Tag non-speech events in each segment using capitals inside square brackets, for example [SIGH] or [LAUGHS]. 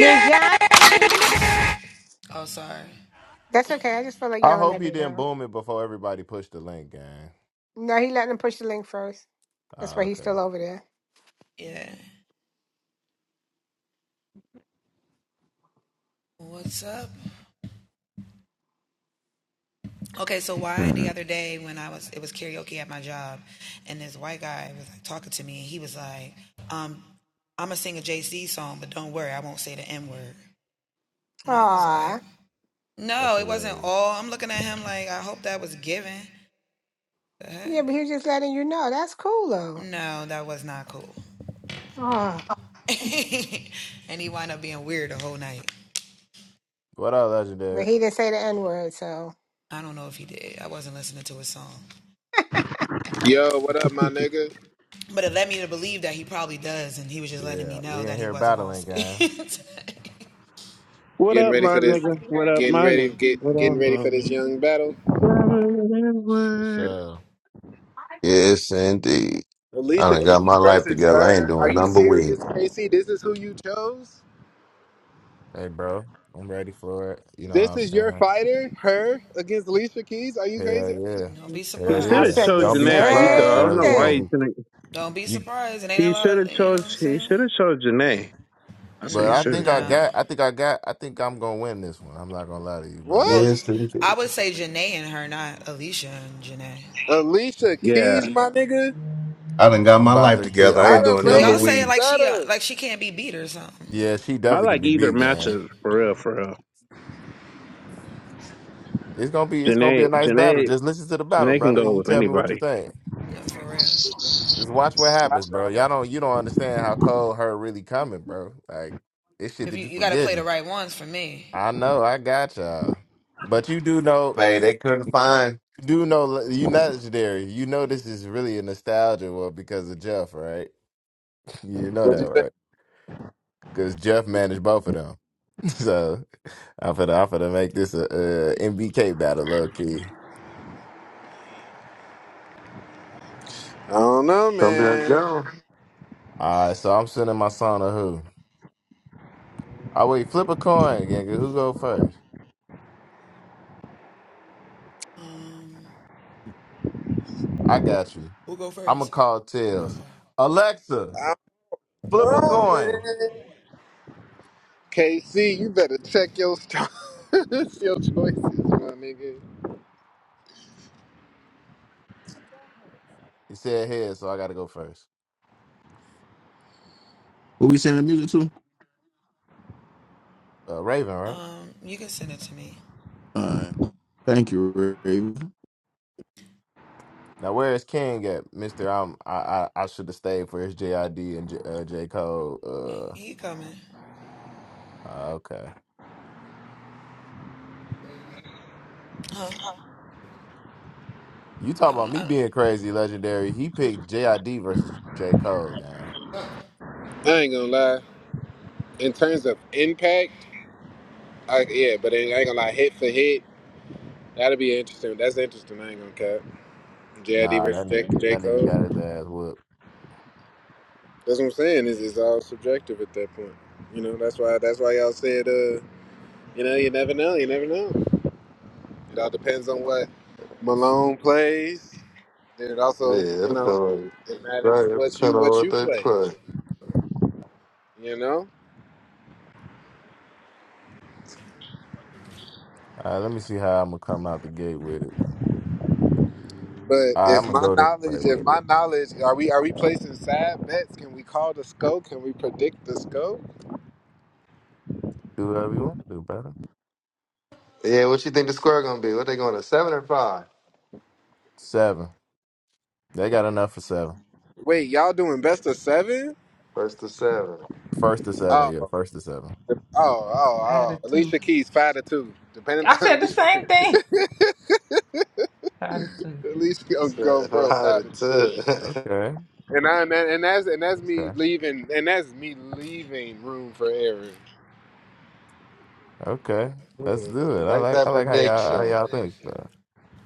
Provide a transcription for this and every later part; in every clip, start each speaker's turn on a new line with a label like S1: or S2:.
S1: Bijan. That's okay. I just feel like
S2: I
S1: yelling
S2: hope
S1: at
S2: he didn't
S1: Bijan.
S2: boom it before everybody pushed the link, gang.
S1: No, he let him push the link first. That's
S2: Ah,
S1: why he's
S2: okay.
S1: still over there. Aw.
S2: That's hilarious.
S1: Yeah, but he was just letting you know. That's cool though. Aw.
S2: What up,
S1: But
S2: legendary?
S1: he didn't say the N word, so
S3: Yo, what up, my nigga?
S2: Shit, we in here battling, gang.
S4: What
S3: Getting
S4: up,
S3: ready
S4: my
S3: for this.
S4: nigga? What up,
S3: Getting
S4: my
S3: ready.
S4: nigga? What
S3: Get getting
S4: up,
S3: ready
S4: my
S3: for this young battle.
S2: For
S4: nigga?
S2: sure.
S5: Yes, indeed. I
S3: Alicia
S5: done got my
S3: Keys
S5: life
S3: versus
S5: together. I ain't
S3: her. Are
S5: doing
S3: you
S5: number weed.
S3: serious, Casey? This is who you chose.
S2: Hey, bro, I'm ready for it. You know what
S3: This
S2: I'm
S3: is your
S2: saying?
S3: fighter. Her against Alicia Keys. Are you crazy?
S2: Hell
S3: Are you
S2: yeah.
S3: kidding me?
S4: He
S2: Hell
S1: I
S4: should have
S2: yeah.
S1: said
S4: chose
S1: the
S2: Don't be
S4: Janae Aiko.
S2: surprised,
S4: I don't
S1: same
S2: guys.
S4: know
S2: You're
S4: why
S2: gonna
S4: he
S1: thing.
S2: be
S4: didn't.
S2: you.
S4: He should have chose. He should have chose Janae. I said
S2: But
S4: he
S2: I
S4: should
S2: think
S4: have
S2: I
S4: chose.
S2: got. I think I got. I think I'm gonna win this one. I'm not gonna lie to you, brother.
S3: What?
S5: Yes, indeed.
S3: Alicia Keys,
S4: Yeah,
S3: my nigga.
S5: I done got
S2: I'm
S5: my
S2: about
S5: life
S2: to kill.
S5: together.
S2: I'm
S5: I
S3: I
S5: ain't
S2: about to
S3: done
S5: doing
S2: kill
S5: number
S3: raised you
S2: Alicia.
S5: weed.
S3: better.
S2: Yeah, she
S4: I
S2: definitely could
S4: like
S2: be
S4: either
S2: beat, gang.
S4: matchup for real, for real.
S2: It's gonna be. It's gonna be a
S4: Janae,
S2: nice battle.
S4: Janae,
S2: Just listen to the battle,
S4: Janae can
S2: brother.
S4: go
S2: You
S4: with
S2: tell me what you
S4: anybody.
S2: think. Just watch what happens, bro. Y'all don't you don't understand how cold her really coming, bro. Like it's shit that you forgetting. I know, I got y'all. But you do know
S5: Man, they couldn't find.
S2: you do know you not legendary. You know this is really a nostalgia one because of Jeff, right? [LAUGHS] You know
S3: What
S2: that,
S3: you say?
S2: right? Because Jeff managed both of them. [LAUGHS] So I'm finna I'm finna make this a, MBK battle, low key.
S3: I don't know,
S6: Come back
S3: man.
S6: down.
S2: Alright, so I'm sending my son to who? Oh wait, flip a coin, nigga. Who go first? I got you. I'm gonna call tails. Alexa,
S3: I
S2: flip a
S3: don't know,
S2: coin.
S3: man. KC, you better check your st- [LAUGHS] your choices, my nigga.
S2: He said head, so I gotta go first.
S7: Who we sending the music to?
S2: Uh, Raven, right?
S7: All right. Thank you, Raven.
S2: Now where is King at, Mister? I'm. I I, I should have stayed for his JID and J, uh, J Cole. Uh, uh, okay. You talk about me being crazy, legendary. He picked JID versus J Cole, gang.
S3: I ain't gonna lie. in terms of impact, I, yeah, but it ain't gonna lie, hit for hit. That'll be interesting. That's interesting. I ain't gonna cut. JID
S2: Nah,
S3: versus
S2: that
S3: J,
S2: nigga,
S3: J.
S2: that nigga got
S3: Cole.
S2: his ass whooped.
S3: That's what I'm saying. Is it's all subjective at that point. You know, that's why that's why y'all said, uh, you know, you never know. You never know. It all depends on what Malone plays. Then it also,
S6: Yeah,
S3: you
S6: that's
S3: know,
S6: all
S3: it matters
S6: right. Right,
S3: what you
S6: Depend on
S3: what
S6: what
S3: you
S6: they
S3: play.
S6: play.
S3: You know,
S2: All right, let me see how I'm gonna come out the gate with it.
S3: but
S2: All right, I'm
S3: if
S2: gonna
S3: my
S2: go this way
S3: knowledge, if
S2: with it.
S3: my knowledge, are we are we placing sad bets? Can we call the scope? Can we predict the scope?
S2: Do whatever you want to do, brother.
S6: Yeah, what you think the score gonna be? What they going to seven or five?
S2: Seven. They got enough for seven.
S3: Wait, y'all doing best of seven?
S6: First to seven.
S2: First to seven,
S3: Oh,
S2: yeah.
S3: oh,
S2: First to seven.
S3: oh, oh.
S8: Attitude.
S3: Alicia Keys five to two. Depending
S8: I
S3: on [LAUGHS]
S8: said the
S3: Alicia,
S8: same thing. Attitude.
S3: Alicia gonna go
S6: Seven, [LAUGHS]
S3: bro
S6: Five
S3: five
S6: to
S3: to two.
S6: two.
S2: Okay.
S3: And I, and that- and that's and that's me
S2: Okay.
S3: leaving and that's me leaving room for error.
S2: Okay. Let's do
S6: [LAUGHS]
S2: it. I
S6: like
S2: like I
S6: that
S2: like how y'all how
S6: prediction.
S2: y'all think.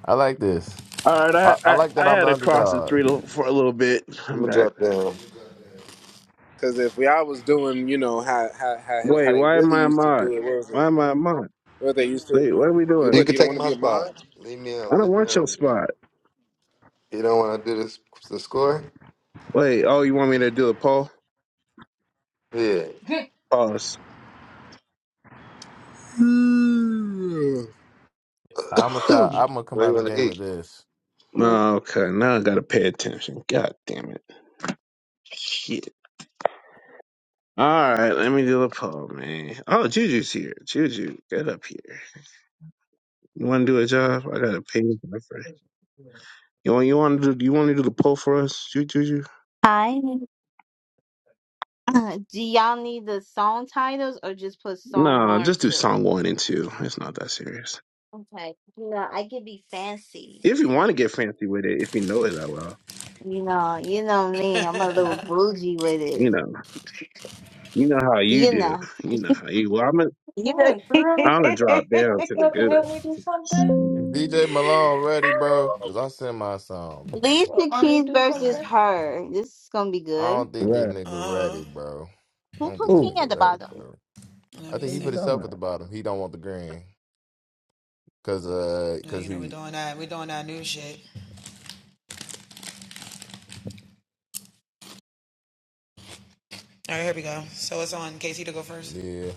S2: I like this.
S4: All right,
S2: I,
S4: I,
S2: I
S4: I
S2: like that
S4: I
S2: I'm
S4: had
S2: the
S4: to cross the
S2: underdog.
S4: street a- for a little bit.
S6: I'm
S4: I'm
S6: gonna
S4: back.
S6: drop down.
S3: Cause if y'all was doing, you know how how how, how
S4: Wait,
S3: they
S4: why am
S3: really
S4: I a
S3: used to
S4: mod?
S3: do it, what was
S4: Why
S3: it?
S4: am I a mod?
S3: What they used to?
S4: Wait, what are we
S3: You
S4: doing?
S6: You
S3: what?
S6: can
S3: You don't
S6: take
S3: want to
S6: my
S3: be a
S6: spot.
S3: mod?
S6: Leave me
S4: I
S6: out.
S4: don't
S6: Leave me
S4: want your
S6: out.
S4: spot.
S6: You don't want to do this the score?
S4: Wait, oh, you want me to do the poll?
S6: Yeah.
S8: [LAUGHS] of
S4: Pause.
S2: I'm a
S6: [COUGHS] what do
S2: I'm gonna come out
S6: you
S2: of the
S6: want
S2: gate
S6: to
S2: with
S6: eat?
S2: this.
S4: No, okay, now I gotta pay attention. God damn it. Shit. Alright, let me do the poll, man. Oh, Juju's here. Juju, get up here. You wanna do a job? I gotta pay you my friend. You want you wanna do you wanna do the poll for us, Ju- Juju?
S9: Hi. Do y'all need the song titles or just put song
S4: No,
S9: one or
S4: just do
S9: two?
S4: song one and two. It's not that serious.
S9: Okay. You know, I could be fancy.
S4: If you wanna get fancy with it, if you know it that well.
S9: You know, you know me. I'm a little bougie with it.
S4: You know. You know how you
S9: You
S4: do.
S9: know. [LAUGHS]
S4: You know how you well I'm gonna
S9: You
S8: What,
S9: know. [LAUGHS]
S8: girl?
S4: I'm gonna drop down to
S8: You
S4: the
S8: have to help me do something?
S4: good.
S2: Is DJ Malone ready, bro? Cause I sent my song. Man.
S8: You
S9: Alicia
S8: want me
S9: Keys
S8: to do
S9: versus
S8: something?
S9: her. This is gonna be
S2: I
S9: good.
S2: don't
S7: All
S2: think this
S7: right.
S2: nigga ready, bro. I
S9: Who
S2: don't
S9: put
S2: think this
S9: King
S7: Oh,
S2: nigga
S9: at the
S2: ready,
S9: bottom?
S2: bro. I think
S7: what are
S2: he
S7: you
S2: put
S7: talking
S2: himself at the
S7: about?
S2: bottom. He don't want the green. Cause uh cause he yeah.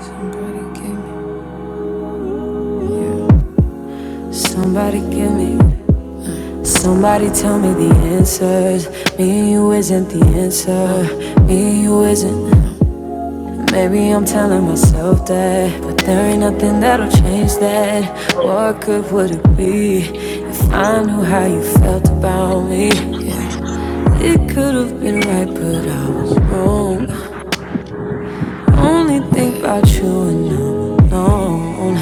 S10: Somebody give me, somebody tell me the answers. Me and you isn't the answer. Me and you isn't. Maybe I'm telling myself that, but there ain't nothing that'll change that.
S3: Oh,
S10: What good would it be if I knew how you felt about me? Yeah. It could have been right, but I was wrong. Only think about you and I'm alone.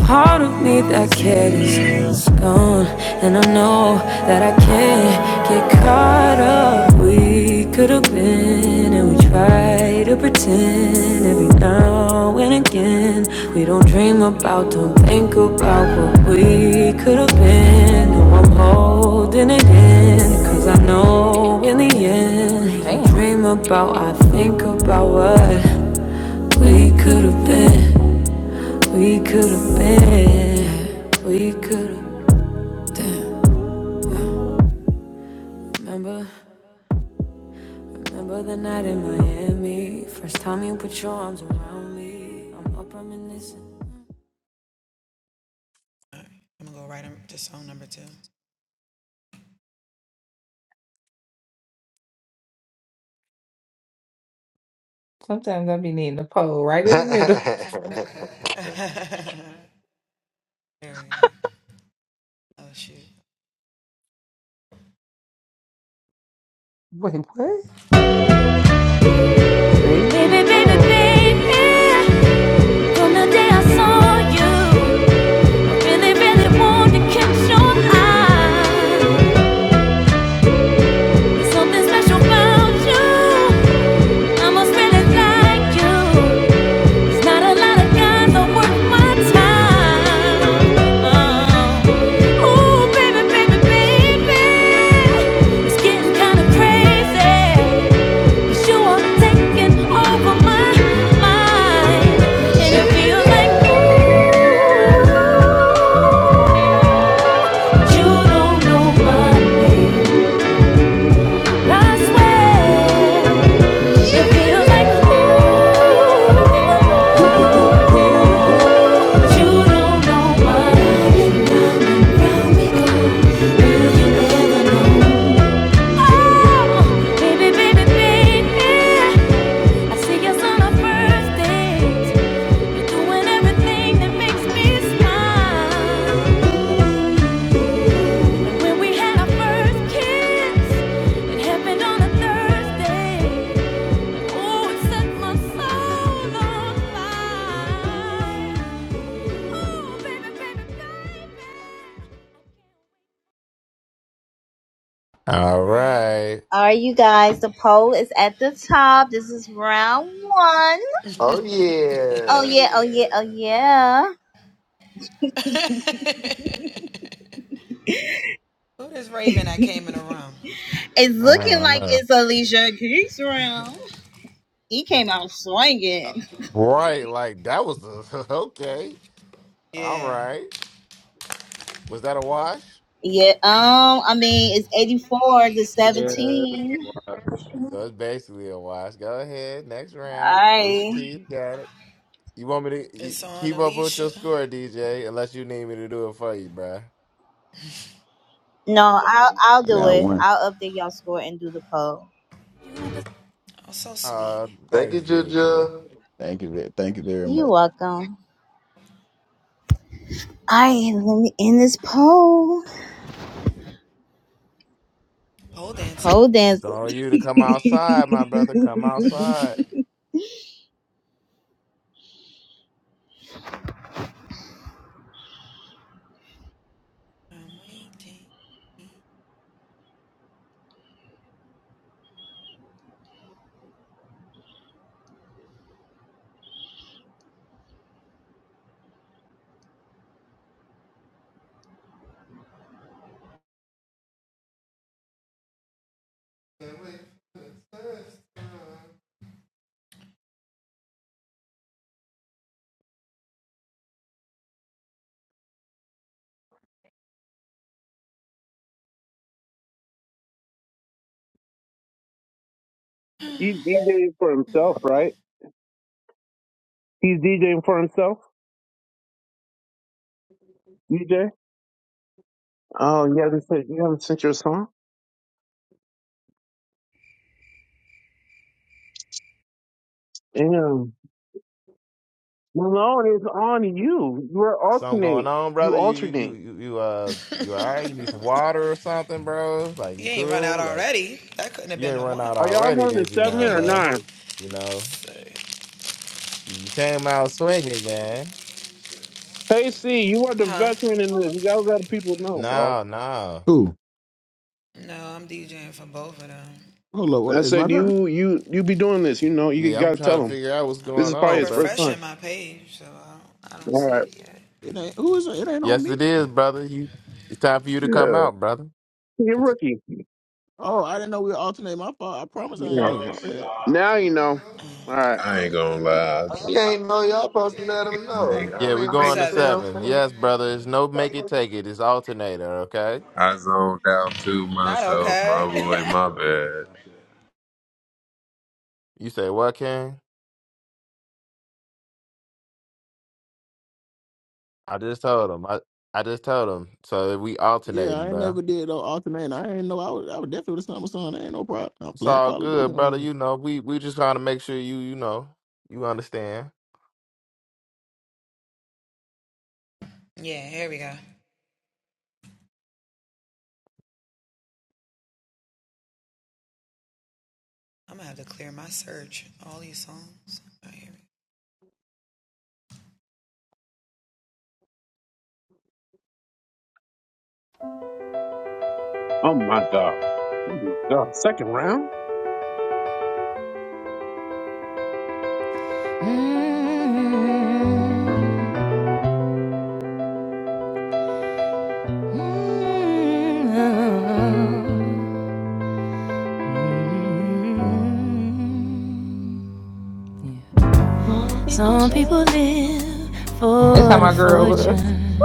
S10: Part of me that cared is gone, and I know that I can't get caught up. We could have been, and we try to pretend every now and again. We don't dream about, don't think about what we could have been. No, I'm holding it in, cause I know in the end, you
S8: Damn.
S10: dream about, I think about what we could have been. We could have been, we could have. Remember, remember the night in Miami. First time you put your arms around me. I'm up reminiscing.
S8: Sometimes I be needing a pole right in the middle.
S6: [LAUGHS]
S8: [LAUGHS] Wait, what? See?
S10: Baby, baby,
S8: Oh.
S10: baby. From the day I saw you, really, really wanted to catch your eye. Something special about you. I must really like you. Not a lot of guys are worth my time. Ooh, baby, baby, baby, it's getting kind of crazy. 'Cause you are taking over my mind, and it feels like ooh, you don't know my I swear, it feels like ooh, you don't know my name. Round Oh, baby, baby, baby. I see us on our first date. You're doing everything that makes me smile. And when we had our first kiss, it happened on a Thursday. Oh, it set my soul on fire. Oh, baby,
S2: All right.
S9: All right, you guys. The poll is at the top. This is round one.
S6: oh
S9: Oh
S6: yeah.
S9: yeah. Oh yeah. Oh yeah. [LAUGHS] It's
S2: I
S9: looking
S2: don't
S9: like
S2: know.
S9: it's Alicia Keys round. He came out swinging.
S2: Right, like that was the [LAUGHS] okay. All right. Was that a wash?
S9: Yeah, um, I mean it's eighty four to
S3: yeah.
S9: seventeen.
S2: So it's basically a wash. Go ahead, next round. Alicia
S9: I
S2: Keys got it. You want me to y- keep up with your score, DJ, unless you need me to do it for you, bruh.
S9: no, I'll I'll
S7: I
S9: do
S7: got
S9: it.
S7: one.
S9: I'll update y'all score and do the poll.
S2: Uh,
S6: Thank you,
S2: thanks, Juju.
S6: Juju.
S7: Thank you. ve- Thank you very
S9: You're
S7: much.
S9: welcome. I am let me end this poll. Poll dance.
S2: It's
S9: All
S2: on you to come outside, my brother. Come outside.
S4: He's DJing for himself, right? He's DJing for himself. DJ. Oh, you haven't sent you haven't sent your song. Damn. Malone is on you. You are
S2: Something going
S4: alternate.
S2: on,
S4: You
S2: brother? You you
S4: alternate.
S2: you you uh you all right? You need some water or something, bro? Like you cool? Like you ain't run out
S4: Are y'all
S2: already,
S4: going to
S2: did you
S4: seven
S2: now,
S4: or
S2: bro?
S4: nine?
S2: You know? You came out swinging, gang.
S4: Hey, C, you are the veteran in this. You gotta let people know, bro.
S2: No, no.
S7: Who? Hold up. What
S4: I
S7: is my
S4: said
S7: turn?
S4: you you you be doing this. You know you
S2: Yeah, I'm
S4: gotta tell
S2: trying to
S4: them.
S2: figure out what's
S4: This
S2: going
S4: is probably
S2: on,
S4: his first
S2: brother.
S4: time. All right.
S7: It ain't. Who is it? It ain't on
S2: Yes,
S7: me.
S2: it is, brother. You, it's time for you to come
S4: Yeah.
S2: out, brother.
S4: You're a
S2: It's
S4: rookie.
S7: Oh, I didn't know we alternate. My fault. I promise I ain't
S4: Yeah.
S7: know. My bad.
S4: Now you know. All right.
S3: I ain't gonna lie.
S6: You ain't know y'all supposed to let him
S3: I
S6: know.
S3: ain't gonna.
S2: yeah,
S6: Y'all
S2: we're
S6: ain't
S3: I ain't
S6: break
S2: going to
S6: it
S3: gonna.
S6: down
S2: seven.
S6: for him.
S2: Yes, brother. It's no make it take it. It's alternator, okay?
S3: I zoned out too myself, my boy, my bad.
S2: You say what, King? I just told him. I I just told him. So we
S7: Yeah,
S2: alternating,
S7: I ain't
S2: bro.
S7: never did no alternate. I ain't know. I was. I was definitely with my son. Ain't no problem. I'm
S2: It's
S7: playing
S2: all
S7: Call of Duty
S2: good, brother. You know, we we just trying to make sure you you know you understand.
S4: Oh my god. Oh my god. Second round.
S10: baby, baby. Mm-hmm. Some people live
S8: This how
S10: for the
S8: my girl was.
S10: fortune.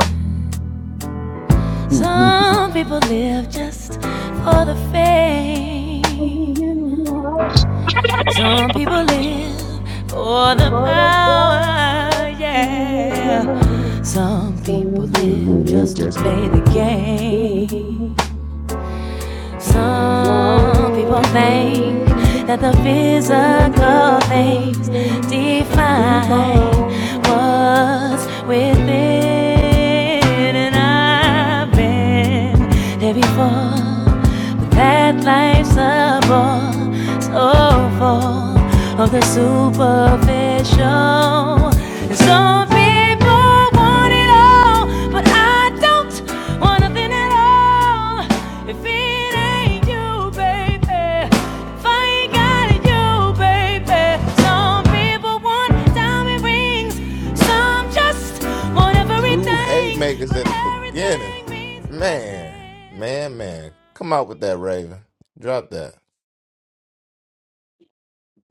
S7: on this.
S10: Some people live
S8: [LAUGHS]
S10: just for the
S4: Ah, [LAUGHS] I
S10: fame. Some people live for the power, yeah. Some people live
S7: [LAUGHS] shit.
S10: just to
S7: Just the
S10: play
S7: play.
S10: the game. Some people think that the physical things define what's within, and I've been there before. But that life's a bore, so full of the superficial. And some people want it all, but I don't want nothing at all. If it ain't you, baby, if I ain't got you baby. Some people want diamond rings, some just want
S2: Two
S10: everything,
S2: haymakers
S10: but
S2: at the beginning.
S10: everything means
S2: Man,
S10: nothing.
S2: man, man. Come out with that, Raven. Drop that.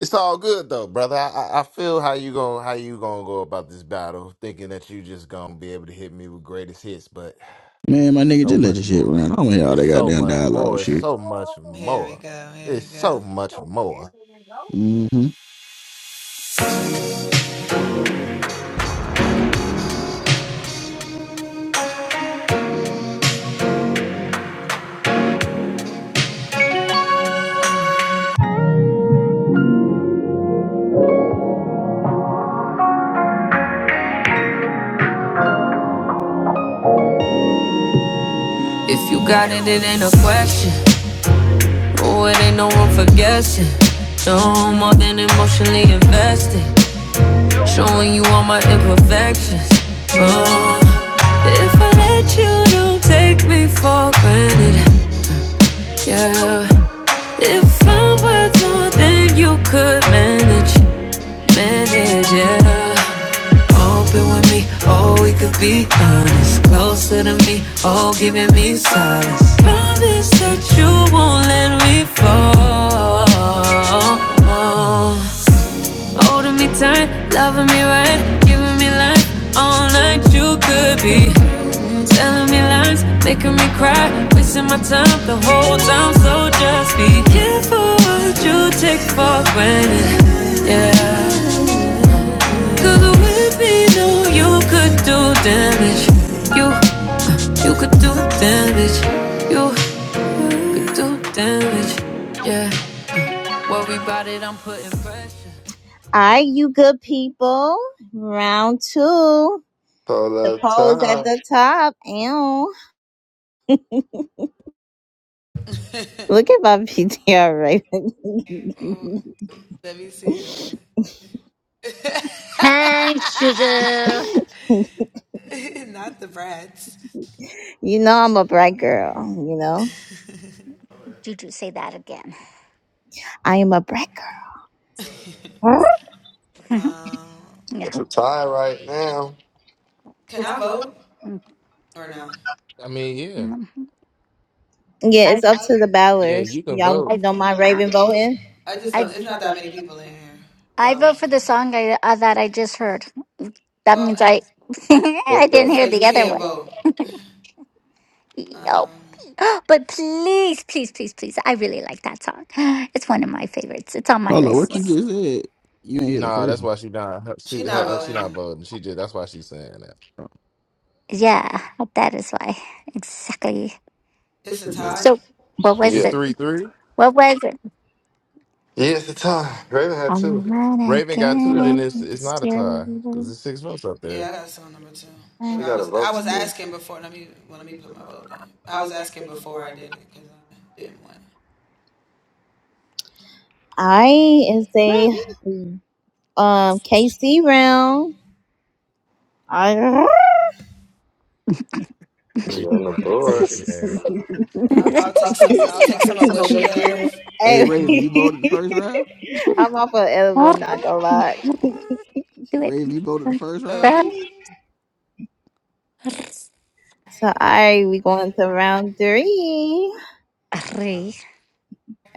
S2: It's all good though, brother. I, I I feel how you going how you gonna go about this battle, thinking that you just gonna be able to hit me with greatest hits, but
S7: Man, my nigga,
S2: so
S7: just let
S2: much
S7: your shit
S2: more.
S7: run. I don't want to hear all
S2: It's
S7: that
S2: so
S7: goddamn
S2: much
S7: dialogue
S2: more. It's
S7: shit.
S2: so much more. It's so much more.
S7: hmm
S10: If you got it, it ain't a question. Oh, it ain't no room for guessing. No I'm more than emotionally invested. Showing you all my imperfections. Oh, if I let you, don't take me for granted. Yeah. If I were to, then you could manage, manage, yeah. Open with me, oh, we could be honest. Closer to me, oh, giving me solace. Promise that you won't let me fall. Holding me tight, loving me right, giving me life all night. You could be telling me lies, making me cry, wasting my time the whole time. So just be careful what you take for granted. Yeah, cause with me, no, you could do damage. You, uh, you could do damage. You could do damage. Yeah, worry about it, I'm putting pressure.
S9: right, you good people. Round two.
S6: So
S9: The
S6: that
S9: poll's at
S6: time.
S9: the top. Ew. Look at my PTR
S11: Hey, Juju.
S9: right. [LAUGHS] You know I'm a bright girl, you know?
S11: Juju, say that again.
S9: I am a bright girl.
S11: [LAUGHS] yeah.
S6: It's a tie right now.
S2: I mean, yeah,
S11: Mhm.
S9: Yeah, it's
S11: I,
S9: up to the
S2: yeah.
S9: ballers.
S2: You can
S9: Y'all
S2: vote.
S11: I,
S9: don't mind Raven voting?
S11: I, I vote for the song I, uh, that I just heard. That means I, [LAUGHS] I
S6: What's
S11: didn't
S6: that?
S11: hear the other one. Yo. But please, please, please, please. I really like that song. [GASPS] It's one of my favorites. It's on my
S7: Hold on, what you
S11: list.
S7: just said? You ain't hear the
S2: Nah,
S7: first
S2: that's
S7: one.
S2: why she not. Her, she her, her- she not voting. She just that's why she's saying that.
S7: Oh,
S11: Yeah, that is why. Exactly.
S7: true that.
S11: So, what was
S2: It's
S6: Yeah.
S11: it?
S2: three three.
S11: What was it?
S6: Yeah, it's a tie. Raven had
S11: All I
S6: two.
S11: want
S2: Raven got
S6: What you
S2: two,
S6: got?
S2: then it's
S11: again
S2: it's
S11: is
S2: not a tie because it's six votes up there.
S6: She got a vote
S11: you.
S6: still. She's on the board.
S9: I is a
S7: What?
S9: um KC round. I
S2: Appreciate it.
S11: [LAUGHS]
S2: Appreciate it.
S7: Hey Raven, you
S9: Hey,
S7: voted the first round.
S9: [LAUGHS] I'm off of edible,
S11: Arr,
S9: not gonna lie.
S11: Do it.
S7: Raven, you voted the first round
S11: Arr,
S7: too.
S11: arr,
S9: So all right, we going to round three.
S11: arr.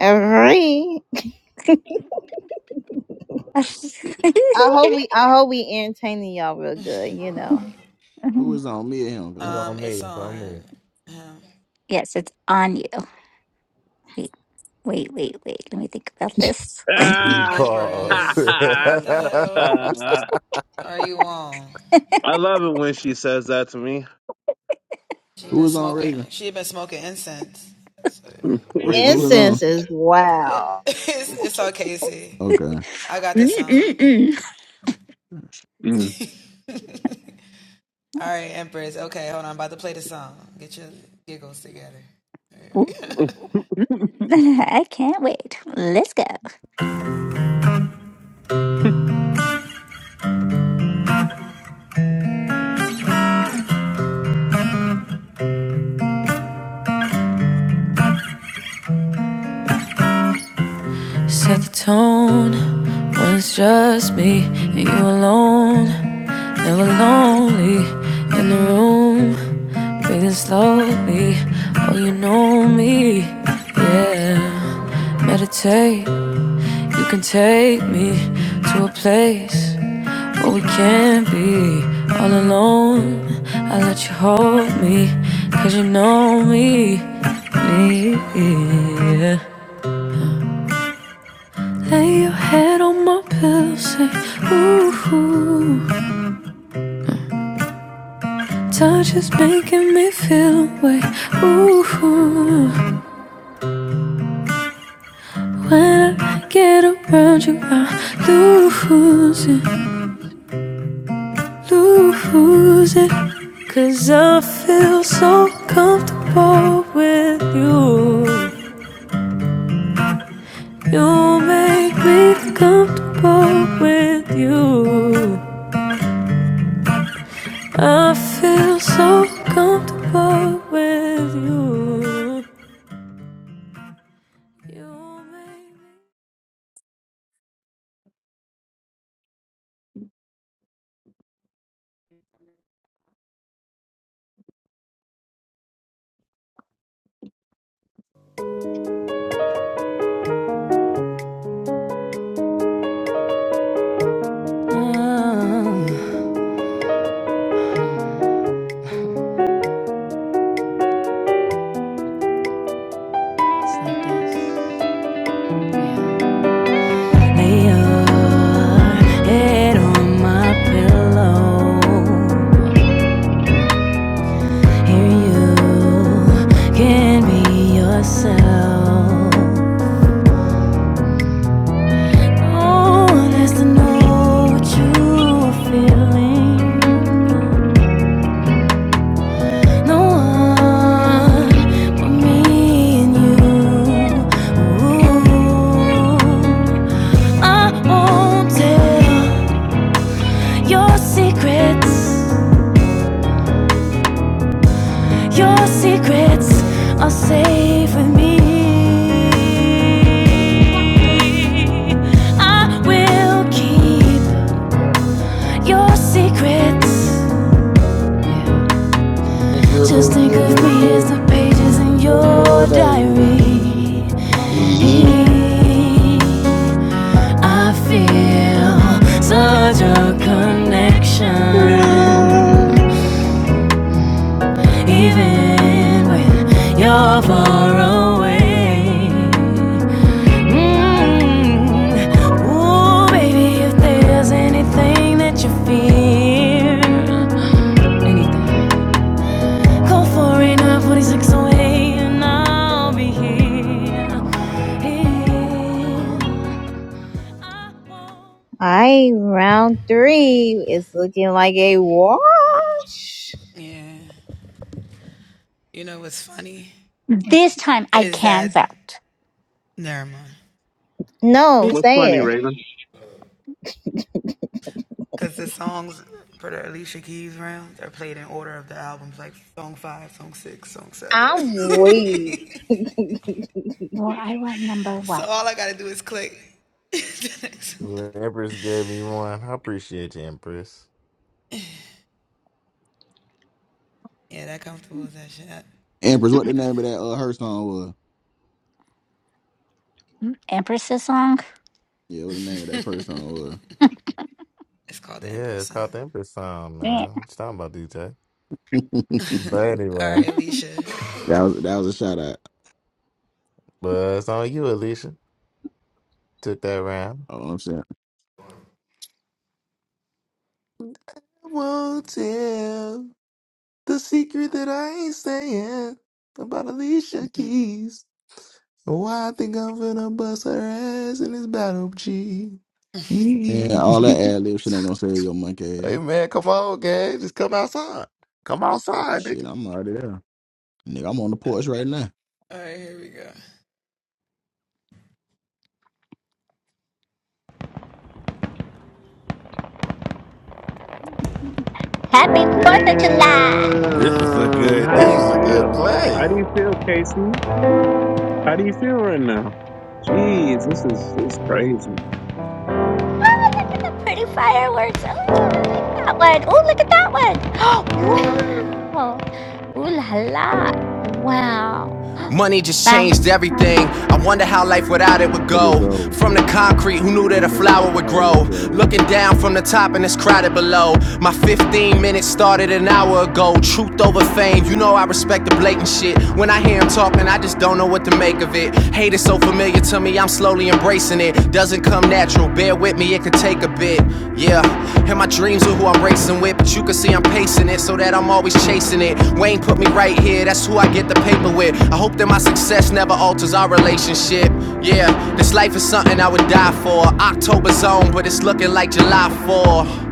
S9: Three. I hope we I hope we entertaining y'all real good, you know.
S7: Who was on me and
S2: It's
S7: him?
S2: on me. It's on me.
S11: Yes, it's on you. Wait, wait, wait, wait. Let me think about this.
S7: Uh,
S2: Pause. [LAUGHS]
S4: love it when she says that to me.
S7: Who was on Raven?
S4: [LAUGHS]
S7: Raven, who was
S9: Incense
S7: on?
S9: is wow.
S7: Okay.
S11: Mm-mm-mm.
S4: Mm.
S11: Ooh.
S4: [LAUGHS]
S11: Mm. [LAUGHS] I can't wait. Let's go.
S10: Set the tone when it's just me and you alone. Never lonely in the room, breathing slowly. Oh, you know me, yeah. Meditate, you can take me to a place where we can't be all alone. I let you hold me, cause you know me, me, yeah. Lay your head on my pillow, say, ooh, Touch is making me feel away, ooh, ooh. When I get around you, I lose it, lose it. Cause I feel so comfortable with you. You make me comfortable with you. I feel so comfortable with you. Secrets Your secrets are safe with me. I will keep your secrets.
S5: Ain't good no
S10: Just think of me
S5: good
S10: as the pages in your
S5: all day.
S10: diary. I feel such a connection, even when you're far away. Mm. Ooh, baby, if there's anything that you fear, call 489-4608 and I'll be here. Here.
S9: I round three is looking like a wash.
S11: This time I can vote.
S9: No,
S11: This,
S4: What's funny,
S9: say it.
S4: Raven?
S9: I'm weak.
S11: well, I want number one.
S2: The Empress gave me one. I appreciate you, Empress.
S7: Empress, what the name of that uh, her song was?
S11: Empress's song.
S7: Yeah, what the name of that first song
S2: Yeah, it's called the Empress song,
S11: Yeah.
S2: man. What you talking about, DJ?
S7: was? [LAUGHS]
S2: But anyway,
S7: that was that was a shout out.
S2: but it's on you, Alicia. Took that round.
S7: All I'm saying,
S2: I won't tell the secret that I ain't saying about Alicia Keys. Oh, I think I'm finna bust her ass in this battle, G.
S7: And
S2: Yee.
S7: all that
S2: [LAUGHS]
S7: ad lib shit ain't gonna save your monkey ass.
S2: hey man, come on, gang. Just come outside. Come outside, nigga.
S7: Shit, I'm already there, nigga. I'm on the porch right now.
S11: Happy
S4: Damn.
S11: Fourth of July.
S2: This was a good
S4: How do
S2: this
S4: you
S2: was a good
S4: feel?
S2: play.
S4: How do
S2: You
S4: you feel, Casey? How do you feel right now? Jeez, this is this is crazy.
S11: Oh, Look at the pretty fireworks. Oh, I like that one. Oh, look at that one. [GASPS] wow. Ooh la la. Wow.
S10: Money
S11: [GASPS]
S10: just changed
S11: Best
S10: everything.
S11: one.
S10: I wonder how life without it
S7: Flower
S10: would
S7: would
S10: go.
S7: grow.
S10: From the concrete, who knew
S7: Who
S10: that a
S7: knew that a
S10: flower would
S7: flower would
S10: grow?
S7: grow?
S10: Looking down from the top and it's crowded below. My 15 minutes started an hour ago. Truth over fame, you know I respect the blatant shit. When I hear him talking, I just don't know what to make of it. Hate is so familiar to me, I'm slowly embracing it. Doesn't come natural, bear with me, it could take a bit. Yeah, and my dreams are who I'm racing with, but you can see I'm pacing it so that I'm always chasing it. Wayne put me right here, that's who I get the paper with. I hope that my success never alters our relationship. Yeah, this life is something I would die for. October's on, but it's looking like July 4.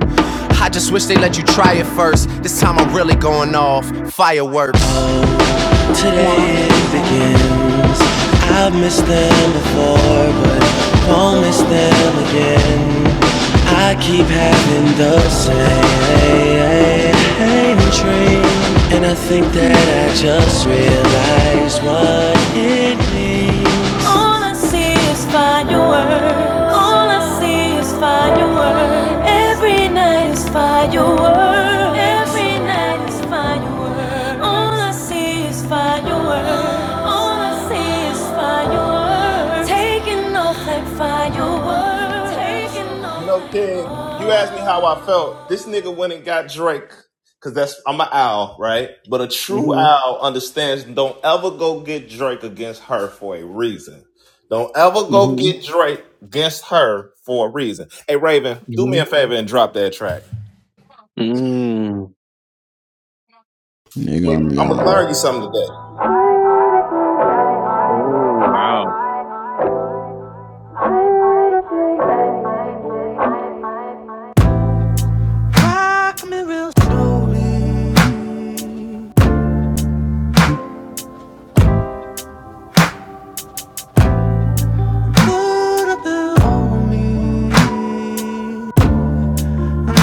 S10: I just wish they let you try it first. This time I'm really going off. Fireworks
S11: Yeah.
S10: today it
S11: So
S10: begins. I've missed them before, but won't miss them again. I keep having the
S11: everything
S10: same
S11: is-
S10: dream, and I think that I just realized what it means. All I see is fireworks. All I see is fireworks. Every night is fireworks. Every night is fireworks. All I see is fireworks. All I see is fireworks. Taking off like fireworks. Taking off
S2: know,
S10: like
S2: King, you asked me
S10: oh.
S2: how I felt. This nigga went and got Drake. Cause that's I'm an owl, right? But a true
S4: hmm
S2: owl understands don't ever go get Drake against her for a reason. Don't ever go
S4: hmm
S2: get Drake against her for a reason. Hey Raven, do me
S4: hmm
S2: a favor and drop that track.
S4: Mm.
S2: I'm
S7: Nigga,
S2: gonna
S7: I'm yawning.
S2: bring you something today.
S4: Oh wow.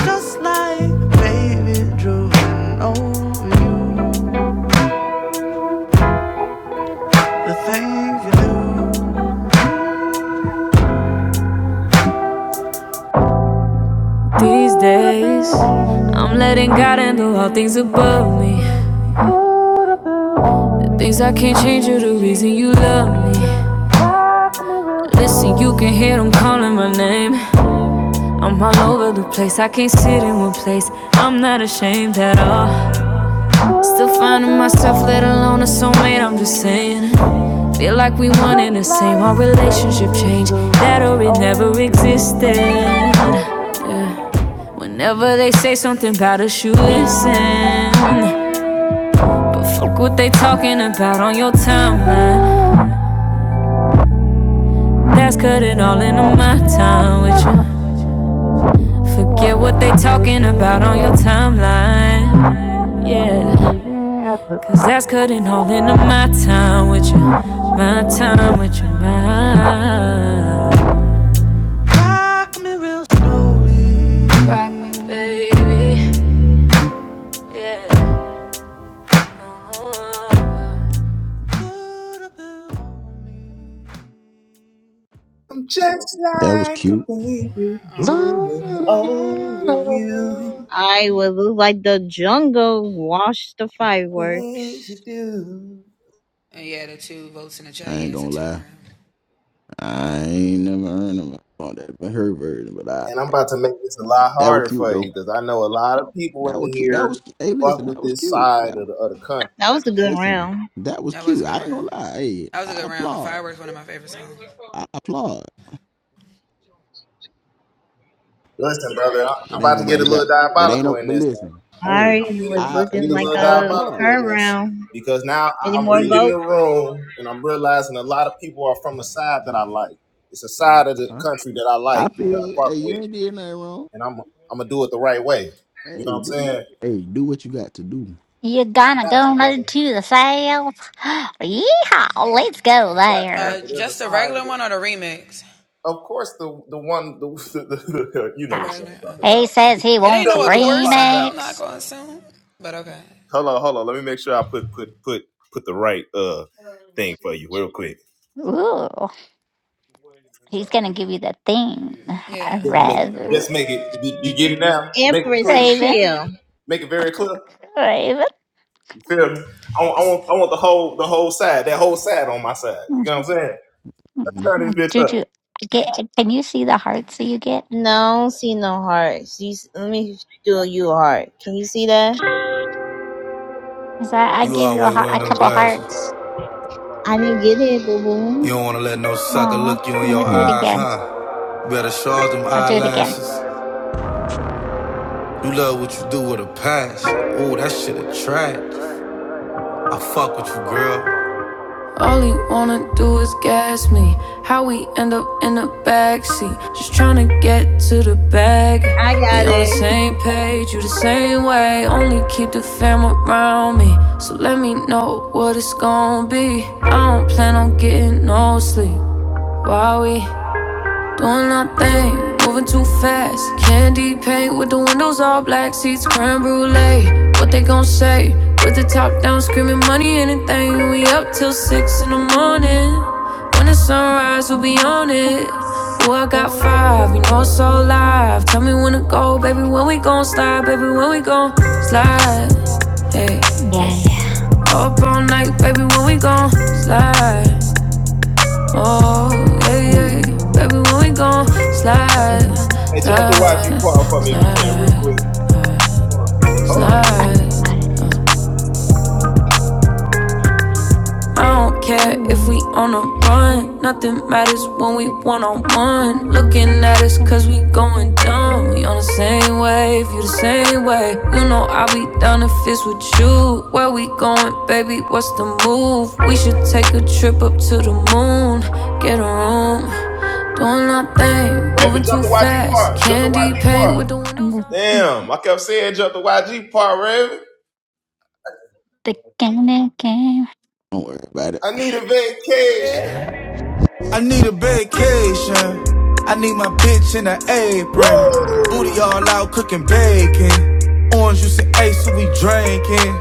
S10: Just These days, I'm letting God handle all things above me. Things I can't change are the reason you love me. Listen, you can hear them calling my name. I'm all over the place, I can't sit in one place. I'm not ashamed at all. Still finding myself, let alone a soulmate, I'm just saying. Feel like we one and the same, our relationship changed. That or it never existed. Whenever they say something about us, you listen. Fuck what they talking about on your timeline. That's cutting all into my time with you. Forget what they talking about on your timeline. Yeah, cause that's cutting all into my time with you. My time with you, my baby. Yeah.
S2: I'm just
S7: That was
S2: like a
S7: cute.
S2: baby, drooling over you
S9: I would look like the jungle washed the
S2: things
S9: fireworks.
S2: you do.
S7: I ain't gonna lie. I ain't never heard of all that, but her version. But I,
S2: And I'm about to make this a lot
S7: that was
S2: harder
S7: cute
S2: for you
S7: though.
S2: because I know a lot of people
S7: That was
S2: in
S7: cute. That was.
S2: here
S7: Hey,
S2: fuck
S7: listen,
S2: with
S7: that was
S2: this
S7: cute.
S2: side
S7: That
S2: of
S7: was,
S2: the, of the country.
S9: That was a good
S7: listen,
S9: round.
S7: that was cute. I ain't gonna lie. Hey, I applaud. I applaud.
S2: Listen, brother, I- I'm
S7: But ain't
S2: about to get a
S7: nobody got.
S2: little
S7: But ain't
S2: diabolical
S7: no.
S2: in
S7: But
S2: this now.
S7: listen. Hey,
S9: I
S2: I'm, being,
S9: was
S2: I'm
S7: I.
S2: about to
S7: Hey,
S2: get
S9: looking
S2: a
S9: like
S7: listen.
S2: little
S7: I
S9: a
S2: diabolical
S7: applaud.
S2: in
S9: her
S2: this
S9: round.
S2: because now
S9: Any
S7: I.
S2: I- I'm
S7: Hey,
S9: more
S2: reading
S9: vote?
S2: the
S7: listen.
S2: room and I'm realizing a lot of people are from a side that I like. It's a
S7: Uh
S2: side of the
S7: huh.
S2: country that I
S7: I
S2: like that
S7: feel
S2: I
S7: you.
S2: fuck
S7: Hey, you
S2: with.
S7: ain't did nothing wrong.
S2: and I'm I'm gonna do it the right way. You know
S7: Hey,
S2: what I'm
S7: do what you.
S2: saying?
S7: Hey, do what you got to do.
S11: You're gonna
S2: Got
S11: go
S2: you, brother.
S11: to the sales? [GASPS] Yeehaw! Let's go
S2: Got you,
S11: there.
S2: brother. There's a sign of it. Of course, the the one the, [LAUGHS] the, the you know which
S11: Gosh.
S2: one I'm talking
S11: He
S2: about.
S11: says he
S2: You
S11: wants a
S2: know which one I'm talking about.
S11: remix.
S2: Hold on, hold on. Let me make sure I put put put put the right uh thing for you real quick.
S11: Ooh. He's gonna give you the thing. [LAUGHS]
S2: Just make
S11: Rather,
S2: just make it. You, you get it now. Make it
S9: Empress
S2: clear.
S11: Raven,
S9: chill.
S2: Make it very clear.
S11: Raven,
S2: You feel me? I want, I want I want the whole the whole side that whole side on my side. You know what I'm saying?
S7: hmm
S2: Turn this bitch up.
S11: Juju, get, can you see the hearts that you get?
S9: No, see no heart. See, let me do you a heart. Can you see that?
S11: Cause I, I
S10: You
S11: gave you a,
S10: always
S11: hea-
S10: wearing
S11: a
S10: them
S11: couple
S10: glasses.
S11: hearts.
S9: I didn't get it, boo
S10: You
S9: boo.
S10: don't wanna let no sucker
S11: Aw,
S10: look you in
S11: let me
S10: your
S11: do it
S7: Don't
S10: eyes,
S11: again.
S10: huh? Better charge them
S11: I'll do it again.
S10: eyelashes. You love what you do with a past. Ooh, that shit attract. I fuck with you, girl. All he wanna do is gas me. How we end up in the backseat? Just tryna get to the bag.
S9: I
S10: We
S9: got
S10: on the
S9: it.
S10: same page, you the same way. Only keep the fam around me. So let me know what it's gon' be. I don't plan on getting no sleep. while we? Doing nothing, moving too fast. Candy paint with the windows all black, seats creme brulee. What they gon' say? With the top down, screaming money, anything. We up till six in the morning. When the sunrise, we'll be on it.
S11: Yes.
S10: Ooh, I got five, you know it's so live. Tell me when to go, baby. When we gon' slide, baby. When we gon' slide, hey, hey.
S11: Yeah.
S10: Up all night, baby. When we gon' slide. Oh,
S11: [LAUGHS] yeah.
S10: yeah, yeah. Baby, when we gon' slide,
S11: Mm.
S2: Hey, Jonathan, watch you
S10: slide,
S2: part for me if you can real
S10: slide,
S2: quick. Hold on. hold on.
S11: I'm
S10: slide.
S11: fine.
S10: I don't care if we
S11: I'm
S10: on a
S8: One
S10: run. Nothing
S8: and
S10: matters
S8: two,
S10: when we
S8: six,
S10: one on
S8: nine,
S10: one.
S8: and
S10: Looking
S8: five,
S10: at us
S8: and
S10: cause we
S8: thirty,
S10: going
S8: thirty,
S10: dumb.
S8: one.
S10: We on the same wave, you the same way. You know I'll be down if it's with you. Where we going, baby? What's the move? We should take a trip up to the moon. Get a room. Doing nothing, moving
S2: Raven,
S10: too
S2: jump the YG
S10: fast.
S2: part. Jump the
S10: Candy
S2: YG
S10: paint
S2: part.
S10: with the windows
S11: The,
S10: all black.
S2: Damn, I kept saying jump the YG part, Raven.
S11: the game.
S7: worry about it.
S2: I need a vacation.
S10: I need a vacation. I need my bitch in an apron. Booty
S2: Woo!
S10: all out cooking bacon. Orange juice and ace, so we drinking.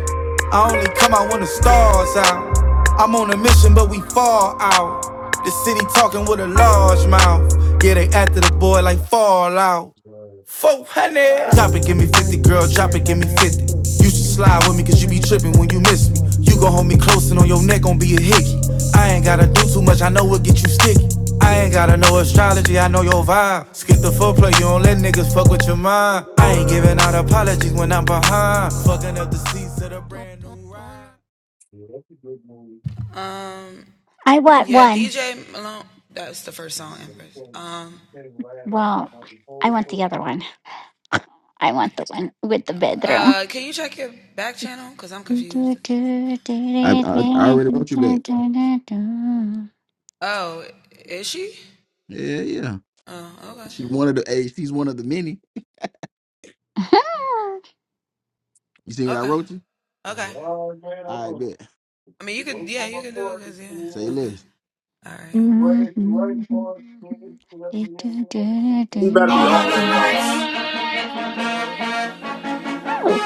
S10: I only come out when the stars out. I'm on a mission, but we fall out. The city talking with a large mouth. Yeah, they after the boy like Fallout. 400. Drop it,
S8: I
S10: give me
S8: forgive me
S10: 50,
S8: fifty
S10: girl, drop
S8: years,
S10: it, give
S8: I
S10: me
S8: forgive me
S10: 50.
S8: fifty
S10: You should
S8: years, and
S10: slide with me,
S8: I
S10: cause
S8: give
S10: you be
S8: me the
S10: trippin' when you
S8: power
S10: miss me. You gon' hold
S8: of
S10: me close and on your neck gon' be a hickey. I ain't gotta do too much, I know what get you sticky. I ain't gotta know astrology, I know your vibe. Skip the foreplay, you don't let niggas fuck with your mind. I ain't giving out apologies when I'm behind. Fucking up the seats of the brand new ride.
S11: I want one. Well, I want the other one. I want the one with the bedroom.
S7: I, I I already wrote you back.
S11: [LAUGHS]
S7: Yeah, yeah. She one of the hey, she's one of the many. You see what I wrote you? I bet. Say
S8: emotion.
S7: less.
S8: Players to right forward, players to left field, going to the play
S2: This better be
S8: forward,
S2: on
S8: right
S2: this song.
S8: forward, to the people forward, to the forward.
S11: Oh,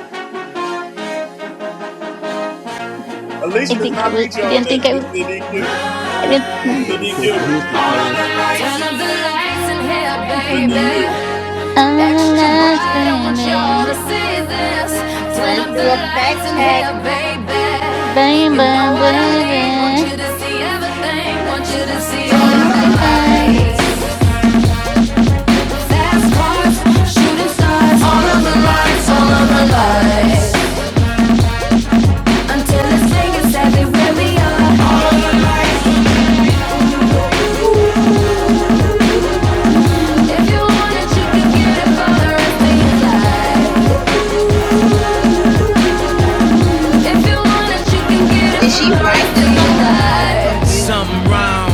S8: We will be between the fifteenth and the nineteenth.
S11: I
S2: Alicia is
S11: think
S2: not
S11: it
S8: They're,
S11: was.
S2: featured
S11: I
S8: they're,
S2: on
S11: didn't
S2: this.
S11: think I
S2: This
S11: was.
S2: is the
S8: they're not
S2: DQ.
S8: getting right
S11: I
S8: for it,
S2: This is
S7: You
S11: didn't.
S8: they
S2: the
S7: better
S8: don't have
S7: check
S8: to
S7: your
S2: DQ.
S8: go
S7: history,
S8: that
S7: player.
S8: field.
S10: Turn
S8: The
S10: up the
S8: players is
S10: lights in
S8: hard as a
S10: here,
S2: This is
S8: thousand
S2: the
S11: [LAUGHS]
S10: baby.
S2: DQ.
S11: I'm
S10: Extra
S11: a lost
S10: bright, I want y'all
S11: baby,
S10: to see this. Turn
S9: Let's
S10: up
S9: do
S10: the
S9: a fact
S10: lights in
S9: check.
S10: here, baby. You know
S11: baby,
S10: what I need. Want
S11: baby.
S10: you to see everything. Want you to
S9: Let's
S10: see all
S11: Sing
S9: see.
S10: of the
S11: everything.
S10: lights. Fast cars, shooting stars. All of the lights, all of the lights. Until it's saying exactly where we are. All of the lights. If you want it, you can get it for the rest of your life. If you want it, you can get it
S9: Did
S10: for
S9: she
S10: the
S9: write
S10: rest
S9: this
S10: of your
S9: song? I'm
S10: life.
S9: confused.
S10: Something wrong.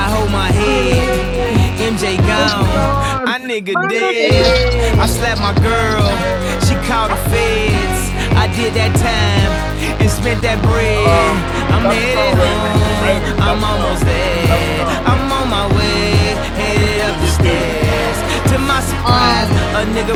S10: I hold my
S4: Hallelujah.
S10: head. MJ
S4: Thank you,
S10: gone.
S4: God.
S10: I nigga
S9: Look at
S4: Hallelujah, God.
S10: dead. I
S9: that.
S10: slapped my
S8: miles.
S10: girl. She called the
S8: And
S10: feds.
S11: Oh.
S10: I did that time and spent that bread.
S2: Um,
S10: I'm
S2: stop the
S10: headed
S2: song, Raven. Raven,
S10: home. I'm
S2: stop the
S10: almost
S2: song. Stop the
S10: there.
S2: song.
S10: I'm on my way. Headed
S2: This is
S10: up
S2: the
S10: the
S2: DQ.
S10: stairs years. To my surprise,
S9: Um,
S10: a nigga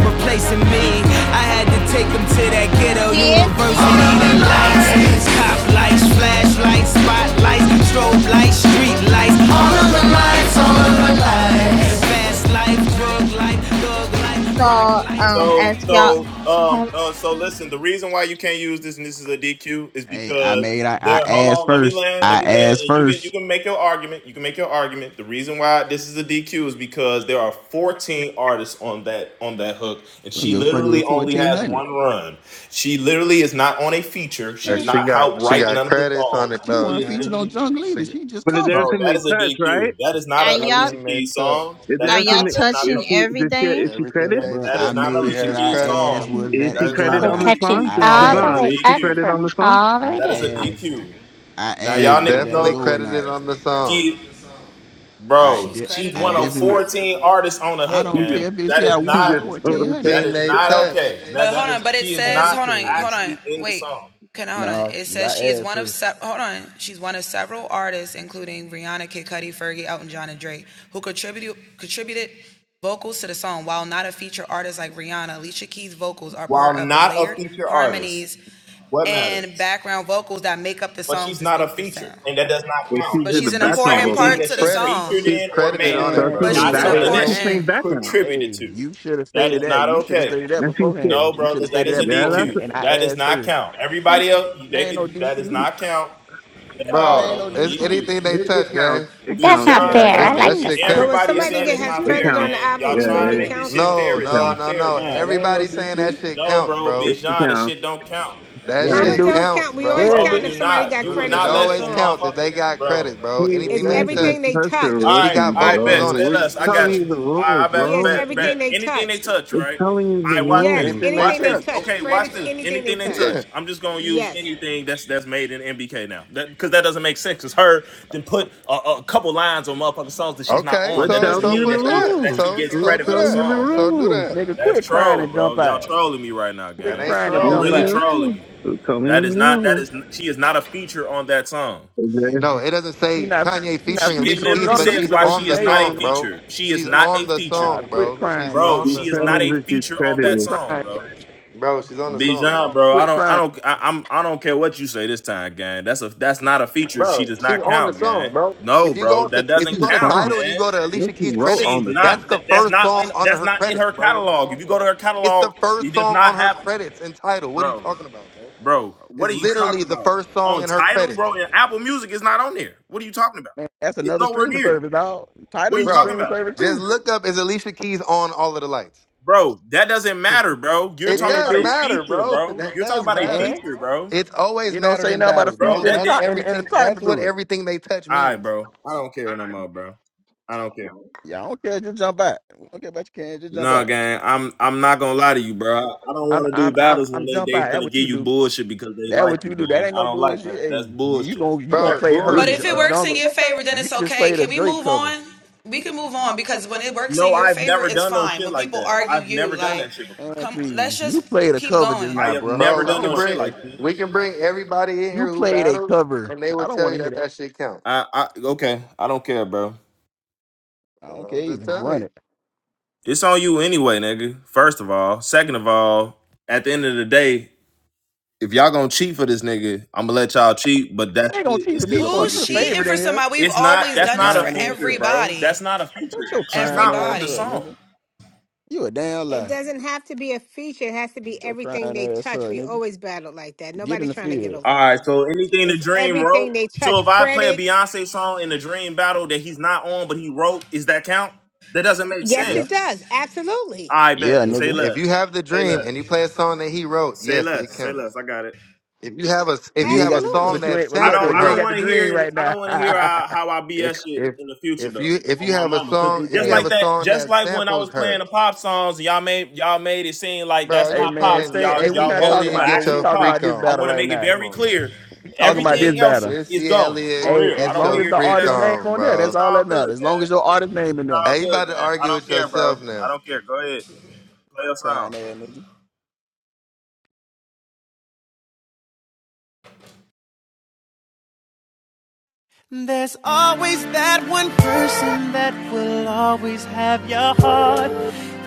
S2: This is
S10: replacing
S2: the
S10: me.
S2: DQ.
S10: I had to take him to that ghetto
S9: kids
S10: university.
S9: feature
S10: All
S9: on
S10: The
S9: the
S10: lights,
S9: song.
S10: cop lights, flashlights, spotlights, strobe lights, street lights. All of the lights, all of the lights. Fast life, drug life, thug life, rock
S9: So, um,
S10: life.
S2: So
S9: as y'all,
S2: so um
S9: home,
S2: uh, so listen, the reason why you can't use this and this is a DQ is
S7: Hey, I
S2: because
S7: made I, I
S2: there hold
S7: asked
S2: on, let me
S7: first.
S2: land,
S7: I
S2: let me land,
S7: asked
S2: and you can you
S7: first.
S2: can make your argument. You can make your argument. The reason why this is a DQ is because there are 14 artists on that on that hook, and
S7: I don't
S2: she
S7: give a fuck
S2: literally
S7: with
S2: only
S7: fourteen
S2: has
S7: hundred.
S2: one run. She literally is not on a feature. She
S6: And
S7: Man,
S2: did
S6: she
S2: not
S6: got
S2: help
S6: she
S2: write
S6: got
S2: none of the
S6: credits on
S2: songs.
S6: it
S7: she
S6: though,
S2: She
S7: wasn't
S2: is
S7: featured
S6: gang.
S7: on
S2: literally
S7: Jungle either.
S6: She
S7: She just
S4: But is
S2: Bro,
S7: covered it.
S4: everything
S2: that is
S4: they
S2: a
S4: touch, right?
S2: DQ. That is not
S9: are
S2: a
S9: y'all,
S2: Alicia
S6: everything they
S2: Keys
S6: touch.
S2: song.
S4: Is
S2: That's
S9: are y'all
S4: everything
S2: not.
S4: that
S2: That's not
S4: is
S9: touching
S2: something.
S4: she is she, is
S9: everything?
S4: she
S6: Everything
S4: credit?
S2: That
S6: they
S7: Bruh,
S2: that
S7: I
S2: is
S6: touch,
S2: not an
S6: she
S7: made
S2: Alicia
S7: sure
S6: has
S7: I
S2: Keys
S6: credit
S2: song.
S7: asked
S6: from.
S7: was
S4: Is
S7: that
S4: she
S7: a
S2: That is
S7: go
S2: not
S4: credit
S7: or
S2: an
S11: We're
S4: on the
S7: not.
S2: Alicia
S11: touching
S4: song?
S2: Keys
S4: This
S7: I
S4: is the
S2: song.
S11: all
S2: That
S11: the
S2: is a
S4: song.
S11: way
S7: asked.
S4: Is she
S11: up
S2: DQ.
S4: credit on the
S11: from
S4: song?
S11: all the way
S7: I
S2: That is
S11: down.
S2: a
S7: asked.
S2: DQ.
S7: I
S2: Now
S6: She is
S2: y'all
S7: asked was
S2: niggas
S7: that a
S6: definitely
S2: know
S7: go or not.
S6: credited on the song.
S2: she,
S7: I
S2: bro.
S7: de-
S2: She's
S7: I
S2: one of
S7: definitely
S2: fourteen artists on the
S7: I
S2: hook
S7: don't
S4: She's a
S2: gang.
S7: care if it's
S2: That
S7: yeah
S2: is
S7: one
S4: she's
S7: out of
S2: not.
S6: It's
S7: fourteen hundred.
S2: That
S4: a
S6: anything
S2: is
S4: [LAUGHS]
S6: they
S2: not
S6: touch.
S2: okay. That that is. She is
S7: Man, you
S2: not
S7: crazy.
S2: actually in the song.
S7: No, because I asked first.
S2: While not a feature artist, what matters? But she's not a feature, and that does not
S4: And she
S2: count.
S4: did the
S2: It's it's
S4: background vocal.
S2: everything
S6: She's
S2: that she's
S6: credit.
S2: featured
S6: She's
S2: in or
S6: credited
S2: made,
S6: on
S4: So
S6: it,
S7: Man,
S4: she
S6: bro.
S4: did
S7: please.
S2: not
S6: She
S4: back,
S7: Hey,
S2: something
S6: has,
S4: it's
S2: that
S4: the
S7: bro.
S4: same
S2: she
S4: background.
S2: contributed
S7: Hey,
S2: to.
S7: you should have
S2: That
S7: stated
S2: is
S7: that.
S2: not
S7: You should have
S2: okay.
S7: stated that
S4: And she said,
S2: No,
S7: beforehand. You should
S2: brother,
S7: have
S2: that
S7: stated
S2: is a
S7: that
S4: yeah, that's,
S7: beforehand.
S2: DQ.
S7: And
S4: a,
S7: I
S2: That does
S7: asked
S2: not
S7: first.
S2: count.
S7: And
S2: Everybody else, they
S7: there ain't no
S2: can. That does
S7: DQ.
S2: not count at
S7: Nah,
S2: all.
S7: there ain't
S6: bro.
S7: no
S2: That's a
S6: It's
S7: DQ.
S2: DQ.
S6: anything they
S4: it, it
S6: touch,
S4: counts.
S6: guys.
S4: It
S11: That's
S4: counts.
S7: It
S11: not
S7: ain't
S2: Dijon,
S4: Yeah,
S7: no
S4: it
S11: fair.
S6: It's,
S2: stop
S11: I
S4: counts.
S6: that
S11: like the
S7: DQ.
S2: it.
S6: shit
S11: song.
S1: But when
S6: counts.
S2: Everybody is
S7: That's
S1: somebody
S7: not
S2: saying
S7: a
S1: get
S2: it's
S1: has
S2: not
S4: It
S7: DQ.
S2: fair,
S1: credit on
S4: counts.
S1: the
S2: gang.
S1: album,
S2: Y'all
S1: we
S4: Yeah,
S7: How you
S2: trying to
S1: normally
S4: it,
S2: make
S7: doing?
S2: this
S1: count
S2: shit
S1: it.
S6: No,
S2: fair.
S4: it
S2: It's
S6: no,
S4: counts.
S2: not
S6: no,
S2: fair,
S6: no.
S7: Nah,
S2: gang.
S7: there ain't no
S6: Everybody saying that
S7: DQ.
S6: shit
S2: No,
S6: counts,
S2: bro,
S6: bro.
S4: It
S2: Bijan, the
S4: counts.
S2: shit don't count,
S4: It
S6: That
S7: Yeah,
S4: counts.
S1: Howard
S6: shit
S7: dude.
S1: don't
S6: counts,
S1: count. We always
S6: bro.
S7: Yeah,
S2: bro. It
S1: count
S7: dude.
S1: if
S2: do
S1: somebody
S2: not.
S1: got
S2: You would
S1: credits
S6: It
S2: not
S1: on the
S2: let a
S6: always
S1: song.
S6: counts if
S2: motherfucker,
S6: they got
S2: bro.
S6: credit, bro.
S4: Hey,
S1: It's
S6: Anything they
S4: she's
S7: Exactly.
S4: is
S1: everything
S6: touch.
S1: they
S4: such a
S2: All
S6: If
S1: touch.
S6: she
S2: right,
S4: rookie,
S6: got
S2: all right,
S6: vocals
S4: bro.
S2: bet.
S6: on it,
S2: Stay
S4: We're
S6: she's
S2: less. I
S6: singing
S4: telling
S2: got you.
S4: you
S6: it.
S4: the
S2: All right,
S4: rules,
S2: I bet, I
S1: Yes,
S4: bro.
S2: bet, bet.
S1: everything they
S2: Anything they
S1: touch.
S2: touch,
S4: We're
S2: right?
S4: telling you
S2: All
S4: the
S2: right, watch this.
S1: Yes,
S4: rules.
S6: Anything they
S2: Watch
S1: anything they
S2: this.
S6: touch.
S1: touch.
S2: Okay, watch
S1: Credits,
S2: this.
S1: anything they
S2: Anything they
S1: touch.
S6: Yeah.
S2: touch. I'm just gonna use
S1: Yes.
S2: anything that's that's made in MBK now. because that that doesn't make sense. It's her. Then put a, a couple lines on motherfucking songs that she's not
S6: Okay,
S2: on.
S4: We're
S2: That
S6: so
S2: doesn't
S4: telling
S6: so
S4: you
S2: mean
S4: the
S6: put
S2: that she
S6: that.
S2: that
S4: rules.
S2: she
S6: So
S2: gets
S4: We're
S6: so
S2: credit
S6: do
S2: for the
S4: telling you the
S6: that.
S2: song, bro.
S6: So do
S4: rules.
S6: that.
S7: Nigga,
S2: That's
S7: quit crying
S2: troll,
S7: and
S2: bro.
S7: jump
S2: Y'all
S7: out.
S2: trolling me right now,
S6: That
S7: Quit
S2: gang.
S6: ain't
S7: crying and
S4: We're
S2: Y'all
S6: troll,
S7: jump
S2: really
S7: out.
S6: nigga.
S4: telling you the
S2: trolling
S4: rules.
S2: me.
S4: We're telling
S2: That is not. That is. She is not a feature on that song.
S7: And
S6: No, it doesn't
S7: she
S6: say
S7: not
S6: Kanye
S7: she
S2: She,
S7: not
S6: featuring
S2: it
S7: featured
S6: Alicia
S7: on
S6: Keys,
S2: literally
S6: but
S7: Jungle
S2: says
S6: she's
S7: either,
S2: why
S7: but she
S2: she
S6: on the
S2: is
S7: made
S2: not a
S7: one.
S6: song,
S7: though.
S6: bro.
S2: feature. She is
S6: She's
S2: not a
S6: on the
S2: feature,
S7: Uh,
S6: song,
S7: quit
S6: bro. She's
S7: crying, nigga.
S2: bro.
S6: on
S4: She's
S6: the
S2: She is not
S6: song,
S2: a
S4: credited. She's
S2: feature on that
S7: Quit
S4: credited.
S2: song,
S7: crying.
S2: bro.
S6: bro. She's on the song, gang.
S2: Bijan, bro. I
S7: Quit
S2: don't, I
S7: crying,
S2: don't, I, I'm, I don't care what you say this time, gang. That's a, that's not a feature. She
S6: Bro,
S2: does
S6: she's
S2: not
S6: on the
S2: count,
S6: song,
S2: gang.
S6: bro.
S2: No,
S6: If you
S2: bro,
S6: go
S2: that
S6: to if you
S2: doesn't
S4: She's
S6: go to
S2: count,
S4: fun.
S6: title and you
S2: man.
S6: go to
S4: This
S6: Alicia
S4: he
S6: Keys
S4: wrote
S6: credits,
S4: on
S2: She's
S4: the
S6: that's
S4: song.
S2: not.
S6: the
S2: That, that's
S6: first
S2: not.
S6: song
S2: In,
S6: under
S2: that's
S6: her
S2: not in
S6: credits,
S2: her
S6: bro. What are you
S2: catalog. If you
S6: talking
S2: go to
S6: about?
S2: her
S6: It's
S2: catalog,
S6: the first
S2: it does
S6: song
S2: not
S6: on her
S2: have, it,
S6: credits and title. What are you
S2: bro,
S6: talking about, bro?
S2: bro. What
S6: It's
S2: are you talking
S6: literally the
S2: about?
S6: first song
S2: On
S6: in her
S2: title,
S6: credits.
S2: bro, and Apple Music is not on there. What are you talking about?
S7: man. That's
S2: It's
S7: another
S2: nowhere
S7: streaming
S2: near.
S7: service, dog.
S2: What
S7: Title
S2: are
S7: is
S2: you
S7: a
S2: talking
S6: Bro,
S7: streaming
S2: about?
S7: service
S6: just
S7: too.
S6: look up is Alicia Keys on all of the lights?
S2: bro. That doesn't matter, bro. You're
S6: It
S7: Yeah,
S2: talking
S7: it
S2: about
S6: does
S2: a
S7: do.
S6: matter,
S2: feature,
S6: bro. [LAUGHS]
S2: bro.
S6: That
S2: You're talking
S6: does
S2: about a
S6: matter.
S7: And
S2: feature, bro.
S6: It's always
S7: you don't
S6: mattered
S7: say
S6: in
S7: nothing about a
S6: battles,
S2: Bro,
S6: bro.
S7: feature in the
S2: that
S6: That's
S2: didn't.
S7: con- in, in the
S6: everything. That's
S7: title
S6: what
S7: to it.
S6: everything they touch
S2: All right,
S6: means,
S2: bro. I don't care no more, bro. I don't care.
S7: Yeah, I don't care. Just jump out. I don't care about you can. Just jump
S2: Nah,
S7: out.
S2: gang. I'm I'm not gonna lie to you, bro. I don't
S7: I'm
S2: want to do
S7: I'm I'm
S2: battles when
S7: I'm
S2: they
S7: jump
S2: they
S7: out. That
S2: finna
S7: what you
S2: give you
S7: do.
S2: bullshit because they
S7: That
S2: like
S7: what
S2: you,
S7: you do. That
S2: man.
S7: ain't
S2: I
S7: no
S2: don't like
S7: bullshit.
S2: that.
S7: Hey,
S2: That's
S7: you, you
S2: bullshit.
S7: gonna you gonna
S2: That's
S6: bro.
S7: play
S6: We,
S7: her
S2: bullshit,
S7: j- a
S2: bro.
S7: jungle? You just played a Drake cover,
S2: No, I've never done no shit like that. I've never done that shit. Before.
S7: man. Please, you played a cover just
S2: I
S7: now,
S2: have
S7: bro.
S2: never
S6: bro,
S7: So
S6: we
S7: I
S2: done
S7: don't
S2: no
S6: can
S7: want
S2: shit
S6: bring
S7: to hear
S2: like
S7: that
S2: that.
S7: shit.
S6: we can bring everybody in
S7: You
S6: here who
S7: played a
S6: battles,
S7: cover.
S6: and they will
S7: I don't
S6: tell
S7: want
S6: you
S7: to hear
S6: that
S7: that.
S6: that shit counts.
S2: I, I okay. I don't care, bro.
S7: I
S6: Uh,
S7: don't care
S6: I'm just
S7: either.
S6: telling
S7: Run it.
S6: you.
S2: It's on you anyway, nigga. First of all. Second of all, at the end of the day, if y'all gonna cheat for this nigga, I'm gonna let y'all cheat, but that's it.
S7: They gonna cheat
S2: It's
S7: for me
S2: still a
S7: for you
S2: fucking
S7: the
S2: cheat,
S7: favorite in
S2: man.
S7: here.
S2: It's not
S7: Your
S2: that's not a
S7: crying ass
S2: feature,
S7: up.
S2: bro. That's not a feature.
S7: Shut your
S2: She's
S7: crying
S2: not on
S7: ass
S2: the
S7: up,
S2: song.
S7: nigga. You a damn
S1: It
S7: lie.
S1: doesn't have to be a feature. It has to be
S7: Shut your
S1: everything
S7: crying
S1: they
S7: ass
S1: touch.
S7: up,
S1: We
S7: nigga.
S1: always battle like that.
S7: Get in
S1: Nobody's
S7: the
S1: trying to get
S7: field.
S1: over on
S2: Alright,
S1: you.
S2: so anything the
S1: It's
S2: dream wrote.
S1: everything they
S2: So
S1: touch.
S2: if I play a
S1: Credits.
S2: Beyonce song in the dream battle that he's not on but he wrote, is that count? That doesn't make
S1: Yes,
S2: sense.
S7: Yeah.
S1: it does. Absolutely.
S2: I bet.
S7: Yeah,
S6: If,
S2: Say
S7: nigga.
S6: if
S2: less.
S6: you have the
S2: Say
S6: dream
S2: less.
S6: and you play a song that he wrote,
S2: Say
S6: yes, it
S2: less. Say
S6: counts.
S2: less. I got it.
S6: If you have a if
S7: But you
S6: you
S7: ain't
S6: have a
S7: got the
S6: song
S7: but
S1: Absolutely.
S7: you
S6: that
S7: ain't but
S2: I
S7: look though,
S2: don't.
S6: sampled
S2: I
S7: you ain't
S2: don't
S6: her,
S7: got the
S2: want to
S7: dream
S2: hear.
S7: right
S2: I
S7: now.
S2: don't want to hear how,
S7: [LAUGHS]
S2: how I
S6: if
S2: BS it
S6: if
S2: in the future
S6: if
S2: though.
S6: you if
S2: On
S6: you
S2: my
S6: have a
S2: mama,
S6: song
S2: because
S6: if
S2: just
S6: you have
S7: hey.
S2: like
S6: a
S2: that,
S6: song
S2: just
S6: that
S2: like when I
S6: samples
S2: was playing
S6: her,
S2: the pop songs, y'all made y'all made it seem like
S6: bro,
S2: that's
S7: Hey
S6: you
S2: not pop.
S7: man,
S2: So
S6: playing
S7: stay
S2: y'all
S7: hey, we
S6: Missy
S2: y'all
S7: not
S2: voted
S7: talking
S2: an
S6: Elliott?
S7: about no,
S6: Get
S7: we
S2: actual
S6: your
S7: talking
S2: pop.
S7: about
S6: freak
S7: this
S2: I
S6: on,
S7: battle
S2: want to
S7: right
S2: make
S6: bro.
S2: it
S7: now.
S6: Come
S2: very
S6: on now.
S2: clear.
S7: We talking
S6: You
S7: about
S6: make
S7: this
S2: Everything else
S7: battle.
S2: is
S6: Missy
S2: gone
S6: Elliott
S2: for
S7: Hey,
S2: real. I
S7: as
S6: get
S2: don't want
S7: long
S2: to
S6: your
S7: as
S2: hear
S7: the
S2: shit
S6: freak
S7: artist
S2: else.
S7: name
S6: on,
S7: on there,
S6: bro.
S7: that's
S2: It's
S7: all
S2: all
S7: that
S2: good,
S7: matters. As long
S2: gang.
S7: as your artist name
S2: It's
S7: in there.
S2: all
S6: Hey, you
S2: good,
S6: about to
S2: gang. I
S6: argue
S2: don't
S6: with
S2: care, bro.
S6: yourself
S2: I
S6: now?
S2: don't care. Go ahead, play a song.
S7: Crying ass nigga.
S10: There's always that one person that will always have your heart.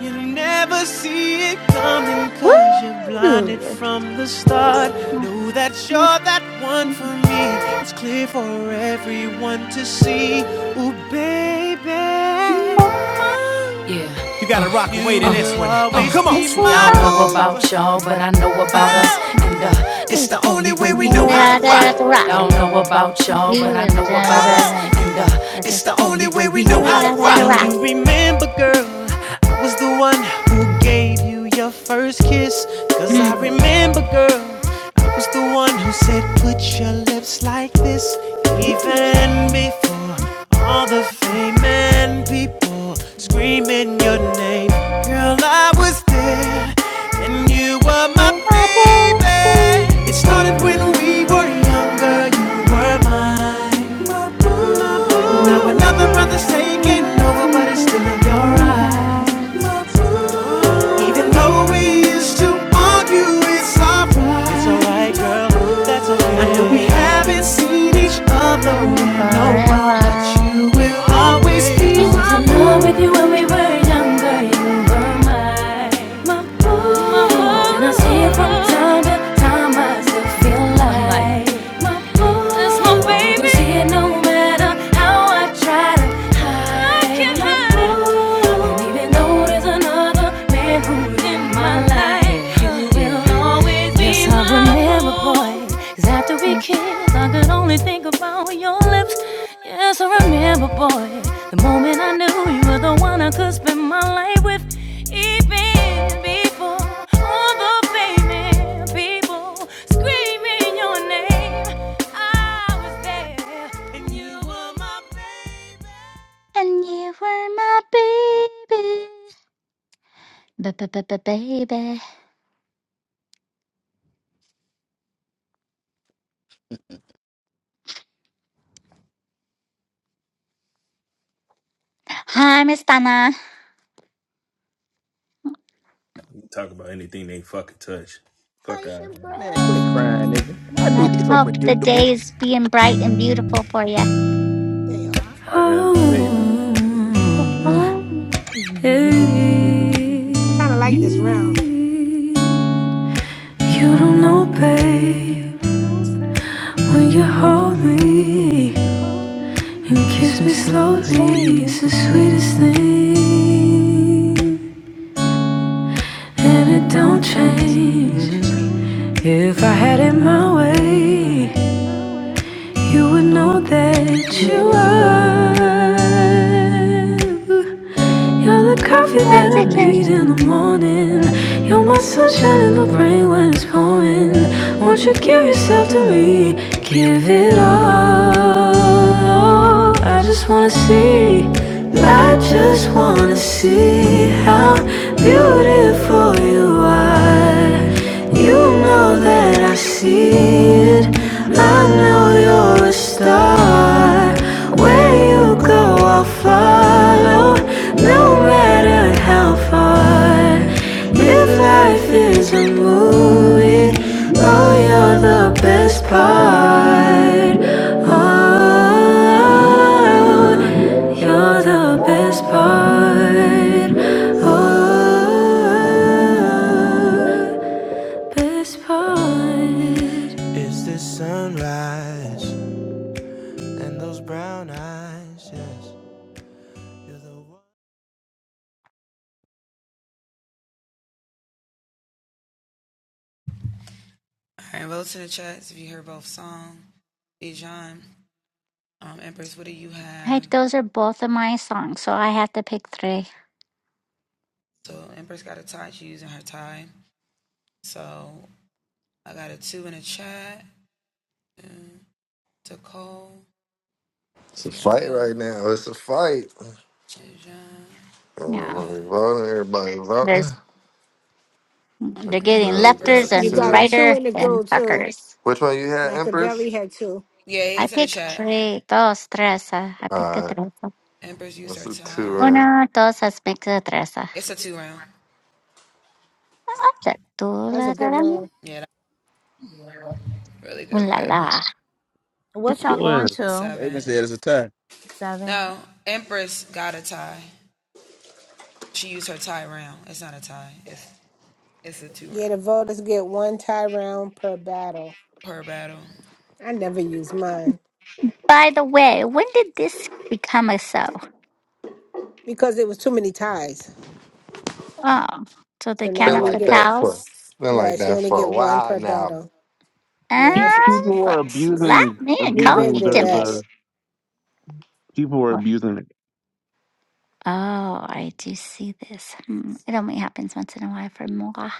S10: You never see it coming
S11: Woo!
S10: cause you're blinded
S11: It's
S10: from the start.
S11: not-
S10: Know that you're
S11: no- Woo!
S10: that one for me. It's clear for everyone to see. Ooh, baby. You gotta rock and wait in this one. Oh, come on. See, I don't know about y'all, but I know about us. And uh, it's the only way we know how to rock.
S11: Ra-da-da-da-da-da,
S10: I
S11: Rock.
S10: don't know about y'all,
S11: You
S10: but I
S11: were
S10: know about us.
S11: the
S10: And uh, it's the only way we know how to rock.
S11: Ra-da-da-da-da-da,
S10: Do
S11: rock.
S10: you remember, girl? I was the one who gave you your first kiss. Cause I
S11: Mm.
S10: remember, girl. I was the one who said, Put your lips like this.
S11: Mm.
S10: Even before all the fame and beauty. Oh, screaming your name. Girl, I was there, and you were my
S11: There's my baby.
S10: baby. It started when we were younger, you were mine. My boo. my boo. Now another brother's taking over, but it's still in your eyes. My boo. Even though we used to argue, it's alright. It's alright, girl, that's alright. I know we haven't seen each
S11: She's
S10: other
S11: been
S10: in a
S11: for a
S10: while, but
S11: while.
S10: you will
S11: And
S10: always be
S11: you
S10: mine
S11: were
S10: in love with you when we were younger. You were my, my boy. My boy. And I see it from time to time. I still feel like my boy. That's my baby. I see it no matter how I try to hide. I can't hide it. And even though there's another man who's in my life, you will always be my boy. yes, I remember, boy. 'Cause after we kissed, I could only think about your lips Yes, I remember, boy, the moment I knew you were the one I could spend my life with. Even before all the famous people screaming your name, I was there.
S11: my baby. Baby. Hi, Miss Donna.
S2: Talk about anything they fucking touch. Fuck
S1: Hi,
S2: out.
S7: Man, quit
S1: Ambrose.
S7: crying, nigga. I knew
S11: I
S7: he's so
S11: hope the
S7: predictable.
S11: day is being bright and beautiful for you.
S1: They are.
S4: I ass baby.
S10: Oh, hey.
S1: I kind of like this round
S10: You don't know, babe, when you hold me. You kiss me slowly, it's the sweetest thing. And it don't change.
S1: thing.
S10: If I had it my
S11: [LAUGHS]
S10: way, you would know that
S1: Yeah, it
S10: you
S1: is a good round.
S10: are. You're the coffee that I need in the
S11: [LAUGHS]
S10: morning. You're my sunshine in the rain when it's pouring. Won't you give yourself to me? Give it all. I just wanna see. I just wanna see how beautiful you are. You know that I see it. I know you're a star. Where you go, I'll follow, no matter how far. If life is a movie, oh, you're the best part. Oh, you're the best part. Oh, best part.
S11: Right, those are both of my songs, so I have to pick three.
S6: It's a fight right now. It's a fight.
S11: Yeah,
S6: Everybody voting. Everybody voting.
S11: there's they're
S6: Okay,
S11: getting
S6: bro, we
S11: lefters
S6: got
S1: You
S11: and
S1: got a
S6: two.
S1: two
S11: writer
S1: and a go,
S11: and
S1: too.
S11: tuckers.
S6: Which one you had, Empress?
S1: Machiavelli had two.
S11: I pick three, dos, tres. uh, I
S6: All
S11: pick a
S6: right,
S11: tres.
S6: that's a two. Man.
S11: Una, dos, has pick a tres. uh. Object, do,
S1: That was
S11: la,
S1: a
S11: la,
S1: good
S11: la, ooh,
S1: round.
S11: la, la.
S4: Whoop
S9: What y'all
S4: your
S9: going
S4: ass.
S9: to?
S7: Raven said it's a tie.
S9: Seven.
S1: Yeah, the voters get one tie round per battle. I never used mine
S11: By the way, when did this become a show?
S1: because it was too many ties.
S11: Oh, so they
S1: So
S11: count
S1: now
S6: Been
S11: up
S1: we
S11: the
S6: like
S1: get
S6: that for
S11: cows.
S6: been
S1: right.
S6: like
S1: So you
S6: that
S1: only
S6: for
S1: get
S6: a
S1: one
S6: while
S1: per
S6: now,
S1: battle. Yeah,
S4: Pe-
S1: that's
S4: People were
S11: Ah,
S4: abusing
S11: slap me and
S1: we've
S11: call
S1: been
S4: abusing
S11: me
S4: the,
S1: did that.
S11: dimples.
S4: the people were abusing it.
S11: Oh, I do see this. Hmm. It only happens once in a while for moi.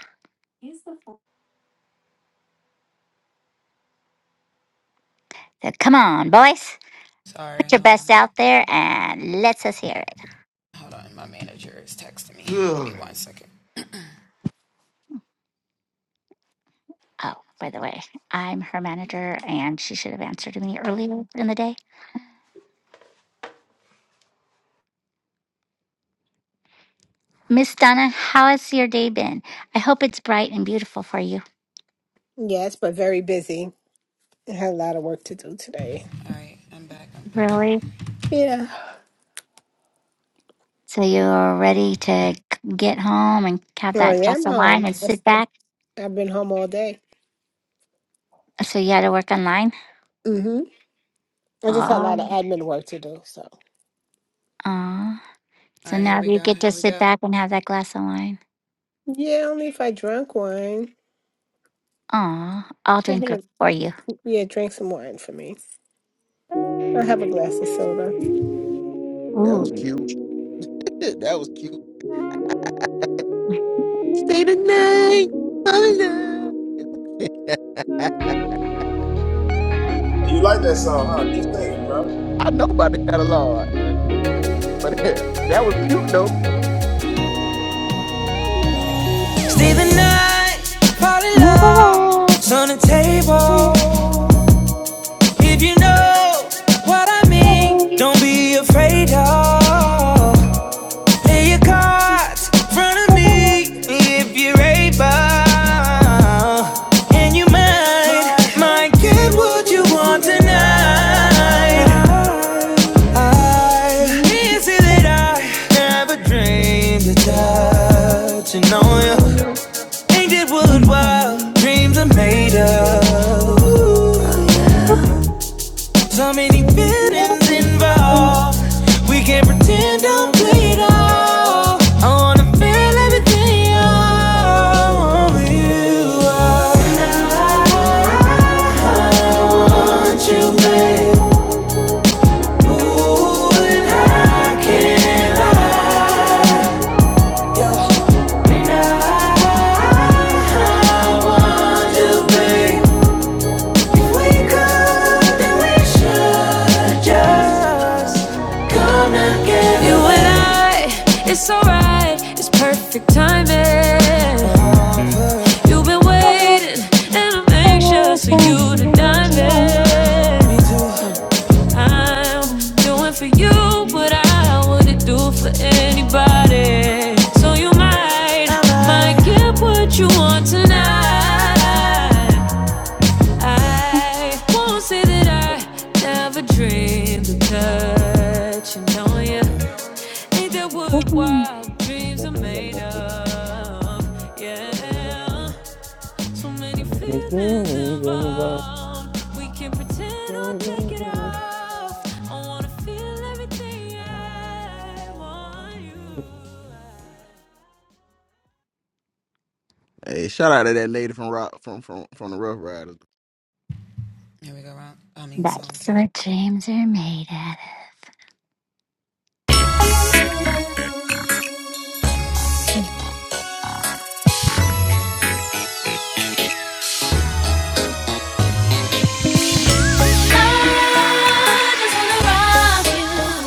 S11: So come on, boys. Put your best out there and let's us hear it.
S6: Ugh.
S11: Oh, by the way, I'm her manager and she should have answered me earlier in the day. Miss Donna, how has your day been? I hope it's bright and beautiful for you.
S1: Yes, but very busy. I had a lot of work to do today.
S11: Really?
S1: Yeah.
S11: So you're ready to c- get home and have
S1: Oh,
S11: that
S1: yeah, I'm
S11: glass of wine
S1: home.
S11: and
S1: I s-
S11: sit
S1: I've
S11: back?
S1: I've been home all day.
S11: So you had to work online?
S1: hmm I just had a lot
S11: Oh.
S1: of admin work to do. So
S11: Aw. So now you get to sit back and have that glass of wine.
S1: yeah, only if I drank wine.
S11: Aw, I'll
S1: I have
S11: drink it
S1: a,
S11: for you.
S1: yeah, drink some wine for me. I have a glass of soda.
S7: That was
S11: Ooh,
S7: cute. [LAUGHS] that was cute. Stay the night. Holla. [LAUGHS]
S2: You like that song, huh? Keep singing, bro.
S7: I know about the catalog, but [LAUGHS] that was cute though.
S10: Even night, party love's
S11: Never
S10: on the
S11: Nevertheless.
S10: table. If you know what I
S7: There
S10: mean, don't be afraid of. Play your cards in front of me if you're able. And you might, might get what you
S7: was the
S10: want tonight.
S7: other night.
S10: I can't say that I never dreamed of
S7: And I think
S10: touching
S7: you
S10: on you.
S7: know
S10: Ain't it worthwhile? Dreams are made
S7: you're later.
S10: of. Ooh, yeah. So
S7: But
S10: many
S7: I think you
S10: feelings
S7: know
S10: involved. We can't pretend don't play it all. I wanna feel everything All over you are. And I I want you, babe. Ooh, and I can't hide. I I want you, babe. We could, then we should You and I, it's alright, it's perfect timing. You've been waiting, and I'm anxious for you to dive in. Me too. I'm doing for you what I wouldn't do for anybody. So you might, might get what you want tonight. I
S11: [LAUGHS]
S10: won't say that I never dreamed of touching on you. Ain't that what
S11: [LAUGHS] Mm,
S10: wild dreams are made
S7: you're
S10: of? Yeah, so many feelings involved. We can not pretend or take it off. I wanna feel everything I want you.
S7: Hey, shout out to that lady from Rock from from from the Rough Riders,
S11: That's what dreams are made out of.
S10: I just wanna rock you.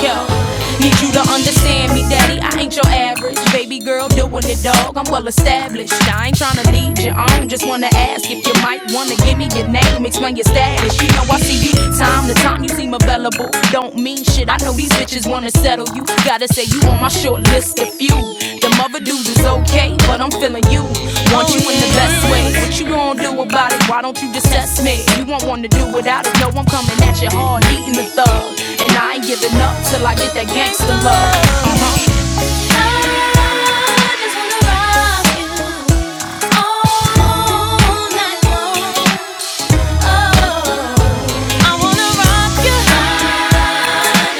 S10: Yo, need you to understand me, daddy. I ain't your average baby girl doing it, dog. I'm well established. I ain't tryna lead you on. Just wanna ask if you might wanna give me your name, explain your status. You know I see you time to time. You seem available. Don't mean shit. I know these bitches wanna settle you. Gotta say you on my short list of few. The mother dudes is okay, but I'm feeling you. Want you in the best way. What you gonna do about it? Why don't you just test me? You won't wanna do without it. No, I'm coming at you hard, eating the thug. And I ain't giving up till I get that gangster love. Uh-huh. I wanna rock you. I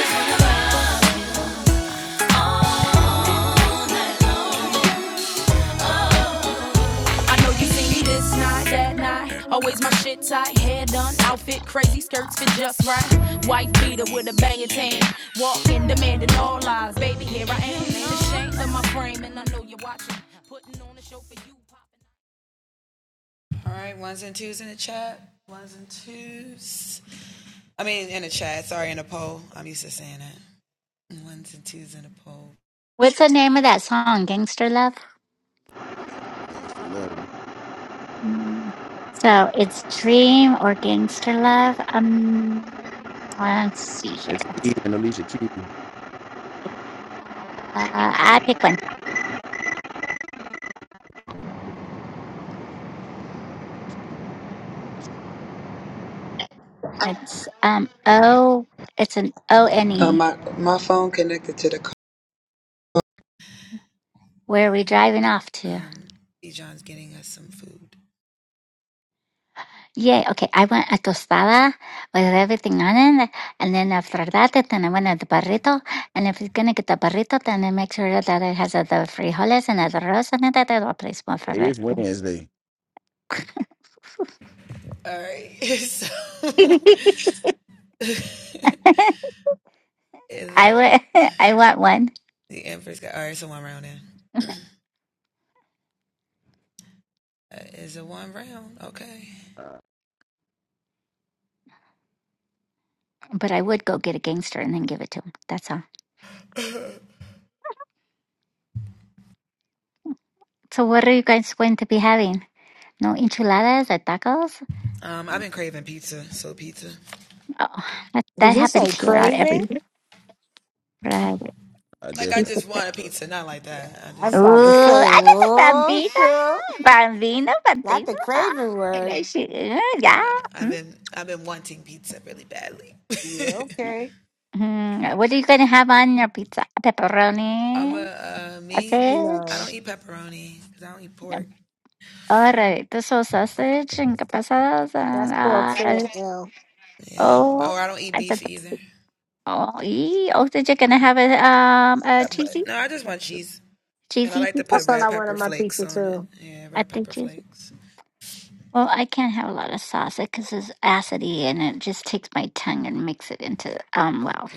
S10: I know you see me this night, that night. Always my shit tight, hair done, outfit crazy, skirts fit just right. White beater with a bangin' tan. Walking, demanding all lies. Baby, here I am. Ain't ashamed of my frame, and I know you're watching. Putting on a show for you.
S11: What's the name of that song, Gangster Love?
S7: Gangsta Loving.
S11: Mm. So it's Dream or Gangster Love. Um, let's see
S7: It's
S11: here.
S7: Eve and Alicia Keys. Hey,
S11: Uh, I pick one. It's um O. It's an O N E. Where are we driving off to? Yeah, okay. I want a tostada with everything on it. And then after that, then I want a burrito. And if you're going to get the burrito, then I make sure that it has uh, the frijoles and the arroz and that I will place more for it.
S7: It's Wednesday.
S11: [LAUGHS] I would, [LAUGHS] I want one,
S7: Uh,
S11: but I would go get a gangster and then give it to him. That's all. So what are you guys going to be having? No enchiladas or tacos? Oh, that, that
S1: Did you say
S11: happens here uh, every
S1: craving?
S7: I definitely
S11: Friday.
S1: Yeah, I'm about to
S11: Uh,
S1: say,
S11: ano to,
S1: oh,
S11: Bambino?
S1: shoot.
S11: Bambino?
S1: Not the
S11: Bambino? Ah,
S1: craving word.
S11: I see. Uh, yeah. Mm.
S1: Yeah, okay.
S11: Mm. What are you going to have on your pizza? Pepperoni?
S1: No,
S11: Sausage? No. All right. The soul sausage and capasas
S1: that's
S11: and,
S1: pork too.
S11: uh,
S1: Yeah,
S11: oh, I said that's Oh, ee. oh, did you gonna have a um a cheesy cheesy pizza?
S1: I thought one wanted my pizza too.
S11: I think cheesy. Well, I can't have a lot of sauce because it's acidy and it just takes my tongue and makes it into um wow.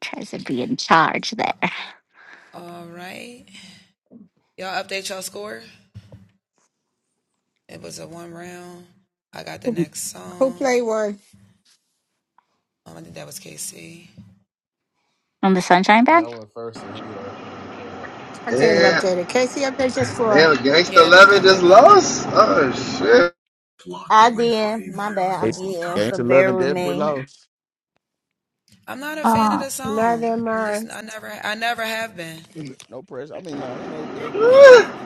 S11: tries to be in charge there
S1: Who played one?
S11: on the Sunshine
S2: Yeah, I
S11: Band.
S2: went first, so he went. All
S1: I can't even
S6: Damn,
S1: update it. Casey, update your score.
S6: damn, Gangsta 11 just lost? Oh, shit.
S9: I did. My bad. I'm
S7: gangsta
S9: eating, so
S7: gangsta
S9: bear
S7: loving
S9: with
S7: definitely
S9: me.
S7: lost.
S11: Oh,
S1: Neither mind.
S7: No pressure. I mean, nah, ain't no no big.
S6: [LAUGHS]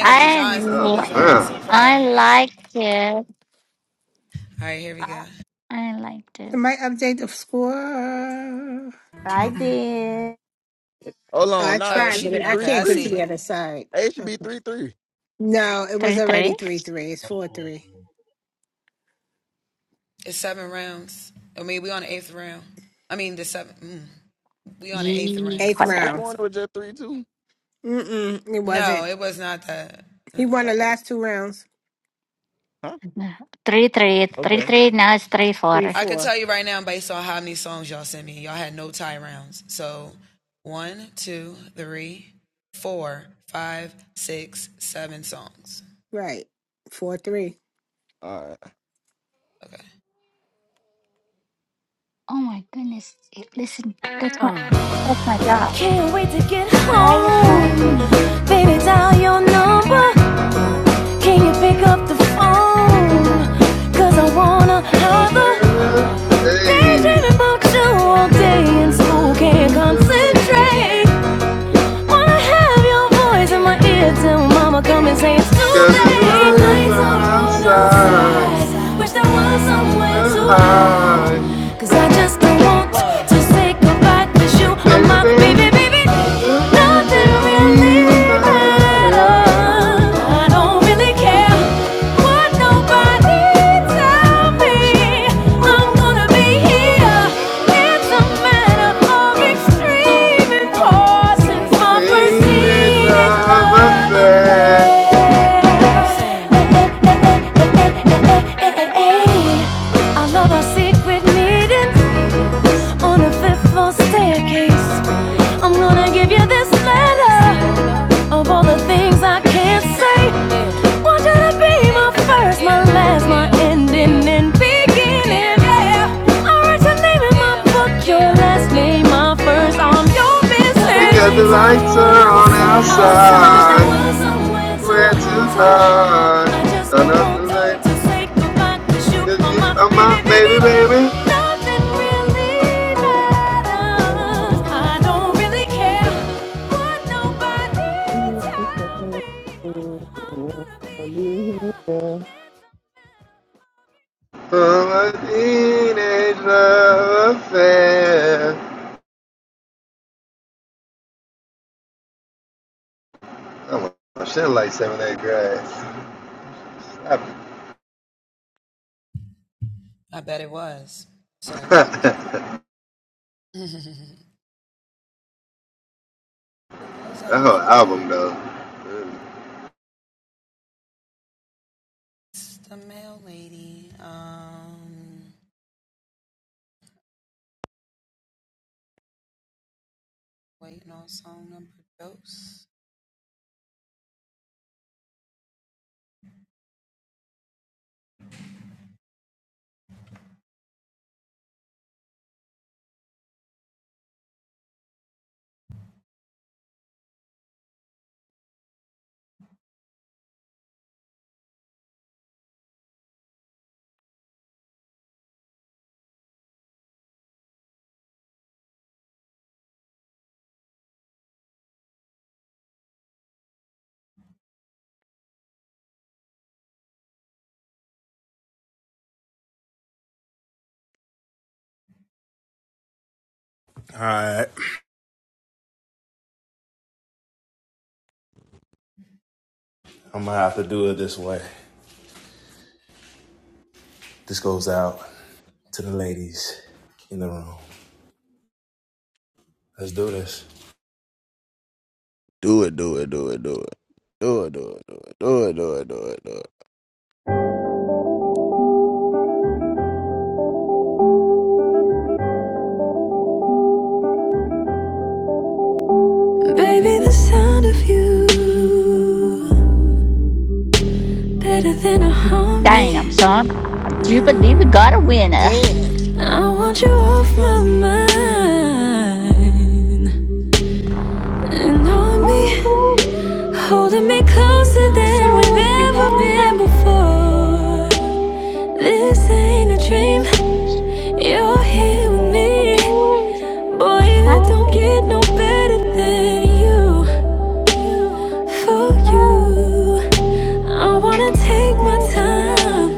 S11: I l-
S6: Oh,
S11: I liked it. Uh, I liked
S1: It
S11: it.
S1: might update the score.
S9: I did.
S7: Hold
S1: I
S7: on, nah, it
S1: tried,
S7: should
S1: but
S7: be
S1: I
S7: three
S1: can't get to
S7: three.
S1: the other side.
S7: It should
S1: Okay.
S7: be three three.
S1: No, it was
S11: Three
S1: already
S11: three.
S1: 3 3. It's 4 3.
S11: Yee,
S1: Eighth
S7: I could have
S11: correct.
S1: round,
S7: sworn it was just three two.
S1: Mm-mm, it wasn't. He won the
S7: Alright.
S1: last two rounds.
S7: Huh?
S11: Three three three
S7: Okay.
S11: three. Now it's three
S1: three,
S11: four.
S1: four. Right. 4 3.
S7: All right.
S11: Oh my goodness! Hey, Listen, that's my that's my dog.
S10: Can't wait to get
S11: Why are you
S10: home.
S11: playing?
S10: Baby, dial your number. Can you pick up the phone? Cause I wanna have a
S6: man.
S10: daydream
S6: Hey.
S10: about you all day in school. Can't concentrate. Wanna have your voice in my ear till mama come and say it's too
S6: Cause
S10: late.
S6: the
S10: 'Cause the
S6: world is
S10: lights
S6: on
S10: are on
S6: outside
S10: outside. Wish there was somewhere
S6: the
S10: to hide.
S6: high.
S10: 'Cause I just don't want to say goodbye to you. I'm
S6: Baby,
S10: my baby,
S6: baby,
S10: baby.
S6: nothing
S10: Nothing
S6: that
S10: really
S6: leaves
S10: matters.
S7: Do
S6: matters.
S10: I don't really care. But nobody to
S6: Saying love affair.
S10: me. and beginning. Yeah, I write your name in my book, your last name, my first. I'm your business. The
S6: Because the
S10: lights are
S6: lights
S10: on
S6: are on
S10: outside. outside. Wish there
S6: outside.
S10: was somewhere to
S6: Where to
S10: hide. To hide.
S6: hide?
S10: I just want
S6: Another night,
S10: to say goodbye 'cause you
S6: cause
S10: are my.
S6: you are my baby, baby. From a teenage love affair. I'm a shit like seventh, eighth grade. I- [LAUGHS] that whole album, though.
S2: right. I'm gonna have to do it this way. This goes out to the ladies in the room. Let's do this.
S7: it, do it, do it, do it, do it, do it, do it, do it, do it, do it, do it.
S10: Baby, the sound of you better than a harmony.
S11: Damn, son! I do believe we got a winner.
S1: Damn,
S10: I want you off my mind and on me. Holding me closer than we've ever been before. This ain't a dream, you're here with me. Boy, it don't get no better than you. For you. I wanna take my time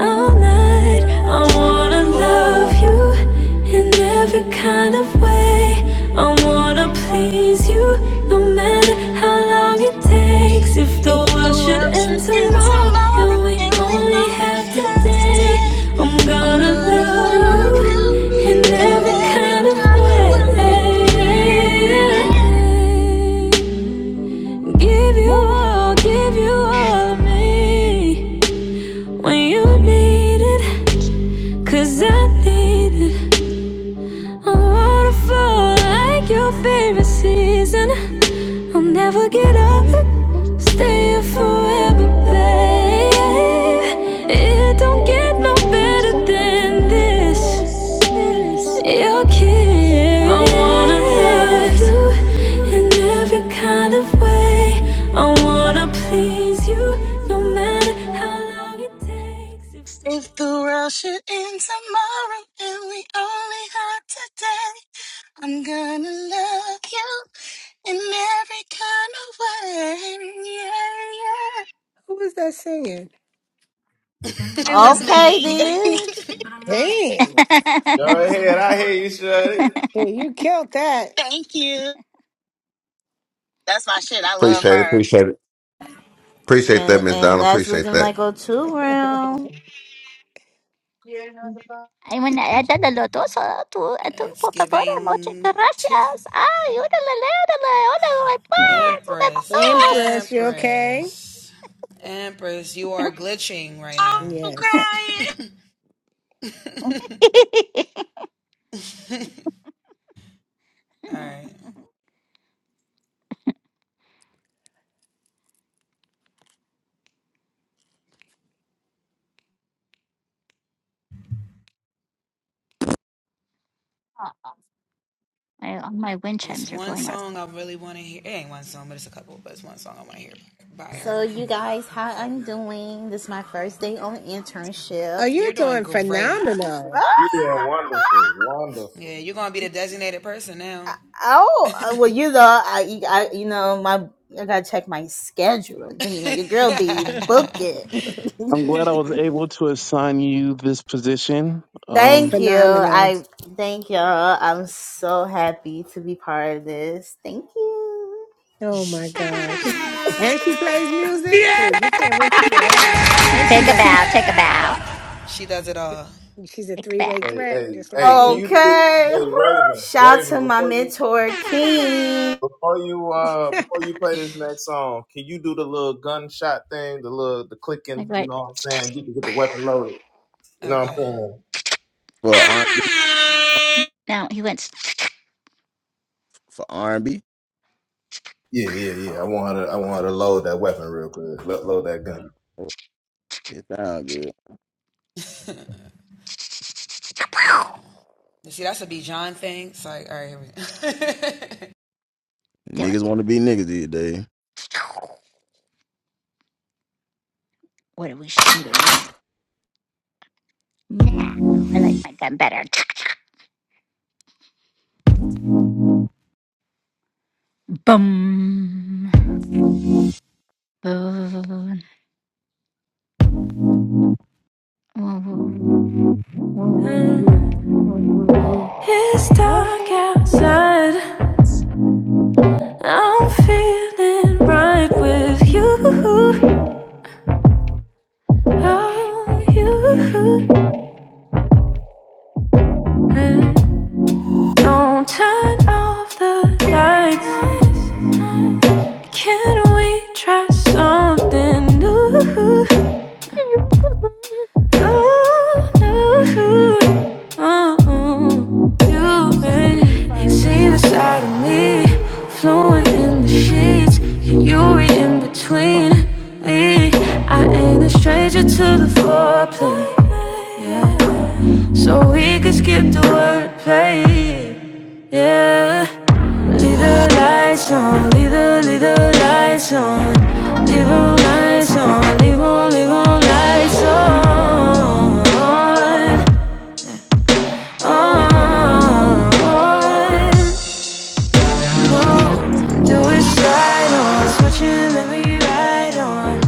S10: all night. I wanna love you in every kind of way. I wanna please you no matter how long it takes. If
S12: If
S10: the
S12: the
S10: world should
S12: world
S10: end
S12: should end
S10: tomorrow
S12: tomorrow
S10: and we
S12: and we
S10: only have
S12: only had today,
S10: today, I'm
S12: I'm
S10: gonna
S12: gonna
S10: love
S12: love you
S10: you in
S12: in
S10: every
S12: every
S10: kind of
S12: kind
S10: way.
S12: of way. yeah. yeah.
S10: Give you all, give you all of me when you need it. 'Cause I need it. I'm a waterfall like your favorite season. I'll never get up, stay here forever, babe. It don't get no better than this. Your kiss. I wanna love you in every kind of way. I wanna please you, no matter how long it takes. If the world
S12: If the
S10: should
S12: world should end tomorrow and we only had today, I'm gonna love you in every kind of way. yeah,
S1: Who was that singing?
S12: yeah. It was
S9: Okay
S12: me.
S9: then.
S1: dang!
S11: [LAUGHS]
S2: Go ahead. I hear you, Shuddy.
S1: Dude, you killed that.
S12: [LAUGHS] Thank you. That's my shit. I love
S5: Appreciate it.
S12: her.
S5: Appreciate it. Appreciate
S9: And,
S5: that, Miss
S9: and
S5: Donna.
S9: that's
S5: Appreciate
S9: looking
S5: that.
S9: like a two round.
S11: Ay, bueno, ella de lo dos, tú, eh, tú, por favor, muchas gracias. Ay, órale, órale, órale,
S7: Nah,
S11: pues, una de dos.
S1: Empress, you okay?
S12: Oh, I'm
S1: Yes.
S12: crying.
S11: [LAUGHS] oh, my, oh, my wind chimes are going off.
S9: So you guys, how I'm doing? This is my first day on
S1: Oh,
S9: internship.
S1: you're doing
S9: [LAUGHS]
S1: phenomenal.
S2: You doing wonderful, wonderful.
S9: Oh, uh, well, you know, I, I, you know, my, I gotta check my schedule. But, You know, your girl be booking.
S4: I'm glad I was able to assign you this position.
S9: [LAUGHS] thank
S4: Um
S9: you.
S1: Phenomenal.
S9: I thank y'all. I'm so happy to be part of this. Thank you.
S1: Oh my gosh.
S9: [LAUGHS]
S1: And she plays music. Please, you can't win with us. And she
S11: Take a bow,
S1: battles.
S11: take a bow,
S1: She's a
S11: take a
S1: three way
S11: bow.
S2: Hey,
S1: threat,
S2: hey,
S1: just like
S2: hey, can
S1: you.
S2: you do this?
S9: Okay. [SIGHS]
S2: Hey, Raven,
S9: Shout
S2: Raven,
S9: to my
S2: before you,
S9: mentor, King.
S2: before you, uh,
S1: [LAUGHS]
S2: before you play this next song, can you do the little gunshot thing, the little, the clicking?
S11: Like,
S2: You
S11: right
S2: know what I'm saying? Get, the get the weapon loaded. You know what I'm
S7: For R and B,
S2: saying?
S11: now, he went,
S7: for R and B,
S2: Yeah, yeah, yeah. I want her to. I want her to load that weapon real quick. Lo- Load that gun.
S7: it sound good.
S11: [LAUGHS] they went,
S7: Niggas want to be niggas these days.
S11: [LAUGHS] what are we shooting now? I like my gun better. [TSK] Boom. Boom. Woo, woo, woo, woo, woo, woo, woo,
S10: It's dark outside. I'm feeling right with you. Oh, you. And don't turn off the lights. Can we try something new? Oh, no. Oh,
S1: Damn,
S10: you
S1: son, where you
S10: ain't
S1: find this
S10: seen the
S1: one?
S10: side of me. Flowing in the sheets. Can you read in between me? I ain't a stranger to the foreplay. Yeah. So we could skip the wordplay. Yeah, leave the lights on, leave the, leave the lights on, leave the lights on, leave all, leave all lights on, on,
S12: A
S10: on. on. Do it right on, switch it, let me ride on,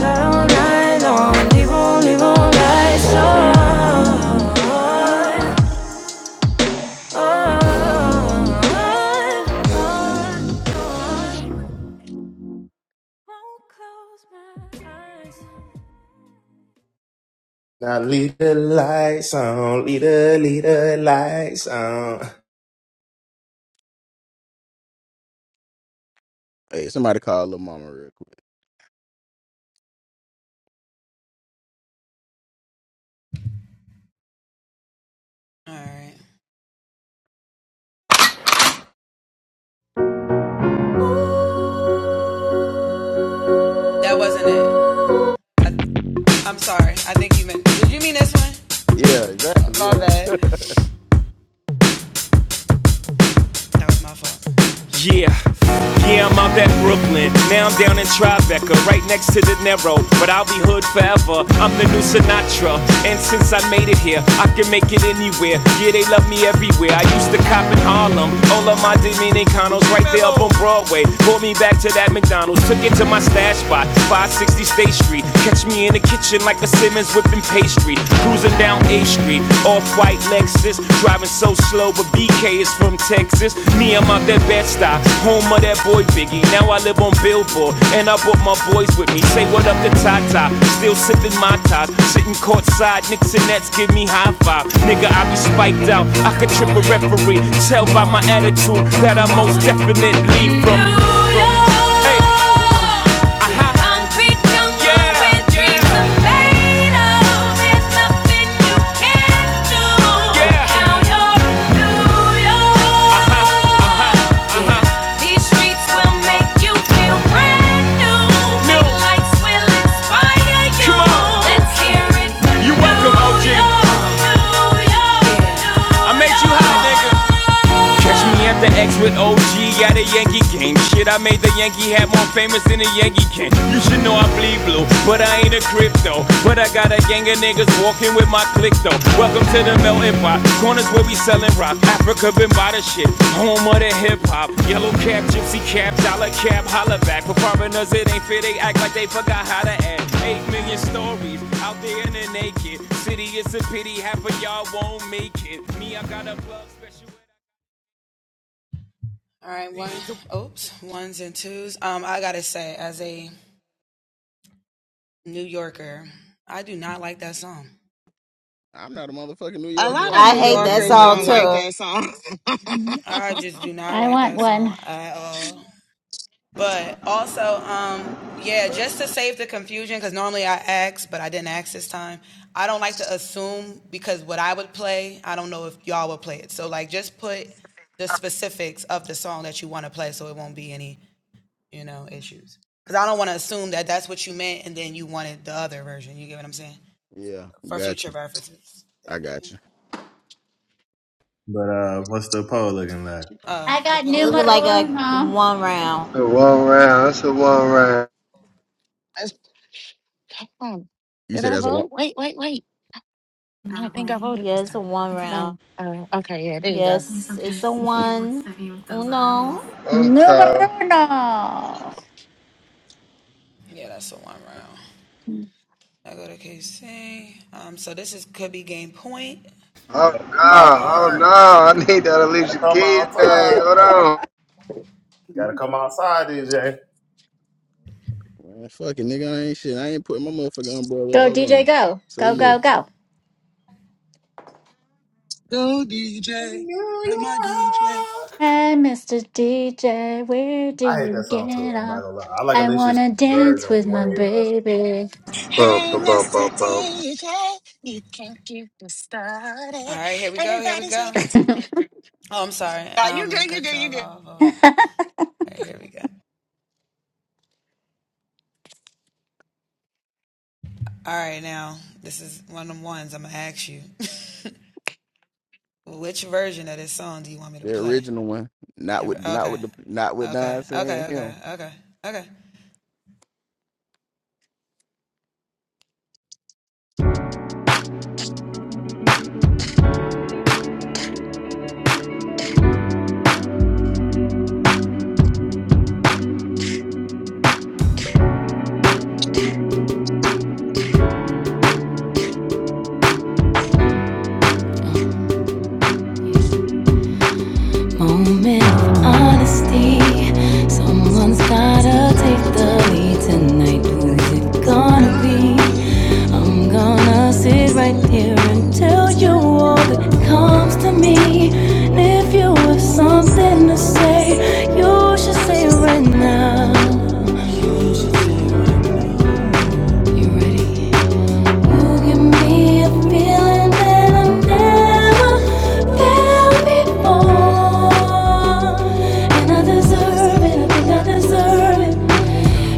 S10: ride on, ride on, leave all, leave all lights on, on, on, on. on.
S2: Now leave the lights on. Leave the leave the lights on.
S7: Hey, somebody call little mama real quick. Yeah, exactly. Yeah.
S10: Yeah. Yeah, I'm out at Brooklyn. Now I'm down in Tribeca, right next to the Narrow. But I'll be hood forever. I'm the new Sinatra. And since I made it here, I can make it anywhere. Yeah, they love me everywhere. I used to cop in Harlem. All of my Dominicanos right there up on Broadway. Pulled me back to that McDonald's. Took it to my stash spot, 560 State Street. Catch me in the kitchen like a Simmons whipping pastry. Cruising down A Street. Off white Lexus, driving so slow, but BK is from Texas. Me, I'm out that bed style, home of that boy Biggie. Now I live on Billboard, and I brought my boys with me. Say what up to Tata, still sipping my top, sitting courtside. Knicks and Nets give me high five. Nigga, I be spiked out, I could trip a referee. Tell by my attitude that I most definitely from. New Hey. Concrete jungle where dreams are made of. There's nothing you can't do. Now you New York. These streets will make you feel brand new. Big lights will inspire you. Let's hear it. you welcome, OG. I made you high, nigga. Catch me at the X with OG at a Yankee game game. Shit, I made the Yankee hat more famous than a Yankee can. You should know I bleed blue, but I ain't a crypto. But I got a gang of niggas walking with my click though. Welcome to the melting pot. Corners where we selling rock. Africa been by the shit. Home of the hip hop. Yellow cap, gypsy cap, dollar cap, holla back. For foreigners, it ain't fair. They act like they forgot how to act. Eight million stories out there in the naked city. It's a pity half of y'all won't make it. Me, I got a plug special.
S7: I'm not a motherfucking New Yorker,
S12: lot
S7: but I
S12: of
S9: I
S12: New
S7: mean,
S9: hate
S7: hey, it
S9: that
S7: is
S12: Yorkers
S7: what it
S9: song
S12: don't like
S7: is.
S9: too.
S12: that song. [LAUGHS]
S11: woo. I want one.
S7: Yeah, got you. I got you.
S2: But uh, what's the pole looking like?
S11: I got
S9: Looking
S11: numero
S9: like a
S11: uno.
S9: one round.
S6: It's a one round, it's a one round.
S12: That's- um,
S7: You
S12: Did
S7: said
S12: I
S7: that's a one.
S12: vote? Wait, wait, wait. I don't think I voted this
S9: Yes,
S12: time.
S9: one round.
S12: No. Uh, okay, yeah, there you go.
S9: Yes, it's the
S7: [LAUGHS]
S9: one. Uno.
S6: I'm
S11: Numero
S6: top.
S11: uno.
S6: Oh no,
S2: Come
S6: oh
S2: outside.
S6: no, I need that Alicia
S2: Come
S6: Keys thing.
S2: outside.
S6: Hold on.
S2: Gotta come outside, DJ.
S7: Man, fuck it, nigga, I ain't shit. I ain't putting my motherfucking umbrella.
S11: Go,
S7: Hold
S11: DJ,
S7: on.
S11: go.
S7: Say,
S11: Go, go,
S7: look,
S11: go.
S12: Go DJ. Play
S2: New
S12: my DJ.
S2: York.
S11: Hey, Mr. DJ, where do
S2: I hate that
S11: you
S2: song too.
S11: get
S2: I'm not
S11: off?
S2: gonna lie. I like
S11: I want
S2: Alicia's
S11: to dance
S2: version
S11: with my
S2: way better.
S11: baby.
S6: Bum,
S12: Hey,
S6: bum, bum,
S12: Mr.
S6: bum, bum.
S12: DJ. You can not get this started. Everybody's ready to. Oh, you good, you good, you good.
S7: the original one, not with, not with the, not with Don saying him.
S11: And I wanna do
S12: Someone's
S11: the-
S12: gotta take the
S10: Finally
S12: lead
S10: tonight, who's
S12: tonight.
S10: it
S12: It's
S10: gonna
S12: gonna
S10: be?
S12: be,
S10: I'm
S12: I'm
S10: gonna
S12: gonna
S10: sit
S12: see
S10: right
S12: right
S10: here and
S12: through and
S10: tell you
S12: tell
S10: all
S12: you
S10: that
S12: all the
S10: comes
S12: good
S10: to me.
S12: things
S10: And if you
S12: to
S10: have
S12: you.
S10: something to
S12: Something you
S10: say,
S12: said,
S10: you
S12: you
S10: should say
S12: should
S10: it right
S12: say right
S10: now.
S12: now.
S2: You feel like- me.
S10: You ready? You give me a feeling
S12: Oh,
S10: that
S12: oh,
S10: I never felt
S12: oh,
S10: before,
S12: oh.
S10: and I
S12: And I just saw
S10: deserve it. I
S12: it
S10: think I
S12: again, and I said,
S10: deserve it.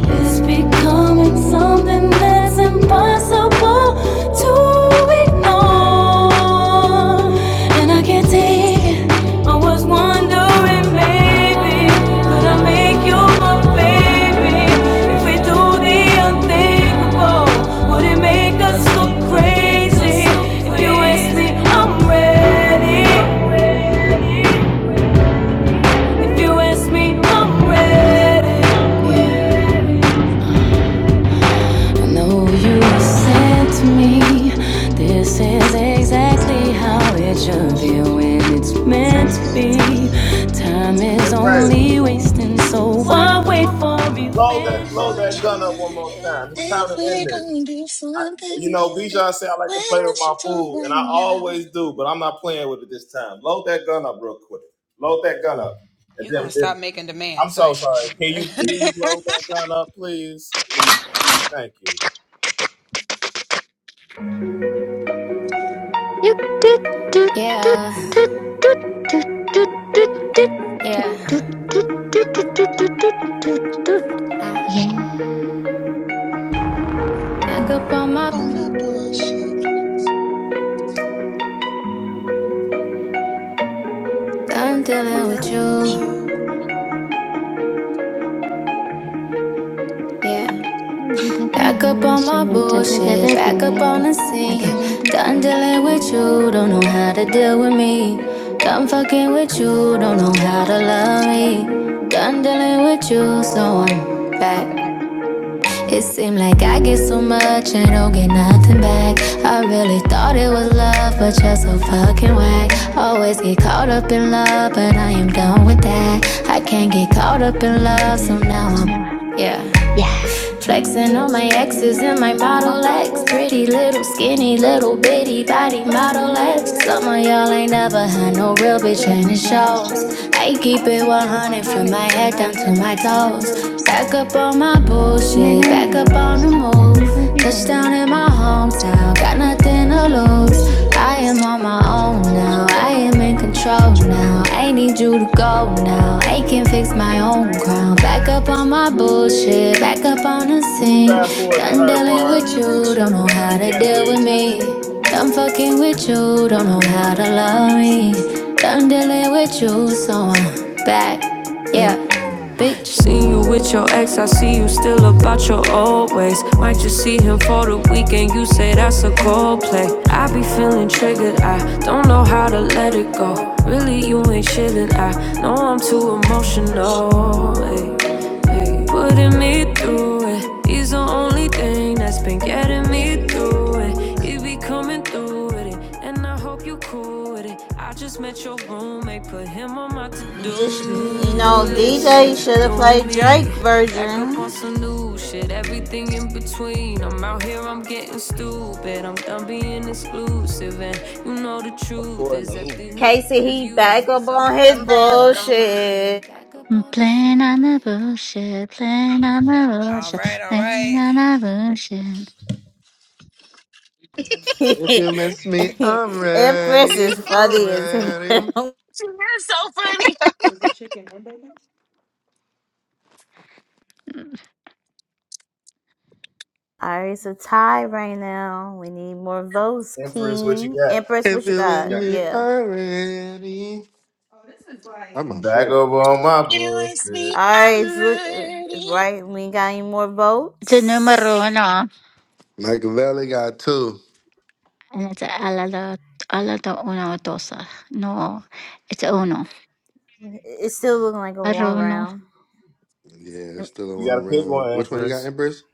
S10: It's becoming something that's impossible to ignore. And I can't
S12: I can
S10: take it.
S12: take it.
S10: I was wondering, maybe, could I make you my baby? If we do the unthinkable, would it make us look crazy? If you ask me, I'm ready. If you ask me, I'm ready. I know you sent me. This is
S12: Seriously,
S10: exactly
S12: I
S10: how
S12: feel like
S10: it should
S12: it
S10: feel
S12: should be
S10: when
S12: where
S10: it's
S12: it's
S10: meant to
S12: meant
S10: be.
S12: to be.
S10: Time
S12: Time
S2: Hey,
S10: is
S12: is
S2: Razor,
S10: only
S12: only
S10: wasting, so
S12: wasting.
S10: why wait for
S2: load that load that gun
S10: eventually?
S2: up one more
S10: If
S2: time. It's
S10: we
S12: if
S2: time to
S10: gon'
S12: we
S2: end
S10: do
S2: this.
S12: don't
S10: something.
S12: do
S2: I, you
S12: something
S2: know,
S12: beautiful,
S2: Bijan said I like
S12: we
S2: to play with my
S12: should do
S2: food,
S12: right
S2: and I
S12: now.
S2: always do, but I'm not playing with it this time. Load that gun up real quick. Load that gun up. And then, then I'm so sorry. Can you please load that gun up, please? Please, please. Thank you.
S11: Doot, do do do
S10: Yeah,
S11: do do do do do do do
S10: yeah.
S11: do doot, doot, doot, doot, doot, doot, doot. Yeah.
S10: Back up on my.
S12: For my bullshit,
S10: I'm
S12: I'm
S10: dealing with
S12: dealing with
S10: you.
S12: you.
S10: Yeah. Back up on my
S12: I'm
S10: bullshit,
S12: just a
S10: back up on
S12: poker
S10: the
S11: I
S10: scene.
S12: Constant.
S11: don't
S10: Done
S12: I can't
S10: dealing
S11: know.
S10: with
S12: feel like
S10: you, don't
S12: you
S10: know
S12: don't
S10: how to
S12: know how
S10: deal
S12: to
S10: with me.
S12: remain.
S10: Done fucking with you, don't know how to love
S12: Love
S10: me.
S12: me
S10: Done dealing with you, so I'm back.
S12: back.
S10: It seemed like I get so much and don't get nothing back. I really
S12: And when
S10: thought
S12: we
S10: it was
S12: bottled
S10: love, but you're
S12: love,
S10: so
S12: but
S10: fucking
S12: I
S10: whack.
S12: am
S10: Always get caught up in love, but I am done with that. I
S11: Yeah.
S10: can't get caught up in love, so now I'm
S11: Yeah. I guess it's a
S10: exes.
S11: good
S12: a fucking right. Big little pretty
S10: like
S12: body model representing shows. I keep it 100 from my head down to my toes.
S10: Back up on my bullshit, back up on the move. Touchdown in my hometown, got nothing to
S12: I'm
S10: lose.
S12: gonna
S10: I
S12: lose.
S10: am on my own now, I am
S12: I'm
S10: in
S12: in
S10: control
S12: control
S10: now. I need
S12: now.
S10: you to go, I can
S12: I
S10: fix
S12: think it's my
S10: my
S12: own
S10: own. Back up
S12: crown.
S10: on my bullshit,
S2: You can fast forward to her
S12: I'm
S10: Ain't with
S2: part
S12: dealing with
S10: no.
S12: you,
S2: if you
S12: don't know
S2: can,
S12: how to
S2: please.
S12: deal with me. I'm dealing with you, so
S10: I'm
S12: I'm
S10: back.
S12: dark.
S10: Yeah, bitch. See you with your ex, I see you still about your old ways. Might just
S12: always,
S10: see him for the weekend, you say that's a cold play. I be feeling triggered, I don't know how to let it go. Really, you ain't chillin', I know I'm
S12: you
S10: too
S12: know, emotional.
S10: emotional. Ay, ay. Putting me
S12: Beating me
S10: through it,
S12: through it,
S10: he's the only thing that's been getting me
S12: beating me
S10: through
S12: through
S10: it. He be coming through do with it, and I hope you cool with it. I just met your roommate, put him on my
S12: to
S9: You sh-
S12: do
S10: to-do
S9: you know,
S10: list.
S9: DJ
S12: list.
S9: should have
S10: Doing
S9: played
S10: me,
S9: Drake
S10: back up on
S9: version.
S10: some new
S7: Yeah,
S10: shit. Everything in between. I'm out here, I'm getting stupid. I'm done being exclusive, and you know the truth
S7: According
S10: is
S7: to
S10: that
S7: who?
S10: these
S9: Casey,
S10: niggas is
S9: he back up
S10: useless. I'm back,
S9: on his
S10: Back
S12: I'm
S10: up on
S12: back
S10: my
S12: on my.
S10: bullshit,
S9: bullshit.
S10: back up on the
S11: Plan
S10: scene.
S11: on the bullshit, Playing on the bullshit, Playing on the bullshit.
S9: [LAUGHS]
S6: If
S9: Empress
S6: you miss me, I'm ready.
S9: is
S6: I'm
S9: funny as
S6: ready.
S9: hell.
S12: You are so funny. [LAUGHS]
S9: Alright, it's a tie right now. We need more votes,
S2: Empress, what you
S9: King.
S2: got?
S9: Empress,
S6: If
S9: what you
S6: you with
S9: got?
S2: Yeah.
S6: me
S9: Yeah.
S6: already. I'm on
S2: Back
S6: shit.
S2: over on my
S12: You ask me,
S2: bullshit.
S12: I'm
S9: Alright, look,
S12: ready.
S9: right, we ain't got any more
S11: It's a numero
S9: votes.
S11: uno,
S6: Michael Valley got two.
S11: and it's alla la alla da uno dosa. No, it's uno.
S9: It's still looking like a one
S11: Aruno.
S9: round.
S6: Yeah, it's still a
S2: You got to
S6: one
S2: pick
S6: round.
S2: one,
S6: Which one you got,
S2: Empress.
S6: Empress?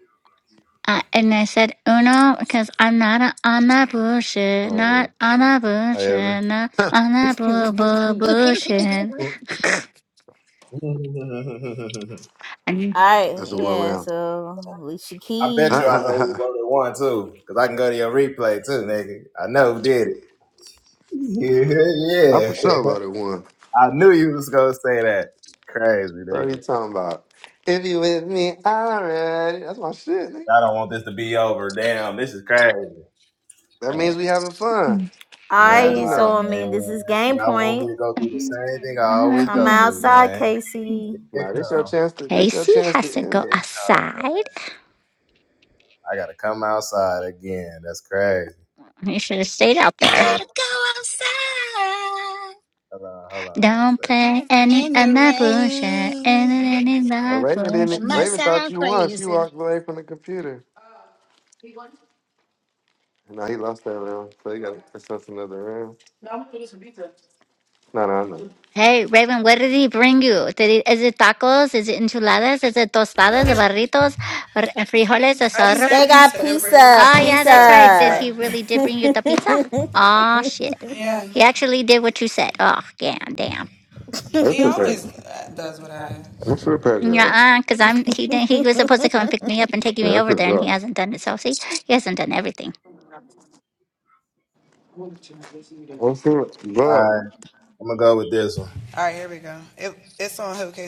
S11: Uh, and I said uno because I'm not a, on that bullshit, not
S6: Oh,
S11: on that
S6: yeah. I ever.
S11: bullshit, not
S6: [LAUGHS]
S11: on that bull, bull,
S9: [LAUGHS]
S12: [LAUGHS]
S11: bullshit.
S2: [LAUGHS]
S11: Casey
S9: Alright,
S6: That's a one
S9: yeah,
S6: round.
S9: so Alicia
S2: I
S6: [LAUGHS]
S2: bet
S9: Keys.
S2: you I know who
S6: I
S2: voted one too, cause I can go to your replay too, nigga. I know who did it. Yeah, yeah.
S6: for sure about
S2: [LAUGHS]
S6: it one.
S2: I knew you was gonna say that. Crazy,
S6: What are you
S2: nigga.
S6: talking about? If you with me already. That's my shit, nigga.
S2: I don't want this to be over. Damn, this is crazy.
S6: That means
S7: Man,
S6: we having fun.
S9: Alright,
S6: Imagine
S9: so
S2: Nah,
S6: that.
S9: I
S2: man.
S9: mean this is game
S2: Y'all want me
S9: point.
S2: to go through the same thing I always
S9: Come
S2: go through,
S9: outside,
S2: gang.
S9: Casey.
S2: Here it
S6: Now this your
S2: come.
S6: chance to this your chance
S11: has
S6: to
S11: to
S6: end
S11: go
S2: Here it
S6: them.
S2: come, gang.
S11: outside.
S2: I gotta come outside again. That's crazy.
S11: You should have stayed out
S12: You
S11: there.
S12: gotta go outside
S2: Hold on, hold on one
S11: Don't
S2: second.
S11: play any
S12: in
S11: of
S12: the
S11: my bullshit.
S12: rain.
S11: Any, any of
S6: Uh,
S11: my
S6: Raven
S11: bullshit.
S12: It
S6: didn't
S12: might
S6: Raven thought
S12: sound
S6: you won. She
S12: crazy,
S6: walked away from the computer. No, he lost that round, so he got to pick us another round. No, no, no.
S11: Hey, Raven, what did he bring you? Did he, is it tacos? Is it enchiladas? Is it tostadas, barritos, or frijoles, asado?
S9: They got pizza,
S11: Oh, yeah,
S9: pizza. [LAUGHS]
S11: that's right. Did he really did bring you the pizza? Oh, shit. He actually did what you said. Oh, damn, damn.
S6: I'm prepared. I'm prepared, though.
S11: Yeah, because I'm he didn't he was supposed to come and pick me up and take
S6: Yeah,
S11: me
S6: I
S11: over
S6: could
S11: there, and he
S6: drop.
S11: hasn't done it. So see, he hasn't done everything.
S6: I'm still
S2: All
S6: drop.
S2: right, I'm gonna go with this one.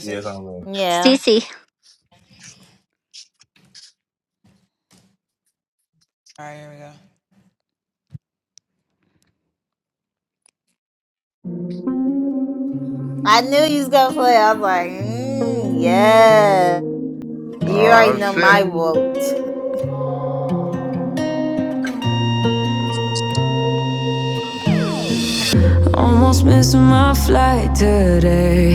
S2: Yes, I'm in.
S9: yeah.
S11: Cece,
S9: I knew you was gonna play. I was like, mm, yeah. You already
S6: Oh,
S9: know my
S6: shit.
S9: vote.
S10: Almost missing my flight today.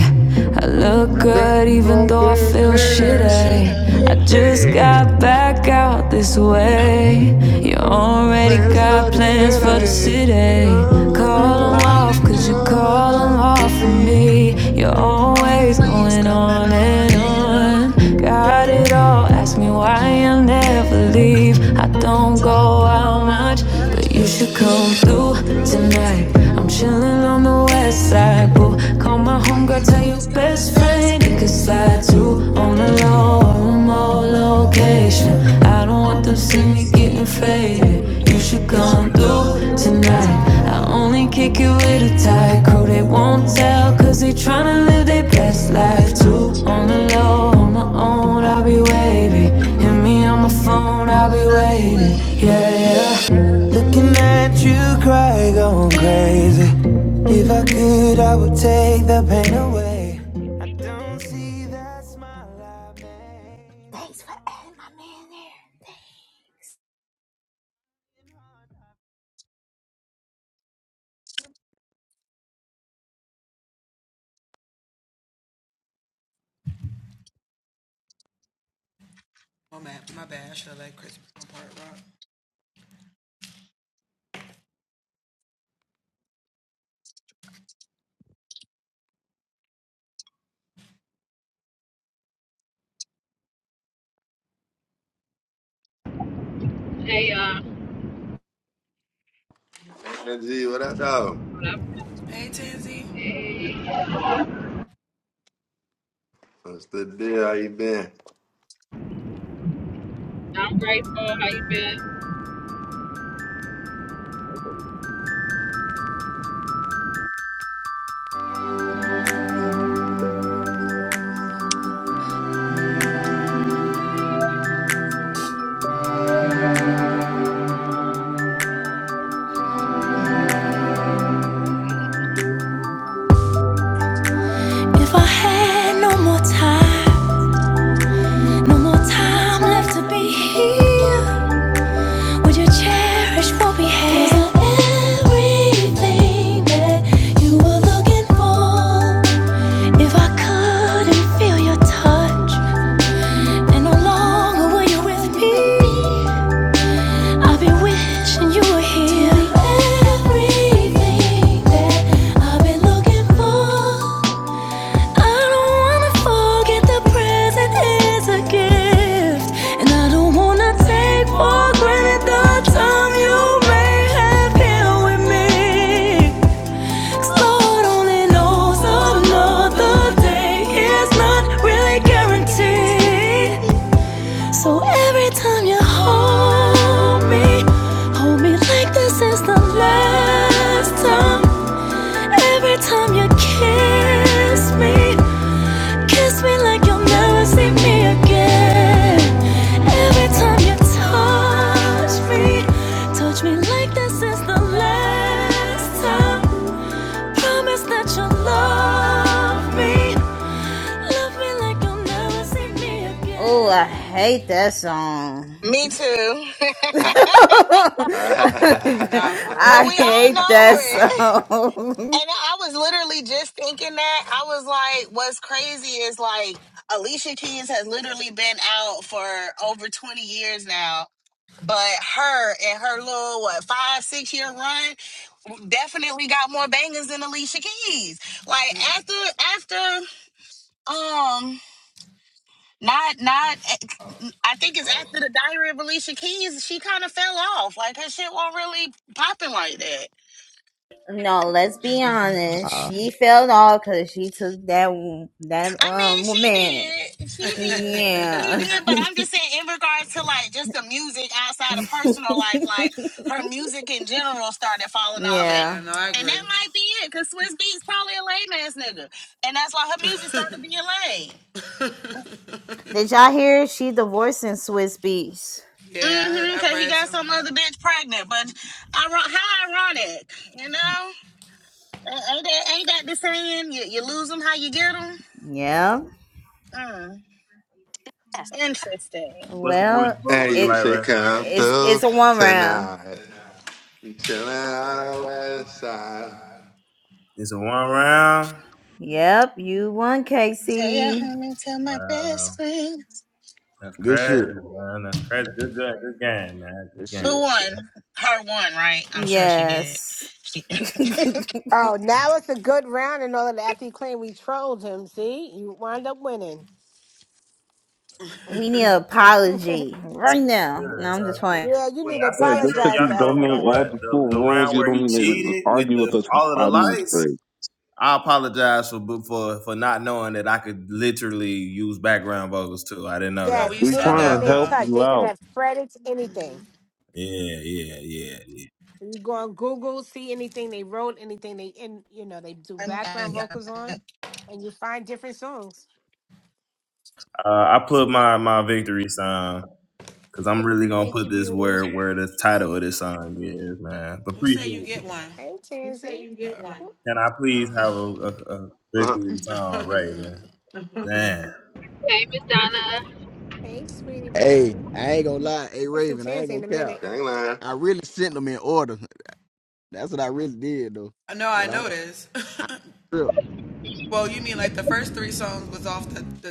S10: I look
S6: We're
S10: good even
S6: doing
S10: though I
S6: this
S10: feel
S12: so I feel
S6: city.
S10: shitty. I
S12: shitty.
S10: just
S6: Hey,
S10: got back out this way. You already
S6: plans
S10: got
S6: for the
S10: plans for the
S6: city.
S10: city.
S6: Coming
S10: Call them
S6: up,
S10: off,
S12: Falling
S10: cause you
S12: On I'm
S6: coming
S10: call them
S6: up for
S10: off for
S12: going
S6: me.
S10: me.
S12: on,
S10: You're always
S12: always
S10: going
S12: going
S10: on
S12: on
S10: and
S12: and
S10: on.
S12: on.
S10: Got it all. Ask me why I never leave. I don't go
S12: Don't
S10: out
S12: go out
S10: much,
S12: much.
S10: but you should
S12: You should
S10: come through
S12: come through
S10: tonight. I'm
S12: tonight.
S10: chilling on the west side, boo. Call my
S12: Call
S10: homegirl,
S12: your
S10: tell your
S12: homies, call your
S10: best
S12: best
S10: friend you could
S12: friend.
S10: slide through on the low or remote location. I don't
S12: I
S10: want them
S12: don't
S10: seeing
S12: wanna
S10: me
S12: see
S10: getting
S12: you getting
S10: faded. You
S12: faded.
S10: should
S12: You should
S10: come
S12: come
S10: through
S12: through
S10: tonight.
S12: tonight.
S10: I only kick it with a tight crew, they won't tell. Cause they tryna live their best
S12: We'll
S10: life
S12: side
S10: too. On
S12: too.
S10: the low, on my own, I'll be waiting. Hit me
S12: Call
S10: on my
S12: me on the
S10: phone, I'll be
S12: phone, I'll be
S10: waiting. Yeah,
S12: waiting. Yeah,
S10: yeah.
S12: yeah.
S10: Looking at you cry, going crazy. If I could, I would take the pain away.
S9: Thanks for adding my man there.
S13: Hey, uh,
S6: And G, what up, though?
S13: what up? Hey,
S6: What's the deal? How you been?
S13: I'm grateful. How you been?
S7: that's what it is.
S10: If I had no more time, no more
S12: I'm
S10: time left to
S12: tired
S10: be
S12: of to be
S10: here.
S12: feeling
S10: Would you cherish what we had? Cause I'm everything that you were looking
S12: before.
S10: for. If I couldn't feel your touch, and no
S12: And no
S10: longer were you
S12: longer were
S10: with
S12: you
S10: me,
S12: with me.
S10: I'd be wishing you were here. Tell me everything
S12: Everything that
S10: that I've been
S12: we was
S10: looking
S12: looking for,
S10: for. I
S12: I
S10: don't wanna
S12: want
S10: forget the
S12: you to
S10: present
S12: present
S10: is a
S12: me
S10: gift,
S12: again.
S10: and I don't wanna take for granted the time you may have here with me. 'Cause Lord
S12: All
S10: only knows
S12: hopes were
S10: another day
S12: broken.
S10: is
S12: It's
S10: not
S12: not
S10: really guaranteed. So every time you hold me, hold me like this is the last time. Every time you kiss me. Kiss me like you'll never see me again. Every time you touch me, touch me like this is the last time. Promise that you'll love me. Love me like you'll never see me
S9: Oh, I
S10: again.
S9: hate that song.
S12: guaranteed. Me
S9: [LAUGHS]
S12: too. [LAUGHS]
S6: [LAUGHS] Nah, for
S12: but
S9: I
S12: we all
S9: hate
S12: know
S9: that
S12: it.
S6: real.
S9: song.
S12: And I was literally just thinking that. I was like, what's crazy is like Alicia Keys has literally been out for over 20 years now. But her and her little, what, five, six year run definitely got more bangers than Alicia Keys. Like after, after, um, not, not, I think it's after the diary of Alicia Keys, she kind of fell off. Like her shit wasn't really popping like that.
S9: No, let's be honest.
S7: Nah,
S9: She fell off because she took that that
S12: I mean,
S9: um
S12: she
S9: woman.
S12: did. She did. She
S9: Yeah,
S12: did. But I'm just saying, in regards to like just the music outside of personal life, like her music in general started falling off. And,
S9: yeah.
S12: and that might be it, because Swiss Beats probably a lame ass nigga. And that's why her music started being lame.
S9: Did y'all hear? She divorcing Swiss Beats.
S12: Mm-hmm, cause he got some other bitch pregnant, but iron- how ironic, you know? A- Ain't that, ain't that the saying? You, you lose them how you get them?
S9: Yeah.
S12: Mm, interesting.
S2: What's the voice
S9: Well,
S2: vote
S6: And
S2: looking
S9: it
S6: you
S2: like
S6: should
S2: right now?
S6: come
S9: it's it's
S6: through
S9: a one round.
S6: tonight. Chilling on the west side.
S2: Is it one round?
S9: Yep, you won,
S12: Tell your
S9: Casey.
S12: homie, tell my
S2: Wow,
S12: best friend.
S2: That's
S7: good shit.
S2: crazy, man. That's crazy. Good, good, good game, man.
S7: Good
S2: Good game.
S12: Who
S7: shit.
S12: won? Her won, right? I'm sure she did.
S9: Yes.
S12: She, [LAUGHS]
S9: [LAUGHS]
S1: Oh, now it's a good round and all of that. After you claim we trolled him, see? You wind up winning.
S9: We need an
S1: [LAUGHS]
S9: apology right now.
S2: Good.
S9: No,
S2: It's
S9: I'm
S2: all
S9: just playing.
S2: good.
S1: Yeah, you
S2: Wait,
S1: need to
S2: I said
S4: Right,
S2: I
S4: just
S2: told
S4: because
S1: apologize
S2: y'all
S1: to
S4: you
S1: us
S4: don't
S2: told me
S1: for
S4: know
S2: on
S1: that.
S4: all the
S2: what
S4: full
S2: the the
S4: rules,
S2: round
S4: you
S2: where he
S4: don't need to
S2: cheated with
S4: argue with
S2: the
S4: us for
S2: all of the
S4: five minutes
S2: lights.
S4: straight.
S2: I apologize for for for not knowing that I could literally use background vocals too. I didn't know that.
S1: Yes,
S4: We're
S2: I
S4: trying
S1: anything
S4: to
S1: they
S4: help
S2: apologize.
S1: touch,
S4: you
S1: they can
S4: out.
S1: have credits, anything.
S2: Yeah, yeah, yeah, yeah.
S1: Go on Google, see anything they wrote, anything they in you know they do
S12: I'm,
S1: background
S12: I,
S1: vocals on, and you find different songs.
S2: Uh, I put my my victory sign because I'm really gonna
S1: Thank
S2: put
S1: you,
S2: this
S1: beauty.
S2: where where the title of this song is, man. But appreciate it.
S1: Hey, Tansy. Cool.
S2: Can I please have a, a, a
S6: Uh,
S2: victory song, Raven? Damn.
S13: Hey, Miss Donna.
S1: Hey, sweetie pie.
S7: Hey, I ain't gonna lie. Hey,
S1: I see
S7: Raven, I ain't
S1: Tansy in
S7: gonna
S1: a
S7: count.
S1: minute.
S6: Gangland.
S7: I really sent them in order. That's what I really did though. But I, I real-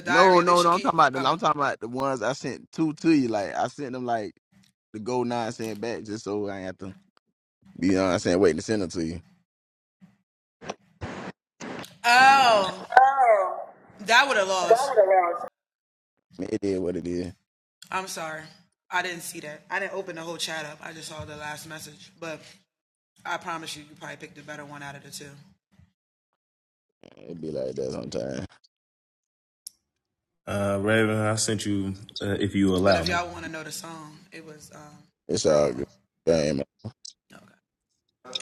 S7: no, no, no. I'm talking about the. I'm talking about the ones I sent two to you. Like I sent them like the gold nine cent back just so I ain't have to be on. I'm saying waiting to send them to you.
S14: Oh, God announced.
S7: Man, It did what it did. It be like that sometimes.
S2: Uh, Raven, I sent you, uh, if you allow me.
S7: It's all good. Damn.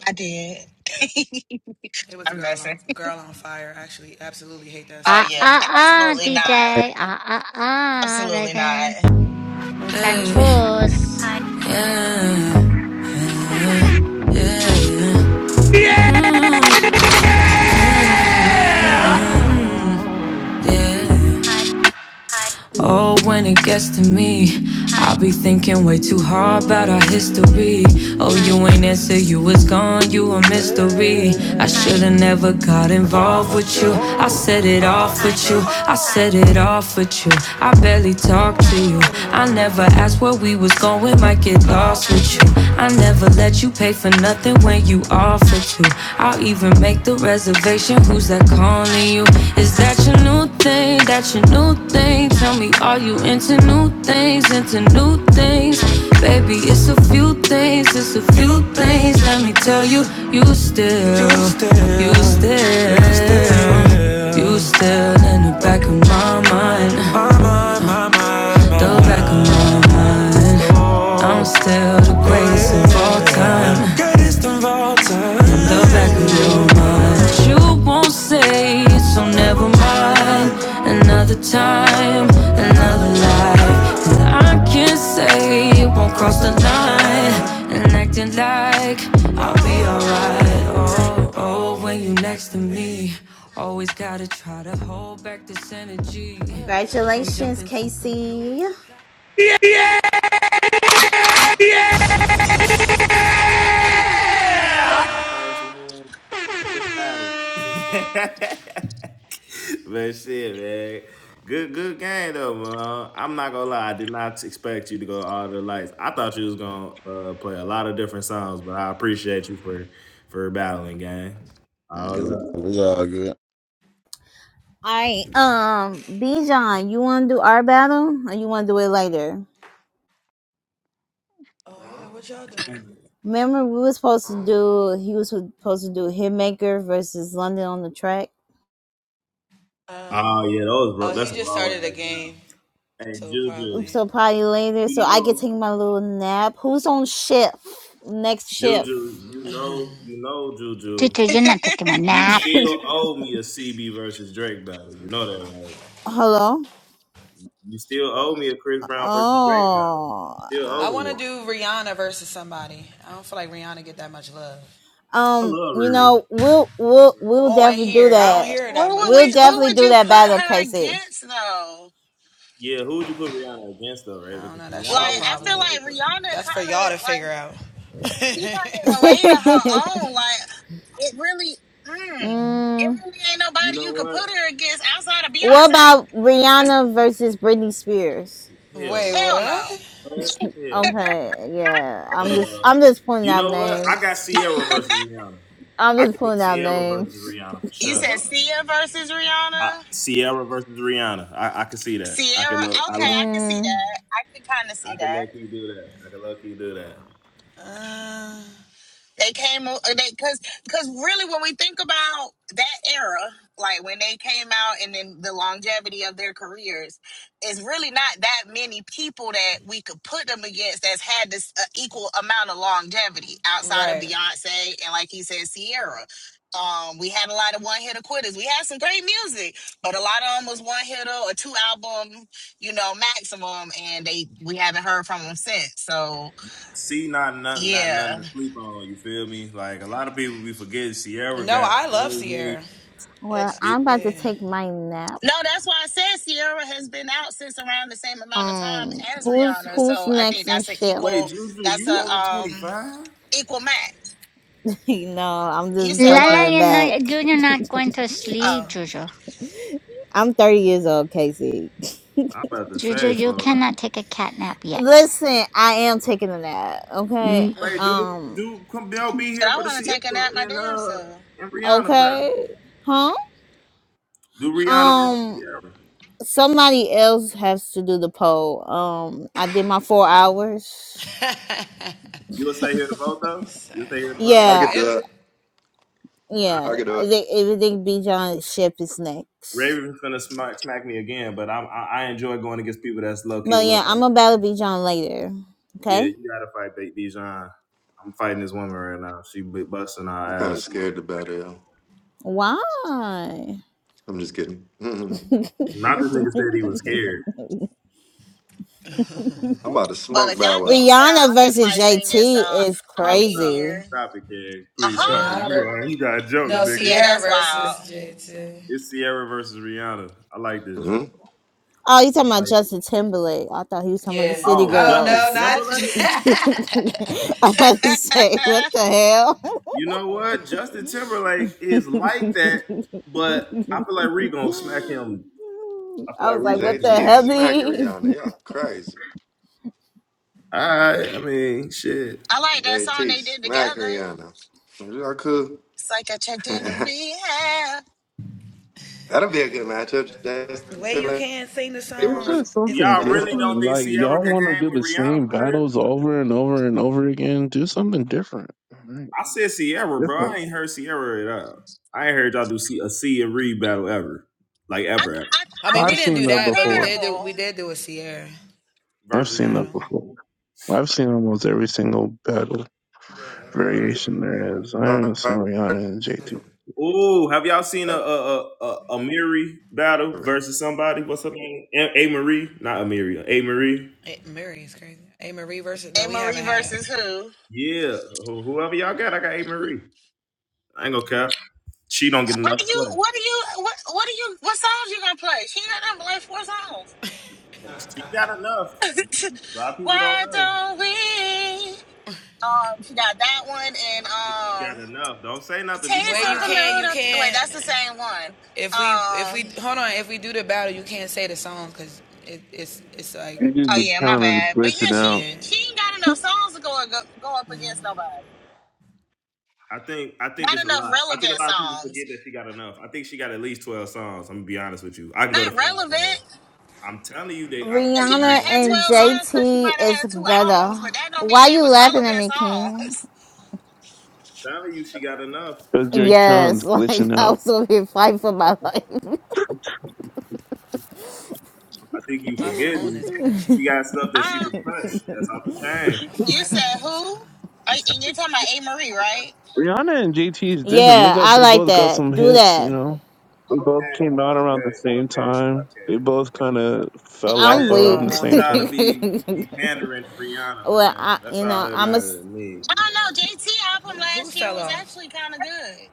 S12: I did. I'm messing. Oh
S11: ah
S12: yeah,
S11: ah ah,
S12: absolutely
S11: DJ,
S12: not.
S11: ah ah ah,
S12: Absolutely not.
S11: Raven,
S12: [LAUGHS]
S11: you can choose.
S10: Oh, when it gets to me, I be thinking way too hard about our history. Oh, you ain't answer, you was gone, you a mystery. I shoulda never got involved with you. I set it off with you, I set it off with you. I barely talk to you. I never asked where we was going, might get lost with you. I never let you pay for nothing when you offer to. I'll even make the reservation. Who's that calling you? Is that your number? new thing, that's your new thing. Tell me, are you into new things, into new things? Baby, it's a few things, it's a few things. Let me tell you, you still, you still, you still in the back of my mind, the back of my mind. I'm still the greatest of all time. Greatest of all time. The back of your mind. You won't say it, so never mind. Another time, another life. 'Cause I can't say it won't cross the line. And acting like I'll be alright. Oh, oh, when you next to me. Always gotta try to hold back this energy from
S9: Congratulations,
S10: jumping to
S9: Casey.
S10: conclusions.
S2: And my first win, big battle. [LAUGHS] but shit, man. Good, good game though, man. I'm not gonna lie. I did not expect you to go all the lights. I thought you was gonna uh, play a lot of different songs, but I appreciate you for for battling, gang. Oh,
S7: It's
S2: look.
S7: all, it's all good.
S9: Alright, um, Bijan, you wanna do our battle or you wanna do it later? Remember we were supposed to do he was supposed to do Hitmaker versus London on the track.
S2: oh yeah, those bro. That's a raw ass battle. Hey, Juju,
S9: So probably later. So
S2: you
S9: I can
S2: know
S9: take my little nap. Who's on shift? Next shift.
S2: Juju, you know, you know, Juju,
S11: Juju, you're not taking a
S2: you
S11: nap.
S2: still
S9: [LAUGHS]
S2: owe me a CB versus Drake battle. You know that, right?
S9: Hello?
S2: You still owe me a Chris Brown versus Drake battle. You still
S9: Oh
S2: owe me one. I
S9: Um,
S2: love
S9: you
S2: Riri.
S9: know, we'll we'll we'll definitely do that.
S12: who would
S9: We'll
S12: we? Who
S9: definitely
S12: would
S9: do
S12: you
S9: that
S12: put
S9: battle,
S12: her
S9: Casey.
S12: against though?
S2: Yeah, who would you put Rihanna against though, right? Because
S12: Like
S2: Rihanna is
S12: I feel
S2: one of
S12: like
S2: the.
S12: Rihanna kind of like she kind of
S9: [LAUGHS]
S12: in a lane of her own. Like it really, mm, it
S9: mm,
S12: really ain't
S2: You
S12: nobody
S2: know
S12: you could put
S2: what?
S12: her against outside of
S9: what
S12: Beyonce.
S9: about Rihanna versus Britney Spears?
S2: Hell no.
S12: Hell no.
S2: What? Hell
S9: Okay, yeah.
S2: no.
S9: I'm just
S2: Uh,
S9: I'm just pulling
S2: you
S9: out
S2: know what? I got
S9: names.
S2: Sierra versus Rihanna.
S9: I'm
S2: I
S9: just
S2: could put
S9: pulling out
S2: Sierra versus
S9: names.
S2: Rihanna for
S12: You
S2: sure.
S12: said Sia versus
S2: I,
S12: Rihanna?
S2: Sierra versus Rihanna. I, I could see that. I could
S12: Sierra?
S2: look. I
S12: Okay,
S2: look.
S12: I can see
S9: Mm,
S12: that. I can kind of
S2: I
S12: see
S2: could
S12: that.
S2: low key do that. I could low key do that.
S12: They came o- they cause cause really when we think about that era, like when they came out and then the longevity of their careers, is really not that many people that we could put them against that's had this uh, equal amount of longevity outside of Beyonce and like he said, Sierra. Um, we had a lot of one hitter quitters. We had some great music, but a lot of them was one hitter or two album, you know, maximum, and they we haven't heard from them since. So
S2: See, not nothing, not
S12: yeah
S2: nothing to sleep on. You feel me? Like a lot of people be forgetting. Sierra got so many.
S9: well,
S2: It,
S9: I'm about to take my nap.
S12: No, that's why I said Sierra has been out since around the same amount of time
S9: Um,
S12: as
S9: who's
S12: Rihanna.
S9: who's
S12: So I think
S9: next in
S12: that's an
S9: shift?
S2: wait,
S12: equal
S2: Juju,
S12: that's
S2: you
S12: a
S2: only
S12: um
S2: twenty five?
S12: equal match.
S9: [LAUGHS] no, I'm
S12: You
S9: just
S12: said
S9: fucking
S11: Lala,
S12: what?
S9: with
S11: you're
S9: Mac.
S11: not you're not going to
S9: [LAUGHS]
S11: sleep,
S12: Oh.
S11: Juju.
S9: I'm 30 years old, Casey. [LAUGHS]
S2: I'm about to
S11: Juju,
S2: say
S11: you
S2: for.
S11: cannot take a cat nap yet.
S9: Listen, I am taking a nap. Okay.
S11: Mm,
S2: Wait, do the
S9: Um.
S2: do come they'll be
S12: Should
S2: here
S12: I
S2: for the
S12: wanna
S2: Sierra
S12: take a nap my
S2: and
S12: damn
S2: uh
S12: self?
S2: and Rihanna battle.
S9: Okay. Huh.
S2: Do Rihanna versus
S9: Um.
S2: Sierra?
S9: Somebody else has to do the poll. Um. I did my four hours.
S2: You'll stay here to vote though. You'll stay here to vote.
S6: I
S9: Yeah.
S6: could do it.
S9: Yeah.
S6: I could do
S9: I
S6: it.
S9: think I think B John ship is next.
S2: Raven's gonna smack, smack me again, but i I I enjoy going against people that's low key a
S9: But
S2: little
S9: yeah,
S2: better.
S9: I'm
S2: than me.
S9: about to B John later.
S2: Yeah,
S9: Okay.
S2: you gotta fight Big Dijon. I'm fighting this woman right now. She be busting
S6: I'm
S2: our
S6: kind of
S2: ass.
S6: scared about it. you
S9: Why?
S6: I'm just kidding. [LAUGHS] I'm
S2: Not this nigga said he was scared.
S9: [LAUGHS]
S6: about to
S12: Well
S6: smoke
S12: if y'all
S6: Bow
S12: can't
S6: Wow.
S12: tell,
S9: Rihanna
S12: I'm just
S9: versus
S12: like singing, so
S9: JT is
S12: I'll
S2: Bro,
S12: be
S2: stop it.
S12: here.
S9: crazy.
S2: Stop it, Karen. Please stop it.
S12: Uh-huh.
S2: You are, you got jokes, nigga.
S12: Yeah, that's wild.
S2: It's Sierra versus Rihanna. I like this.
S6: hmm
S9: Oh, you talking about
S2: Like
S9: Justin Timberlake? I thought he was talking about the City
S2: oh, Justin
S9: Girls. [LAUGHS]
S2: Timberlake?
S9: I'm about
S12: [LAUGHS]
S9: to say, what the hell?
S2: You know what? Justin Timberlake is like that, but I feel like Ree gonna smack him. I
S9: [LAUGHS]
S2: feel
S9: I
S2: like
S9: was
S2: Ree
S9: like,
S2: gonna
S9: what the
S2: smack
S6: JT
S2: him.
S9: hell? Did
S6: smacking
S9: he?
S6: Rihanna. Y'all crazy.
S2: Alright, I mean shit.
S12: I like that song
S6: JT
S12: they did
S6: smacking
S12: together.
S6: Rihanna. Y'all cool.
S12: It's like I checked in to
S6: [LAUGHS]
S12: rehab.
S6: That'll be a good matchup. Justin Timberlake
S4: It's
S6: versus
S4: just something
S2: Y'all really
S6: Rihanna.
S2: don't
S4: different.
S2: think
S4: Like
S2: Sierra
S4: y'all
S2: can
S4: want to
S2: hang
S4: do
S2: with
S4: the
S2: Rihanna
S4: same
S2: for real?
S4: battles over and over and over again. Do something different. All right,
S2: I said Sierra, bro. I
S4: different.
S2: ain't heard Sierra at all. I ain't heard y'all do see a Sia Reed battle ever, like
S12: I
S2: ever, ever.
S12: I I
S4: I've
S12: think
S4: seen
S12: it's
S4: that before.
S12: comparable.
S4: I've
S2: Versus
S4: seen that
S2: who?
S4: before. I've seen almost every single battle variation there is. I have seen Rihanna and JT.
S2: Ooh, have y'all seen a a a, a, a battle versus somebody? What's her name? A, a Marie, not Amiri. A Marie.
S12: A Marie versus who?
S2: Yeah, wh- whoever y'all got, I got A Marie. I ain't gonna cap. She don't get
S12: What do
S2: enough
S12: you?
S2: play.
S12: What do you? What? What do you? What songs you gonna play? She ain't got them like four
S2: She got enough.
S12: songs.
S2: A lot of
S12: [LAUGHS]
S2: people don't
S12: Why
S2: know.
S12: don't we? Um, she got that one and
S2: She got
S12: um,
S2: enough. Don't say nothing. Be
S12: taste of the
S2: quiet.
S12: little. Wait, that's the same one. Um.
S4: You just
S12: Oh
S4: the
S12: yeah, my
S4: count is
S12: bad. But yeah,
S4: glitching
S12: she
S4: out.
S12: she ain't got enough songs to go go, go up against nobody.
S2: I think I think
S12: Not
S2: it's a
S12: enough
S2: lot. I think a
S12: relevant
S2: lot of people
S12: songs.
S2: forget that she got enough. I think she got at least twelve songs. I'm gonna be honest with you. I can go to
S12: Not
S2: five. man.
S12: relevant.
S2: I'm telling you
S9: [LAUGHS]
S2: that, I, that
S12: She might
S2: you
S9: Rihanna
S12: have
S2: don't
S12: had
S9: and
S2: think
S12: twelve
S2: so.
S12: songs
S2: I'm
S12: because she might
S9: JT
S12: have
S9: is
S12: had two albums,
S9: better.
S12: but that don't mean
S9: Why
S12: they
S9: you
S12: was
S9: laughing at
S12: relevant
S9: me, King?
S12: songs.
S2: telling you she got enough.
S4: Because your
S9: Yes, [LAUGHS]
S4: account's
S9: like
S4: glitching
S9: I
S4: out.
S9: was over here fighting for my life.
S2: I think you forgetting she got stuff
S12: [LAUGHS]
S2: that she
S12: I
S2: can punch. That's off the chain.
S12: You said who? Uh,
S2: I'm
S12: And you're
S2: telling
S12: talking
S2: you
S12: about
S2: that,
S12: A. Marie, right?
S2: that, that she,
S4: Rihanna and JT is different. They
S9: Yeah,
S4: got
S9: I
S4: they
S9: like
S4: both got
S9: that.
S4: some
S9: Do
S4: hits, you
S9: that.
S4: know. They both
S2: okay,
S4: came out around
S2: okay,
S4: the same
S2: okay,
S4: time.
S2: okay.
S4: They both kind of fell
S2: I
S9: I'm
S4: off
S2: just don't
S4: around the
S9: weak. [LAUGHS]
S2: want
S4: same
S2: y'all to
S4: time.
S2: be be pandering to Rihanna,
S9: well,
S2: man.
S9: I,
S2: That's
S9: you
S2: all
S9: know,
S2: that
S9: I'm a a
S2: matters to me.
S12: I don't know. JT album last year was actually kind of good.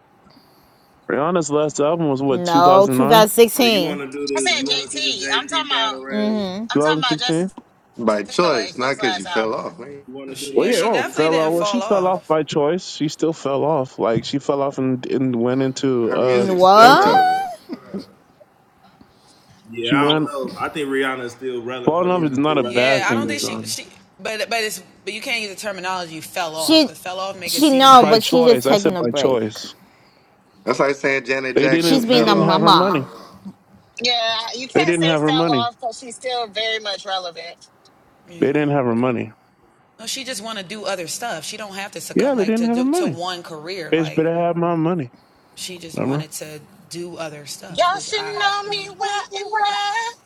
S4: Rihanna's last album was what
S9: no
S4: 2009,
S2: So you
S9: 2016.
S2: want to do
S12: I
S2: the
S12: said
S2: you want to do the
S12: JT. I'm
S2: JT
S12: talking about.
S2: battle rap?
S9: Mm,
S12: I'm talking about
S4: 2016.
S12: Justin
S6: By
S12: Timberlake,
S6: choice, not
S12: his
S6: because
S12: last
S6: you fell off,
S12: album.
S6: man.
S2: You want to do the
S4: Well, yeah,
S2: Rihanna
S4: oh, fell off. Well,
S2: versus JT?
S4: she fell off by choice. She still fell off. Like she fell off and, and went into
S6: Her
S4: uh
S6: music's still
S9: What?
S4: Fenty.
S6: relevant.
S4: She
S2: Yeah, I don't
S4: went
S2: know. I think Rihanna is still relevant. Her
S4: falling off
S2: music
S4: is
S2: is
S4: not
S2: still
S4: a
S2: relevant to
S4: bad thing
S2: the
S4: to
S2: world.
S4: do.
S9: She,
S4: She,
S9: she no,
S4: by
S9: but she just
S4: choice, I
S9: taking
S4: said
S9: a
S4: by
S9: break.
S4: choice.
S6: That's like saying Janet
S4: They
S6: Jackson
S9: She's
S4: didn't. They
S9: being a
S6: fell
S4: didn't have
S6: off,
S4: her money.
S9: mama.
S12: Yeah, you
S4: They
S12: can't
S4: didn't
S12: say
S4: have her
S12: fell
S4: money.
S12: off because she's still very much relevant.
S4: They didn't have her money. Yeah, they didn't have her money. They better have my money. Remember,
S12: Y'all should know me well enough.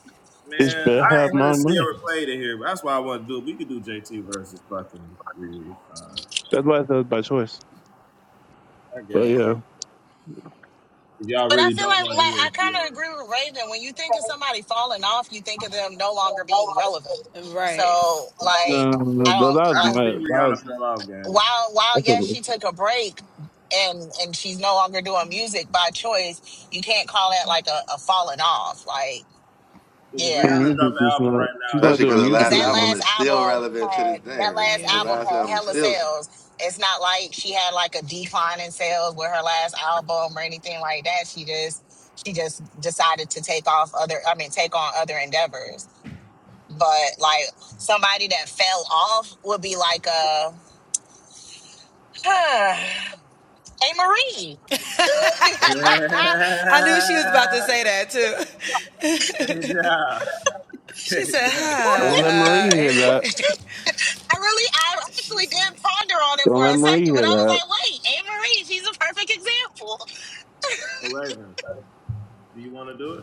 S4: they
S2: Man, I
S4: better
S2: ain't
S4: have
S2: heard
S4: my money.
S2: Sierra played in here, but that's why I want to do it. We could do JT versus fucking Rihanna. Uh,
S4: That's why I said by choice.
S2: I
S4: But
S2: guess
S4: yeah, uh,
S2: if y'all
S12: But I
S2: really
S12: feel
S2: don't
S12: like,
S2: want to
S12: like I
S2: hear
S12: kind of
S2: Sierra,
S12: agree with Raven. When you think of somebody falling off, you think of them no longer being relevant. So, like, I
S4: that
S12: don't
S4: was
S2: I
S12: like.
S2: don't
S4: my.
S2: think
S4: That
S2: Rihanna
S4: was.
S2: fell off, guys.
S12: while while
S4: That's what
S12: yes
S4: it was.
S12: she took a break and and she's no longer doing music by choice you can't call that like a, a falling off like
S2: Because if
S12: yeah
S4: Her
S2: Rihanna
S4: music
S2: dropped an
S4: is
S2: album
S4: not.
S2: right now,
S4: She's
S2: it'll
S4: not
S6: especially because
S4: doing
S6: her
S2: probably go
S12: because
S4: music
S6: last
S12: that
S2: number
S6: album
S4: anymore.
S2: one.
S12: last
S6: is still
S12: album
S6: relevant to this
S12: had
S6: day.
S12: that
S6: Her,
S12: last
S6: her
S12: album
S6: last
S12: had
S6: album is
S12: hella
S6: still.
S12: sales it's not like she had like a decline in sales with her last album or anything like that she just she just decided to take off other i mean take on other endeavors but like somebody that fell off would be like a [SIGHS] a Marie.
S2: [LAUGHS] hey, yeah. hey, yeah.
S4: Don't let Marie hear that.
S12: I really, I actually did ponder on it
S4: Don't
S12: for
S4: let
S12: a
S4: Marie
S12: second, but
S4: hear
S12: I was
S4: that.
S12: like, wait, Ava Marie, she's a perfect example.
S2: Raven, do you want to do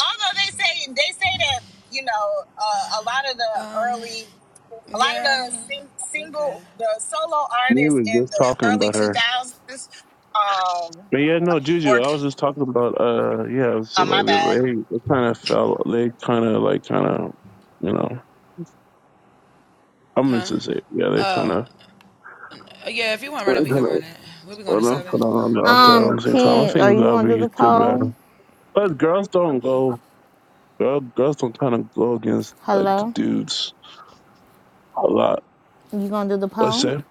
S12: Although they say they say that you know uh, a lot of the early, a lot of the sing, single, the solo
S4: Me
S12: artists
S4: was
S12: in
S4: just
S12: the
S4: talking
S12: early
S4: about
S12: two
S4: her.
S12: thousands, um,
S4: But yeah, no, Juju,
S12: were
S4: I was just talking about uh yeah, so
S12: on my
S4: like
S12: bad.
S4: they, they kinda fell they kinda like kinda you know I'm just to say yeah, they kinda they kinda well,
S2: it?
S4: no, put on the
S2: I'm
S4: out there at
S9: Um,
S4: the
S2: I'm
S4: same time. I
S9: King, are
S4: think
S9: you
S4: that'd
S9: gonna do
S4: be
S9: the
S4: good
S9: poll?
S4: man. But girls don't go girl, girls don't kinda go against like the
S9: Hello,
S4: dudes a lot.
S9: you gonna do the
S4: What's
S9: poll?
S4: that?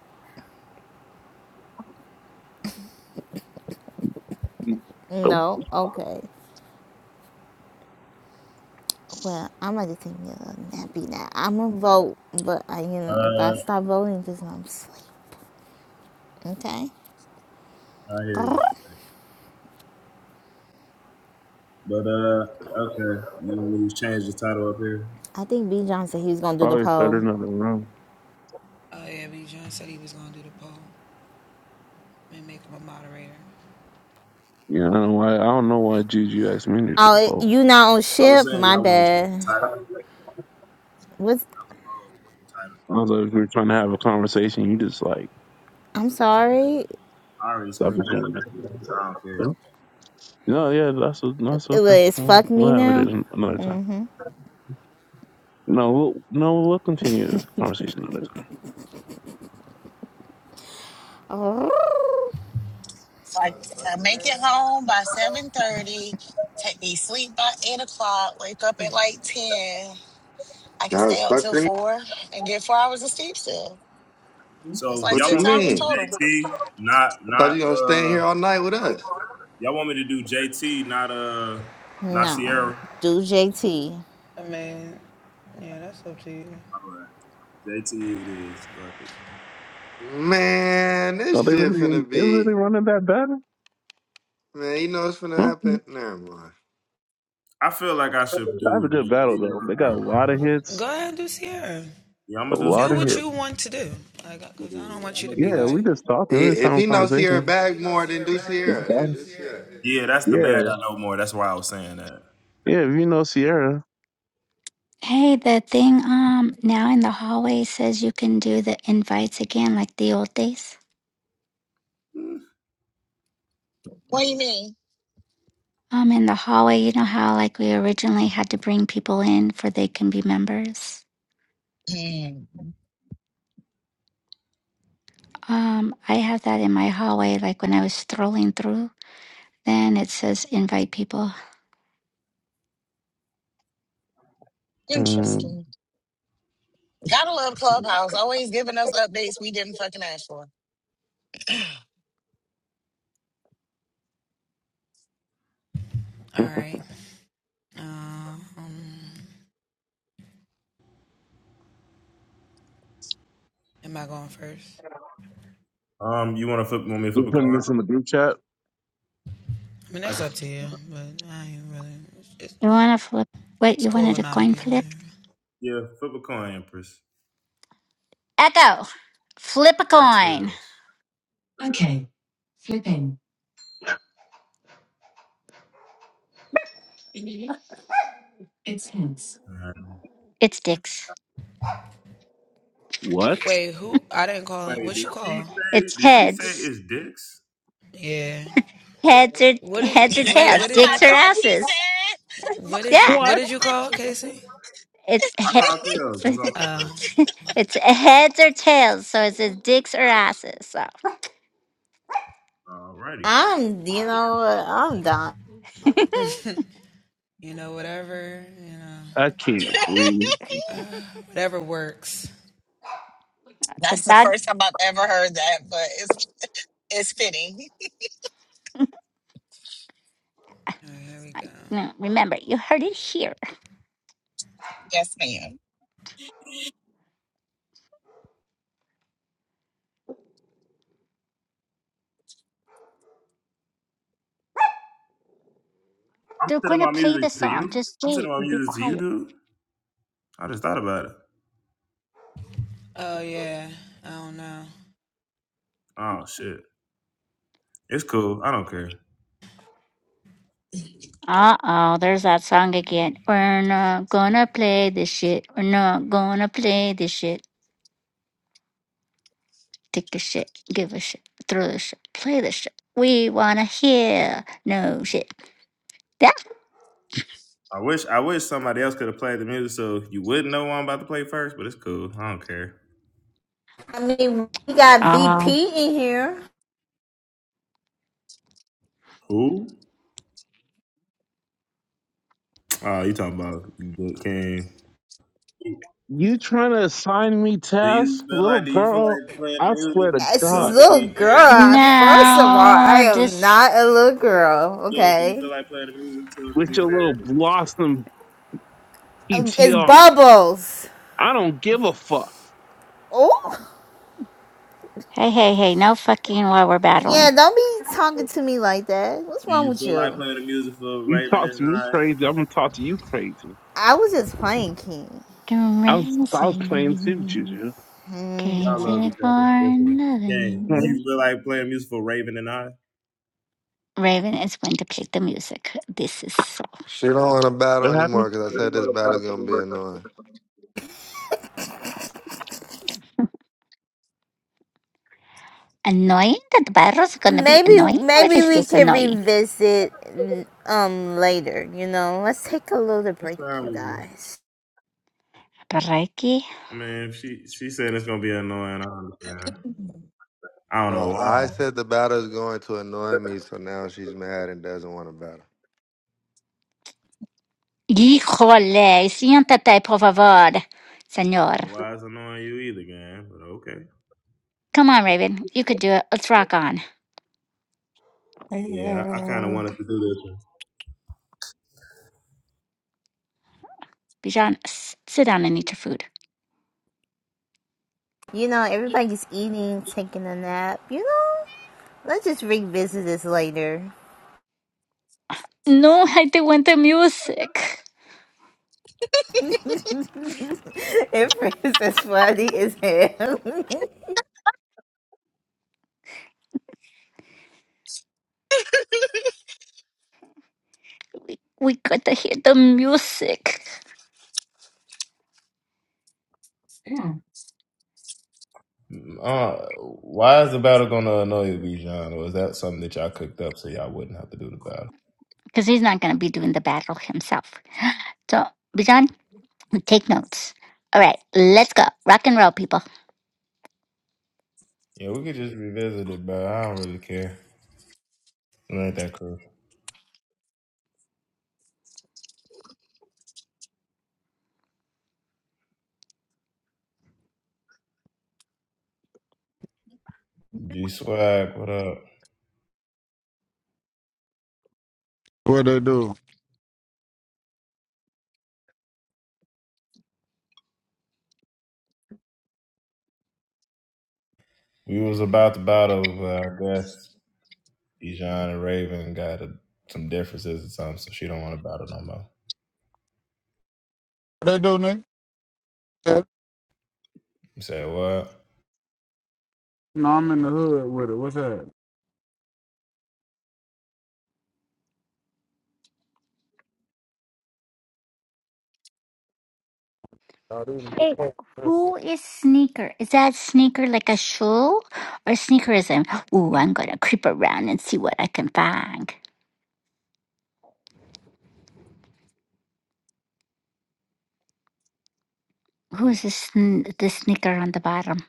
S4: Nope.
S9: No. Okay. Well, I'm gonna take me a little nappy now. I'm gonna vote, but I, you know, if I
S2: Uh,
S9: stop voting, just know I'm asleep. Okay.
S2: I hear you.
S9: [LAUGHS]
S2: But uh, okay. You want me to change the title up here?
S9: I think B John said he was gonna do the
S4: Probably third
S9: poll.
S4: in the room. Yeah, I don't know why. I don't know why Juju asked me to do
S9: Oh, it-
S4: both.
S9: you not on
S2: I was
S9: ship?
S2: saying
S9: My
S2: y'all want to change the
S9: bad.
S4: I
S2: title,
S9: What's?
S2: not the poll, but the title.
S4: was like, if we were trying to have a conversation. You just like
S9: I'm sorry.
S2: I already
S4: stop
S2: explained
S4: the
S2: that.
S4: thing.
S2: so I don't care.
S4: No, yeah, that's that's
S9: It
S4: okay.
S9: was
S4: Mm,
S9: fuck me
S4: We'll have it
S9: now.
S4: an- another time.
S9: Mm-hmm.
S4: No, we'll, no, we'll continue the conversation another time.
S9: [LAUGHS] Oh,
S12: Like I make it home by seven thirty, take me sleep by eight o'clock, wake up at like ten. I can
S6: I
S12: stay
S6: was
S12: up till
S6: fucking.
S12: four and get four hours of sleep still. It's
S2: So
S12: like
S6: What
S2: y'all
S6: you
S12: six
S2: want me to do
S12: hours
S6: mean?
S12: total.
S2: JT, not
S6: I thought
S2: not
S6: you gonna stay
S2: uh.
S6: here all night with us.
S2: Y'all want me to do JT, not uh, not
S9: no,
S2: Sierra.
S9: do JT.
S2: All right, JT it is. Fuck it.
S6: Man,
S4: Are
S6: this
S4: they
S6: shit
S4: really
S6: finna
S4: they really
S6: be.
S4: running that battle?
S6: Man, you know what's finna
S4: Hmm?
S6: happen? Never mind.
S2: I feel like I
S4: That
S2: should
S4: was a
S2: do
S4: good battle though.
S2: Sierra,
S4: They got a
S2: bro.
S4: lot of hits,
S2: Yeah, I'm
S4: a
S2: gonna do
S4: lot
S2: Sierra.
S4: of hits.
S2: Yeah, I'm gonna
S4: Yeah,
S2: do.
S4: we just
S6: I-
S4: talking, we just
S6: If
S4: having
S6: he knows Sierra
S4: conversations.
S6: back more, then do Sierra. Yeah, do Sierra.
S2: Yeah, that's the
S4: Yeah,
S2: bad
S4: yeah.
S2: I know more. That's why I was saying that.
S4: If you know Sierra,
S11: Hey, the thing um now in the hallway says you can do the invites again like the old days.
S12: What do you mean?
S11: Um, in the hallway, you know how like we originally had to bring people in for they can be members.
S12: Hmm.
S11: Um, I have that in my hallway. Like when I was scrolling through, then it says invite people.
S4: um,
S12: Interesting. Gotta love Clubhouse. Always giving us updates we didn't fucking ask for.
S4: [LAUGHS] we
S2: Um, you want to flip? Want me to flip a
S4: putting
S2: coin?
S4: this in the group chat.
S2: I can. Flip,
S11: You want to flip? Wait, you wanted a coin flip?
S2: yeah, flip a coin, Empress.
S11: Echo, flip a
S2: That's
S11: coin.
S2: tails.
S11: Okay, flipping. It's heads.
S2: Um,
S11: It's dicks.
S4: What?
S2: wait, did she say?
S11: It's
S2: Did she say
S11: heads.
S2: it's dicks?
S11: Heads or
S12: [LAUGHS]
S11: heads or
S12: That's
S11: tails.
S12: what I
S11: Dicks or
S12: thought she said.
S11: asses.
S12: [LAUGHS] But
S11: Yeah.
S12: I
S4: What?
S11: It's
S12: just-
S2: I call it tails. It's
S11: head. [LAUGHS]
S2: on me first.
S11: [LAUGHS] It's heads or tails, so it's dicks or asses. So
S2: Alrighty.
S9: I'm, you know, what? I'm done.
S4: I can't breathe.
S11: the
S12: That's the
S11: dog.
S12: first time I've ever heard that. But it's It's fitting. [LAUGHS]
S11: No, remember, you heard it here.
S12: Yes, ma'am.
S2: I'm
S11: They're
S2: sending
S11: gonna
S2: my
S11: play the
S2: music to you.
S11: song. Just
S2: I'm sending
S11: wait.
S2: my
S11: and Be
S2: music to you,
S11: quiet.
S2: dude. I just thought about it. Oh shit. It's cool. I don't care.
S11: Uh oh, there's that song again. We're not gonna play this shit. We're not gonna play this shit. Take a shit. Give a shit. Throw the shit. Play the shit. We wanna hear no shit. That.
S2: I wish. I wish somebody else could have played the music so you wouldn't know what I'm about to play first. But it's cool. I don't care.
S9: I mean, we got BP
S11: Oh
S9: in here.
S2: Who? Oh, you talking about King?
S4: You trying to assign me
S2: Do
S4: tasks,
S2: you feel
S4: little
S2: like do you feel
S4: girl?
S2: like playing the
S4: I swear
S2: music
S4: to
S9: It's
S2: so
S9: a
S2: it
S4: God,
S2: could
S9: little
S2: be fair?
S9: girl. First of all, I
S11: no.
S9: am
S11: Just
S9: not a little girl.
S2: Yeah, do you
S9: Okay,
S2: feel like playing the music so it could
S4: with
S2: be
S4: your
S2: fair?
S4: little blossom
S9: Um, it's
S4: PTR,
S9: bubbles.
S4: I don't give a fuck.
S9: Oh,
S11: hey, hey, hey. No fucking while we're
S2: Do,
S11: battling.
S9: yeah. Don't be talking to me like that. What's
S2: do
S9: wrong
S2: you
S9: with
S2: feel like
S9: you?
S2: playing the music for
S4: You
S2: Raven
S4: talk
S2: and
S4: to me
S2: I?
S4: crazy, I'm gonna talk to you crazy.
S9: I was just playing King.
S11: do
S4: I was I was playing too,
S11: rising,
S4: Juju.
S2: Y'all love
S11: crazy
S2: each other.
S11: for
S2: Listen. Okay. Do
S4: Hmm,
S11: loving.
S2: you feel like playing music for Raven and I?
S11: Raven is going to play the music. This is so
S6: She don't want a battle
S4: What
S6: anymore
S4: happened?
S6: because I said this battle's gonna be annoying.
S11: annoying. That Barro's gonna be
S9: Maybe
S11: annoying. What
S9: maybe
S11: is
S9: we
S11: this
S9: can
S11: annoying?
S9: revisit um later, you know. Let's take a little
S2: That's
S9: break,
S2: fine
S9: you
S2: with me.
S9: guys.
S11: Reiki?
S2: I mean, if she she said it's gonna be annoying, I understand.
S12: Mhm.
S2: I don't know
S6: No,
S2: why.
S6: I
S2: I
S6: said the battle's going to annoy me, so now she's mad and doesn't want a battle.
S11: Híjole, siéntate, por favor,
S2: don't
S11: señor.
S2: know Why it's annoying you either, gang? But okay.
S11: Come on, Raven. You can do it. Let's rock on.
S2: Yeah, I, I kind of wanted to do this. one.
S11: Bijan, s- sit down and eat your food.
S9: You know, everybody's eating, taking a nap, you know? Let's just revisit this later.
S11: No, I do want the music.
S9: [LAUGHS] it is as funny as hell. [LAUGHS]
S11: We, we got to hear the music.
S2: Uh, why is the battle gonna annoy you, Bijan? Or is that something that y'all cooked up so y'all wouldn't have to do the battle?
S11: Because he's not gonna be doing the battle himself. So, Bijan, take notes. All right, let's go. Rock and roll, people.
S2: Yeah, we could just revisit it, but I don't really care. It ain't that crucial. G Swag, what up?
S15: What they do?
S2: We was about to battle, but I guess Bijan and Raven got a, some differences or something, so she don't want to battle no more.
S15: What they do, nigga? Yeah.
S2: You say what?
S15: No, I'm in the hood with it. What's that? Oh, this is
S11: Hey,
S15: before Christmas.
S11: who is sneaker? Is that sneaker like a shoe or sneaker is in, ooh, I'm going to creep around and see what I can find? Who is this, sn- the sneaker on the bottom?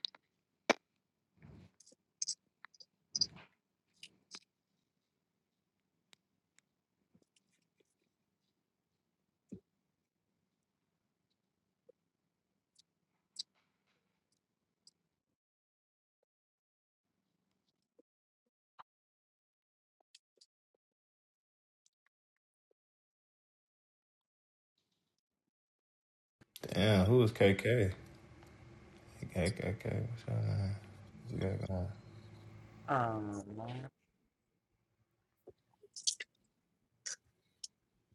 S2: Damn, who was KK? KKK. What's y'all name?
S15: Oh, man.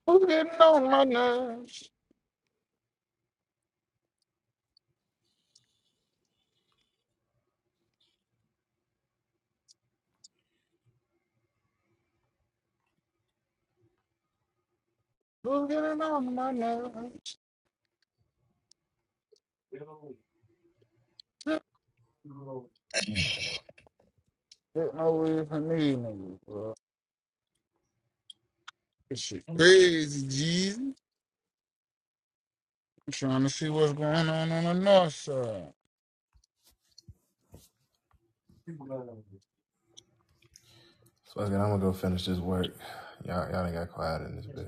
S15: Who's getting on my nerves? Who's getting on my nerves?
S8: Mm.
S15: Getting over for me, nigga, bro. This shit crazy, Jesus. I'm trying to see what's going on on the north side.
S2: Fuck it, I'm gonna go finish this work. Y'all, y'all ain't got quiet in this bitch.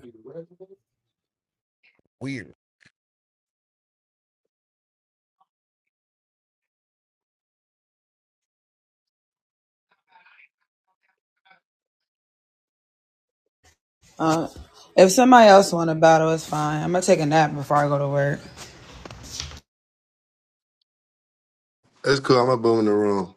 S15: Weird.
S6: It's cool. I'm gonna boom in the room.